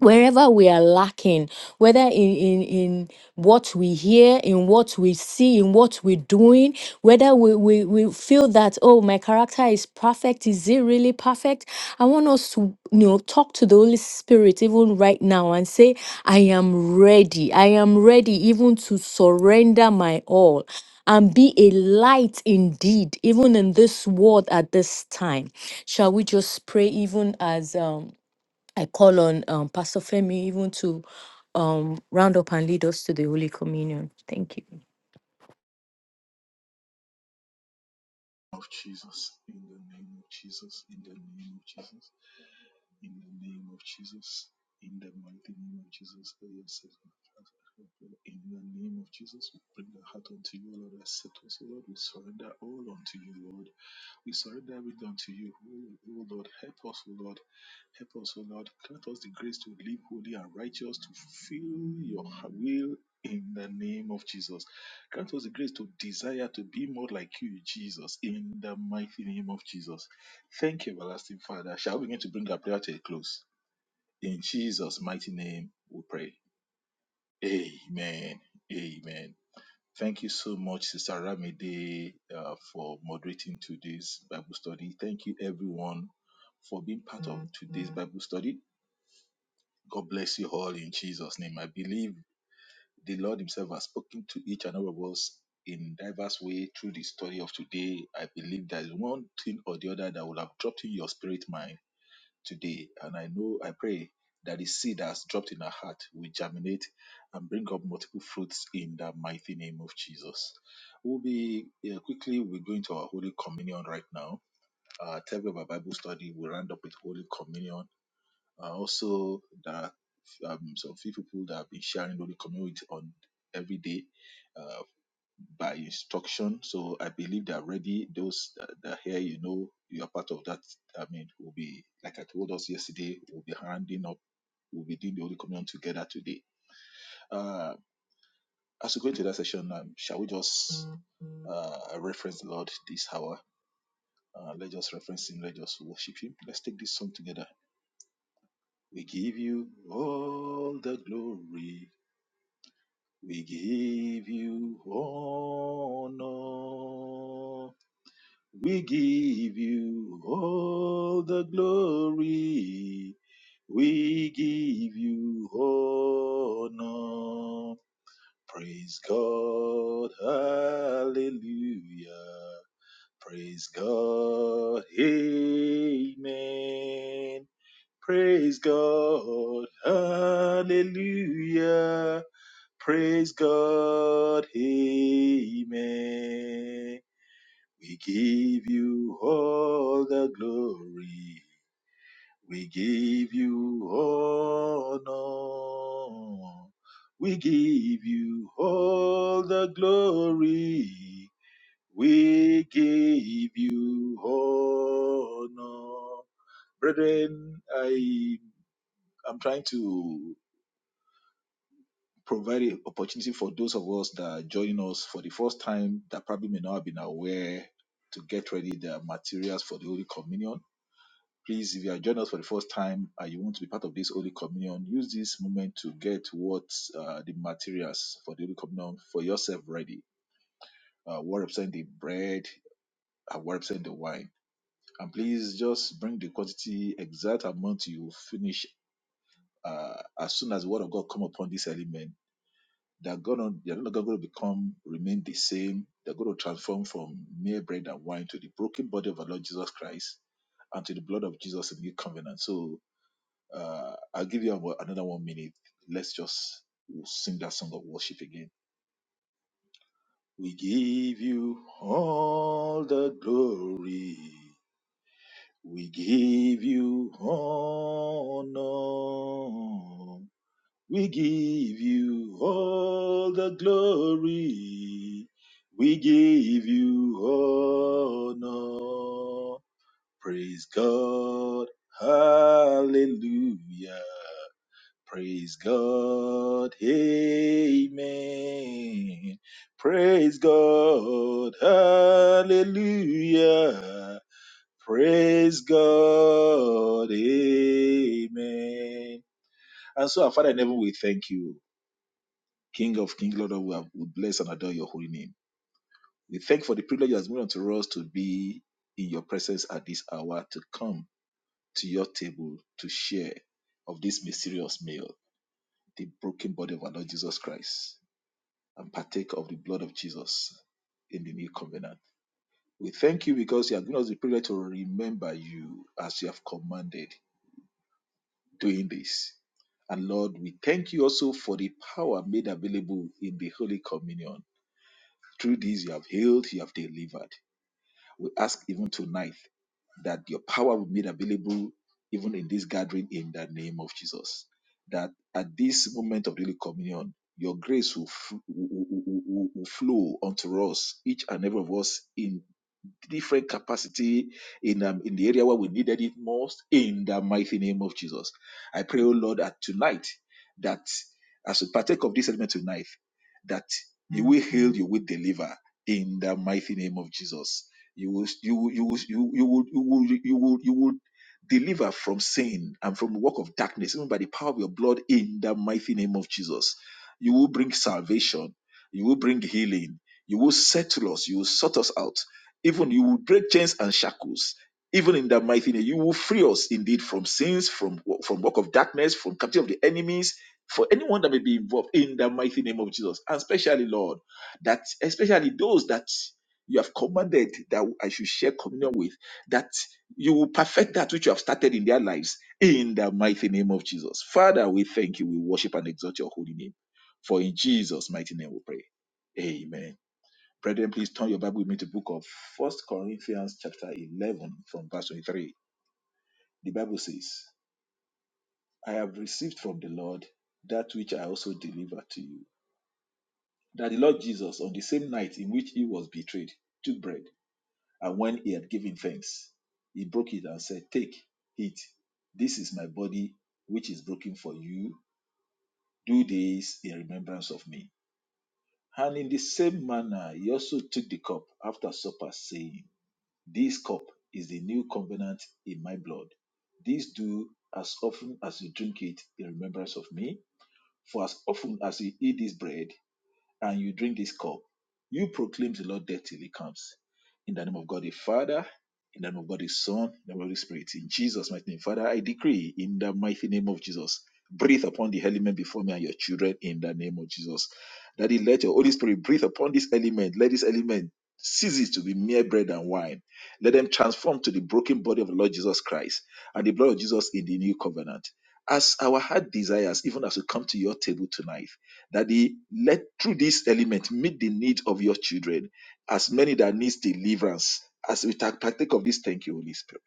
D: wherever we are lacking whether in, in in what we hear in what we see in what we're doing whether we, we we feel that oh my character is perfect is it really perfect i want us to you know talk to the holy spirit even right now and say i am ready i am ready even to surrender my all and be a light indeed even in this world at this time shall we just pray even as um I call on um, Pastor Femi even to um, round up and lead us to the Holy Communion. Thank you.
J: of Jesus, in the name of Jesus, in the name of Jesus, in the name of Jesus, in the mighty name of Jesus. Oh, yes, yes, yes, yes, yes. yes. In the name of Jesus, we bring the heart unto you, Lord. Accept us, Lord. We surrender all unto you, Lord. We surrender everything unto you, O O Lord. Help us, O Lord. Help us, O Lord. Grant us the grace to live holy and righteous, to fulfill your will in the name of Jesus. Grant us the grace to desire to be more like you, Jesus, in the mighty name of Jesus. Thank you, everlasting Father. Shall we begin to bring our prayer to a close? In Jesus' mighty name, we pray. Amen. Amen. Thank you so much, Sister Ramide, uh, for moderating today's Bible study. Thank you, everyone, for being part of today's Bible study. God bless you all in Jesus' name. I believe the Lord Himself has spoken to each and every of us in diverse way through the study of today. I believe there is one thing or the other that will have dropped in your spirit mind today. And I know, I pray that the seed that has dropped in our heart will germinate and bring up multiple fruits in the mighty name of Jesus. We'll be yeah, quickly, we're going to our Holy Communion right now. Uh, tell me about Bible study. We'll round up with Holy Communion. Uh, also, there are um, some few people that have been sharing Holy Communion with on every day. Uh, by instruction. So I believe they are ready. Those that that are here, you know, you are part of that. I mean, will be like I told us yesterday, we'll be handing up, we'll be doing the Holy Communion together today. Uh, as we go into that session, um, shall we just uh, reference the Lord this hour? Uh, let's just reference Him. Let's just worship Him. Let's take this song together. We give you all the glory. We give you honor. We give you all the glory. We give you honor. Praise God. Hallelujah. Praise God. Amen. Praise God. Hallelujah. Praise God. Amen. We give you all the glory. We give you honor. We give you all the glory. We give you honor. Brethren, I am trying to provide an opportunity for those of us that are joining us for the first time that probably may not have been aware to get ready the materials for the Holy Communion Please, if you are joining us for the first time and you want to be part of this Holy Communion, use this moment to get what uh, the materials for the Holy Communion for yourself ready. Uh, what represent the bread and what represent the wine. And please just bring the quantity exact amount you finish uh, as soon as the word of God come upon this element, they're gonna they're not gonna become remain the same. They're gonna transform from mere bread and wine to the broken body of our Lord Jesus Christ and to the blood of Jesus in new covenant. So. Uh, I'll give you about another one minute. Let's just sing that song of worship again. We give you all the glory. We give you honor. We give you all the glory. We give you honor. Praise God. Hallelujah. Praise God. Amen. Praise God. Hallelujah. Praise God. Amen. And so, our Father in heaven, we thank you, King of Kings, Lord of Lords. We bless and adore your holy name. We thank for the privilege you has been unto us to be in your presence at this hour, to come to your table to share of this mysterious meal, the broken body of our Lord Jesus Christ. and partake of the blood of Jesus in the new covenant. We thank you because you have given us the privilege to remember you as you have commanded doing this. And Lord, we thank you also for the power made available in the Holy Communion. Through this, you have healed, you have delivered. We ask even tonight that your power will be made available even in this gathering in the name of Jesus. That at this moment of daily communion, your grace will, f- will, will- will- will flow unto us, each and every of us, In different capacity in um, in the area where we needed it most in the mighty name of Jesus. I pray, oh Lord, that tonight that as we partake of this element tonight, that you will heal, you will deliver in the mighty name of Jesus. You will you will you will you, you will you will you will you will deliver from sin and from the work of darkness, even by the power of your blood in the mighty name of Jesus. You will bring salvation, you will bring healing, you will settle us, you will sort us out even you will break chains and shackles. Even in that mighty name, you will free us indeed from sins, from from work of darkness, from captivity of the enemies, for anyone that may be involved in the mighty name of Jesus. And especially, Lord, that especially those that you have commanded that I should share communion with, that you will perfect that which you have started in their lives in the mighty name of Jesus. Father, we thank you. We worship and exalt your holy name. For in Jesus' mighty name we pray. Amen. Brethren, please turn your Bible with me to the book of First Corinthians chapter 11 from verse 23. The Bible says, I have received from the Lord that which I also delivered to you. That the Lord Jesus, on the same night in which he was betrayed, took bread, and when he had given thanks, he broke it and said, Take, eat. This is my body, which is broken for you. Do this in remembrance of me. And in the same manner, he also took the cup after supper, saying, This cup is the new covenant in my blood. This do as often as you drink it in remembrance of me. For as often as you eat this bread and you drink this cup, you proclaim the Lord death till he comes. In the name of God the Father, in the name of God the Son, in the name of the Holy Spirit, in Jesus' mighty name. Father, I decree in the mighty name of Jesus, breathe upon the element before me and your children in the name of Jesus. Daddy, let your Holy Spirit breathe upon this element. Let this element cease it to be mere bread and wine. Let them transform to the broken body of the Lord Jesus Christ and the blood of Jesus in the new covenant. As our heart desires, even as we come to your table tonight, Daddy, let through this element meet the need of your children, as many that needs deliverance, as we ta- partake of this. Thank you, Holy Spirit.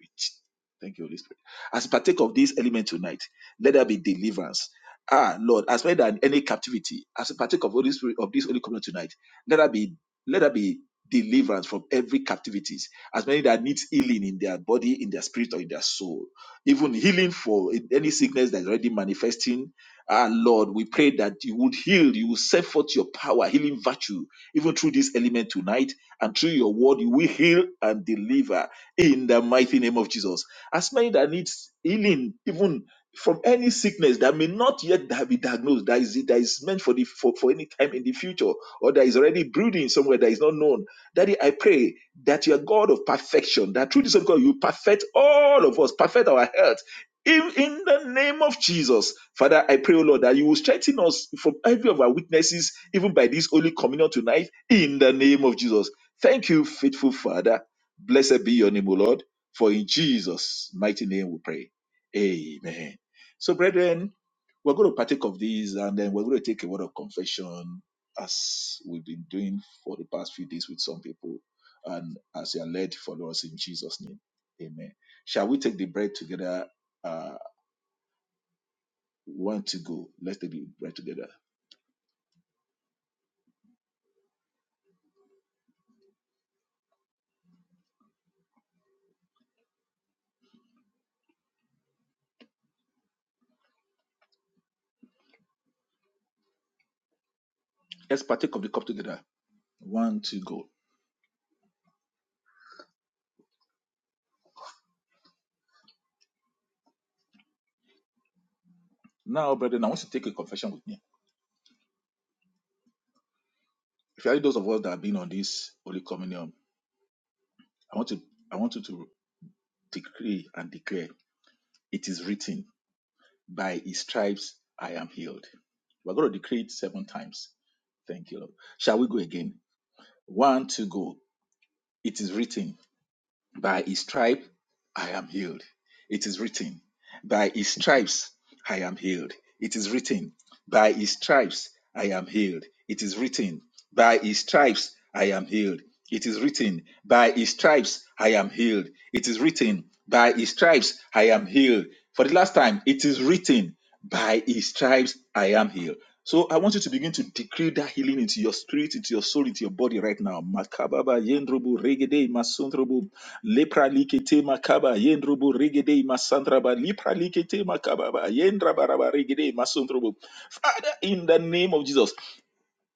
J: Thank you, Holy Spirit. As we partake of this element tonight, let there be deliverance. Ah, Lord, as many that any captivity, as we partake of Holy Spirit of this Holy Communion tonight, let there be let there be deliverance from every captivities as many that needs healing in their body in their spirit or in their soul even healing for any sickness that is already manifesting Ah, Lord, we pray that you would heal, you will set forth your power, healing virtue, even through this element tonight, and through your word, you will heal and deliver in the mighty name of Jesus. As many that needs healing, even from any sickness that may not yet da- be diagnosed, that is, that is meant for, the, for, for any time in the future, or that is already brooding somewhere that is not known. Daddy, I pray that you are God of perfection, that through this, of God, you perfect all of us, perfect our health in, in the name of Jesus, Father, I pray, O Lord, that you will strengthen us from every of our weaknesses, even by this holy communion tonight, in the name of Jesus. Thank you, faithful Father. Blessed be your name, O Lord, for in Jesus' mighty name we pray. Amen. So, brethren, we're going to partake of these and then we're going to take a word of confession as we've been doing for the past few days with some people and as they are led, follow us in Jesus' name. Amen. Shall we take the bread together? uh, one to go. Let's take the bread together. Let's partake of the cup together. One to go. Now, brethren, I want to take a confession with me. Especially those of us that have been on this Holy Communion, I want to I want you to decree and declare. It is written, by his stripes I am healed. We're going to decree it seven times. Thank you, Lord. Shall we go again? One to go. It is written. By his stripe, I am healed. It is written. By his stripes, I am healed. It is written. By his stripes, I am healed. It is written. By his stripes, I am healed. It is written. By his stripes, I am healed. It is written. By his stripes, I am healed. For the last time, it is written. By his stripes, I am healed. So I want you to begin to decree that healing into your spirit, into your soul, into your body right now. Makababa yendrubu regede masundrubu lepra likete makaba yendrubu regede masandraba lepra likete makababa yendrabaraba regede masundrubu. Father, in the name of Jesus,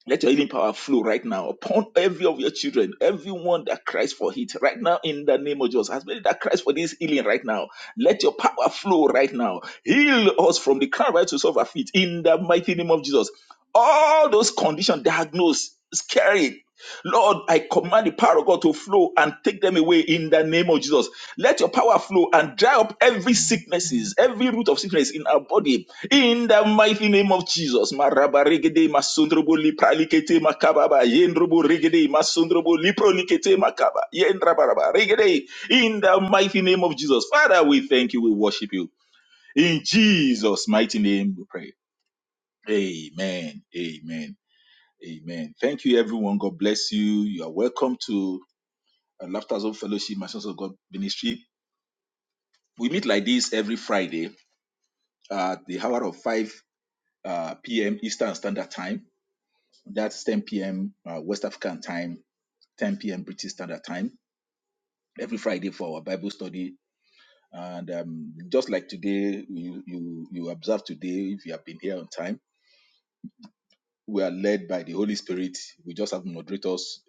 J: let your healing power flow right now upon every of your children, everyone that cries for it right now in the name of Jesus. As many that cries for this healing right now, let your power flow right now. Heal us from the crown right to solve our feet in the mighty name of Jesus. All those conditions diagnosed, scary. Lord, I command the power of God to flow and take them away in the name of Jesus. Let your power flow and dry up every sicknesses, every root of sickness in our body in the mighty name of Jesus, maraba regede masundrobo lipralikete makababa yendrobo regede masundrobo liprolikete makaba yendrabaraba regede. In the mighty name of Jesus, Father, we thank you, we worship you. In Jesus' mighty name, we pray. Amen. Amen. Amen. Thank you, everyone. God bless you. You are welcome to uh, Laughter Zone Fellowship, my sons of God ministry. We meet like this every Friday at the hour of 5 uh, p.m. Eastern Standard Time That's 10 p.m. Uh, West African time, 10 p.m. British Standard Time every Friday for our Bible study. And um, just like today, you, you you observe today if you have been here on time, we are led by the Holy Spirit. We just have moderators.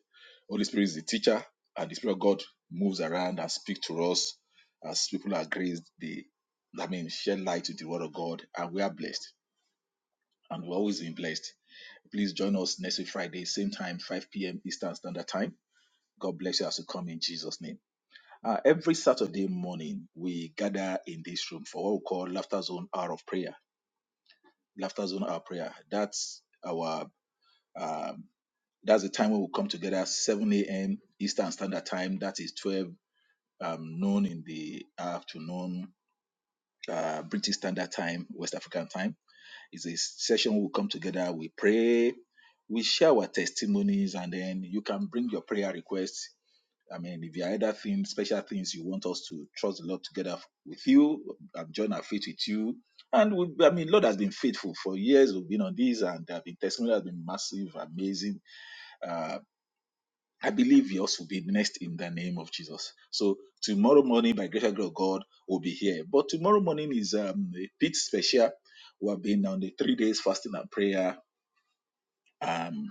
J: Holy Spirit is the teacher, and the Spirit of God moves around and speaks to us as people are graced. They, I mean, shed light to the Word of God, and we are blessed, and we've always been blessed. Please join us next week Friday, same time, 5 p.m. Eastern Standard Time God bless you as you come in Jesus' name. Uh, every Saturday morning, we gather in this room for what we call Laughter Zone Hour of Prayer. Laughter Zone Hour of Prayer. That's our um, that's the time when we come together 7 a.m. Eastern Standard Time. That is 12 um, noon in the afternoon, uh, British Standard Time, West African Time. It's a session we come together, we pray, we share our testimonies, and then you can bring your prayer requests I mean, if there are other things, special things you want us to trust the Lord together with you, um, join our faith with you. And we, I mean, Lord has been faithful for years. We've been on this, and there have been testimony has been massive, amazing. Uh, I believe yours will be next in the name of Jesus. So tomorrow morning, by greater grace of God, we'll be here. But tomorrow morning is um, a bit special. We have been on the three days fasting and prayer. Um,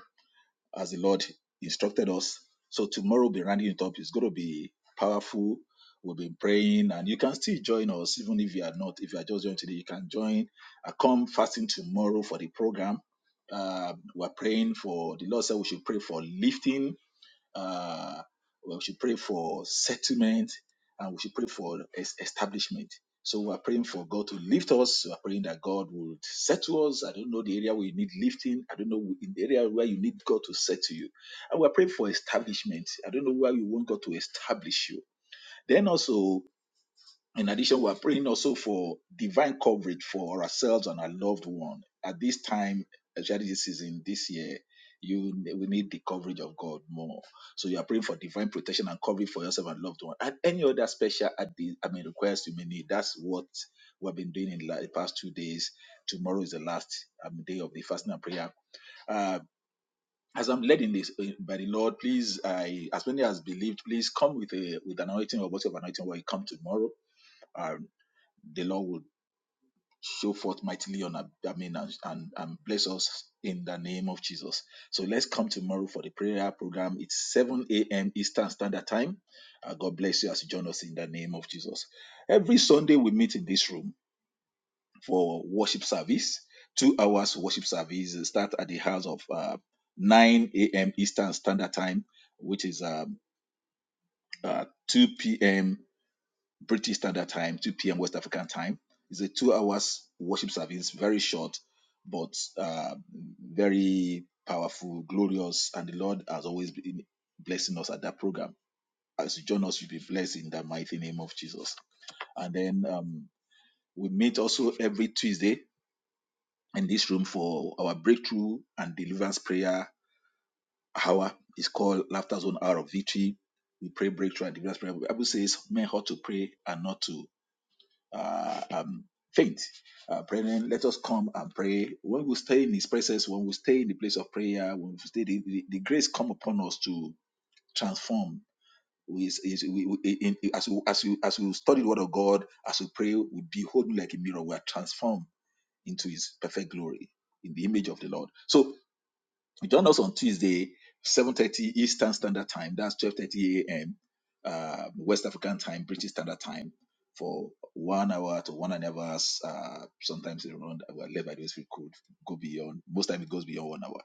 J: as the Lord instructed us. So tomorrow we'll be rounding it up. It's going to be powerful. We'll be praying, and you can still join us even if you are not. If you are just joining today, you can join. I come fasting tomorrow for the program. Uh, we're praying for the Lord said we should pray for lifting uh, we should pray for settlement and we should pray for es- establishment. So we are praying for God to lift us. We are praying that God would settle us. I don't know the area where you need lifting. I don't know in the area where you need God to settle you. And we are praying for establishment. I don't know where you want God to establish you. Then also in addition, we are praying also for divine coverage for ourselves and our loved one. At this time, especially this season, this year, you we need the coverage of God more. So you are praying for divine protection and coverage for yourself and loved one. And any other special at the I mean request you may need. That's what we've been doing in the la- the past two days. Tomorrow is the last um, day of the fasting and prayer. Uh, as I'm led in this uh, by the Lord, please, I, as many as believed, please come with a with an anointing or whatever anointing when you come tomorrow Um, the Lord would show forth mightily on our, I mean, and, and, and bless us in the name of Jesus. So let's come tomorrow for the prayer program. It's 7 a.m. Eastern Standard Time. Uh, God bless you as you join us in the name of Jesus. Every Sunday we meet in this room for worship service. Two hours worship service start at the house of uh, 9 a.m. Eastern Standard Time, which is um, uh, 2 p.m. British Standard Time, 2 p.m. West African Time. It's a two hours worship service, very short, but uh, very powerful, glorious, and the Lord has always been blessing us at that program. As you join us, you'll be blessed in the mighty name of Jesus. And then um, we meet also every Tuesday in this room for our breakthrough and deliverance prayer hour. It's called Laughter Zone Hour of Victory. We pray breakthrough and deliverance prayer. The Bible says men ought to pray and not to uh, um, faint. Uh, brethren, let us come and pray. When we stay in His presence, when we stay in the place of prayer, when we stay, the, the, the grace come upon us to transform. We, is, is- we, we- in, in- as, we, as, we, as we study the Word of God, as we pray, we behold Him like a mirror. We are transformed into His perfect glory in the image of the Lord. So you join us on Tuesday, 7.30 Eastern Standard Time. That's 12.30 a.m. Uh, West African time, British Standard Time for one hour to one and a half hours. Uh, sometimes around, well, led by those we could go beyond. Most time it goes beyond one hour.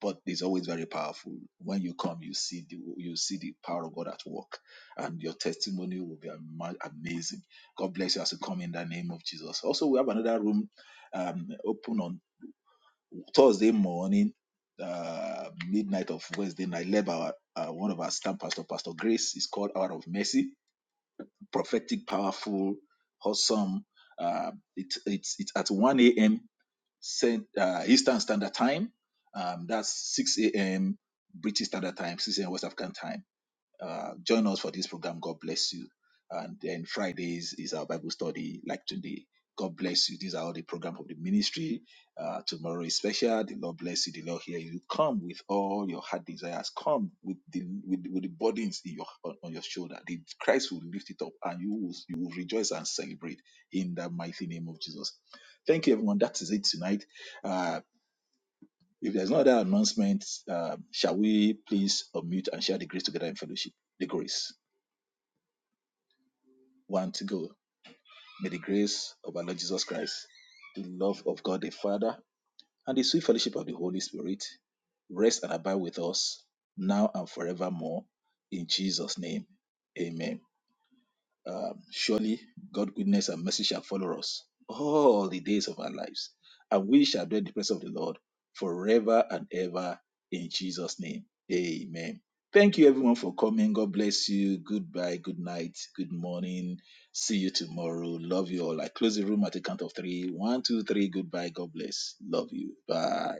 J: But it's always very powerful. When you come, you see the you see the power of God at work, and your testimony will be ama- amazing. God bless you as you come in the name of Jesus. Also, we have another room um, open on Thursday morning, uh, midnight of Wednesday night, led by our, uh, one of our staff pastor, Pastor Grace. It's called Hour of Mercy, prophetic, powerful, awesome. Uh, it, it's it's at 1 a.m. Cent- Uh, Eastern Standard Time. Um, that's 6 a.m. British Standard Time, 6 a.m. West African Time. Uh, join us for this program. God bless you. And then Fridays is our Bible study, like today. God bless you. These are all the programs of the ministry. Uh, tomorrow is special. The Lord bless you. The Lord hear you. Come with all your heart desires. Come with the with, with the burdens in your on, on your shoulder. The Christ will lift it up, and you will you will rejoice and celebrate in the mighty name of Jesus. Thank you, everyone. That is it tonight. Uh, if there's no other announcement, uh, shall we please unmute and share the grace together in fellowship? The grace. one to go. May the grace of our Lord Jesus Christ, the love of God the Father, and the sweet fellowship of the Holy Spirit rest and abide with us now and forevermore. In Jesus' name, amen. Um, surely God's goodness and mercy shall follow us all the days of our lives, and we shall dwell in the presence of the Lord forever and ever in Jesus' name. Amen. Thank you everyone for coming. God bless you. Goodbye, good night, good morning. See you tomorrow. Love you all. I close the room at the count of three. One, two, three. Goodbye. God bless. Love you. Bye.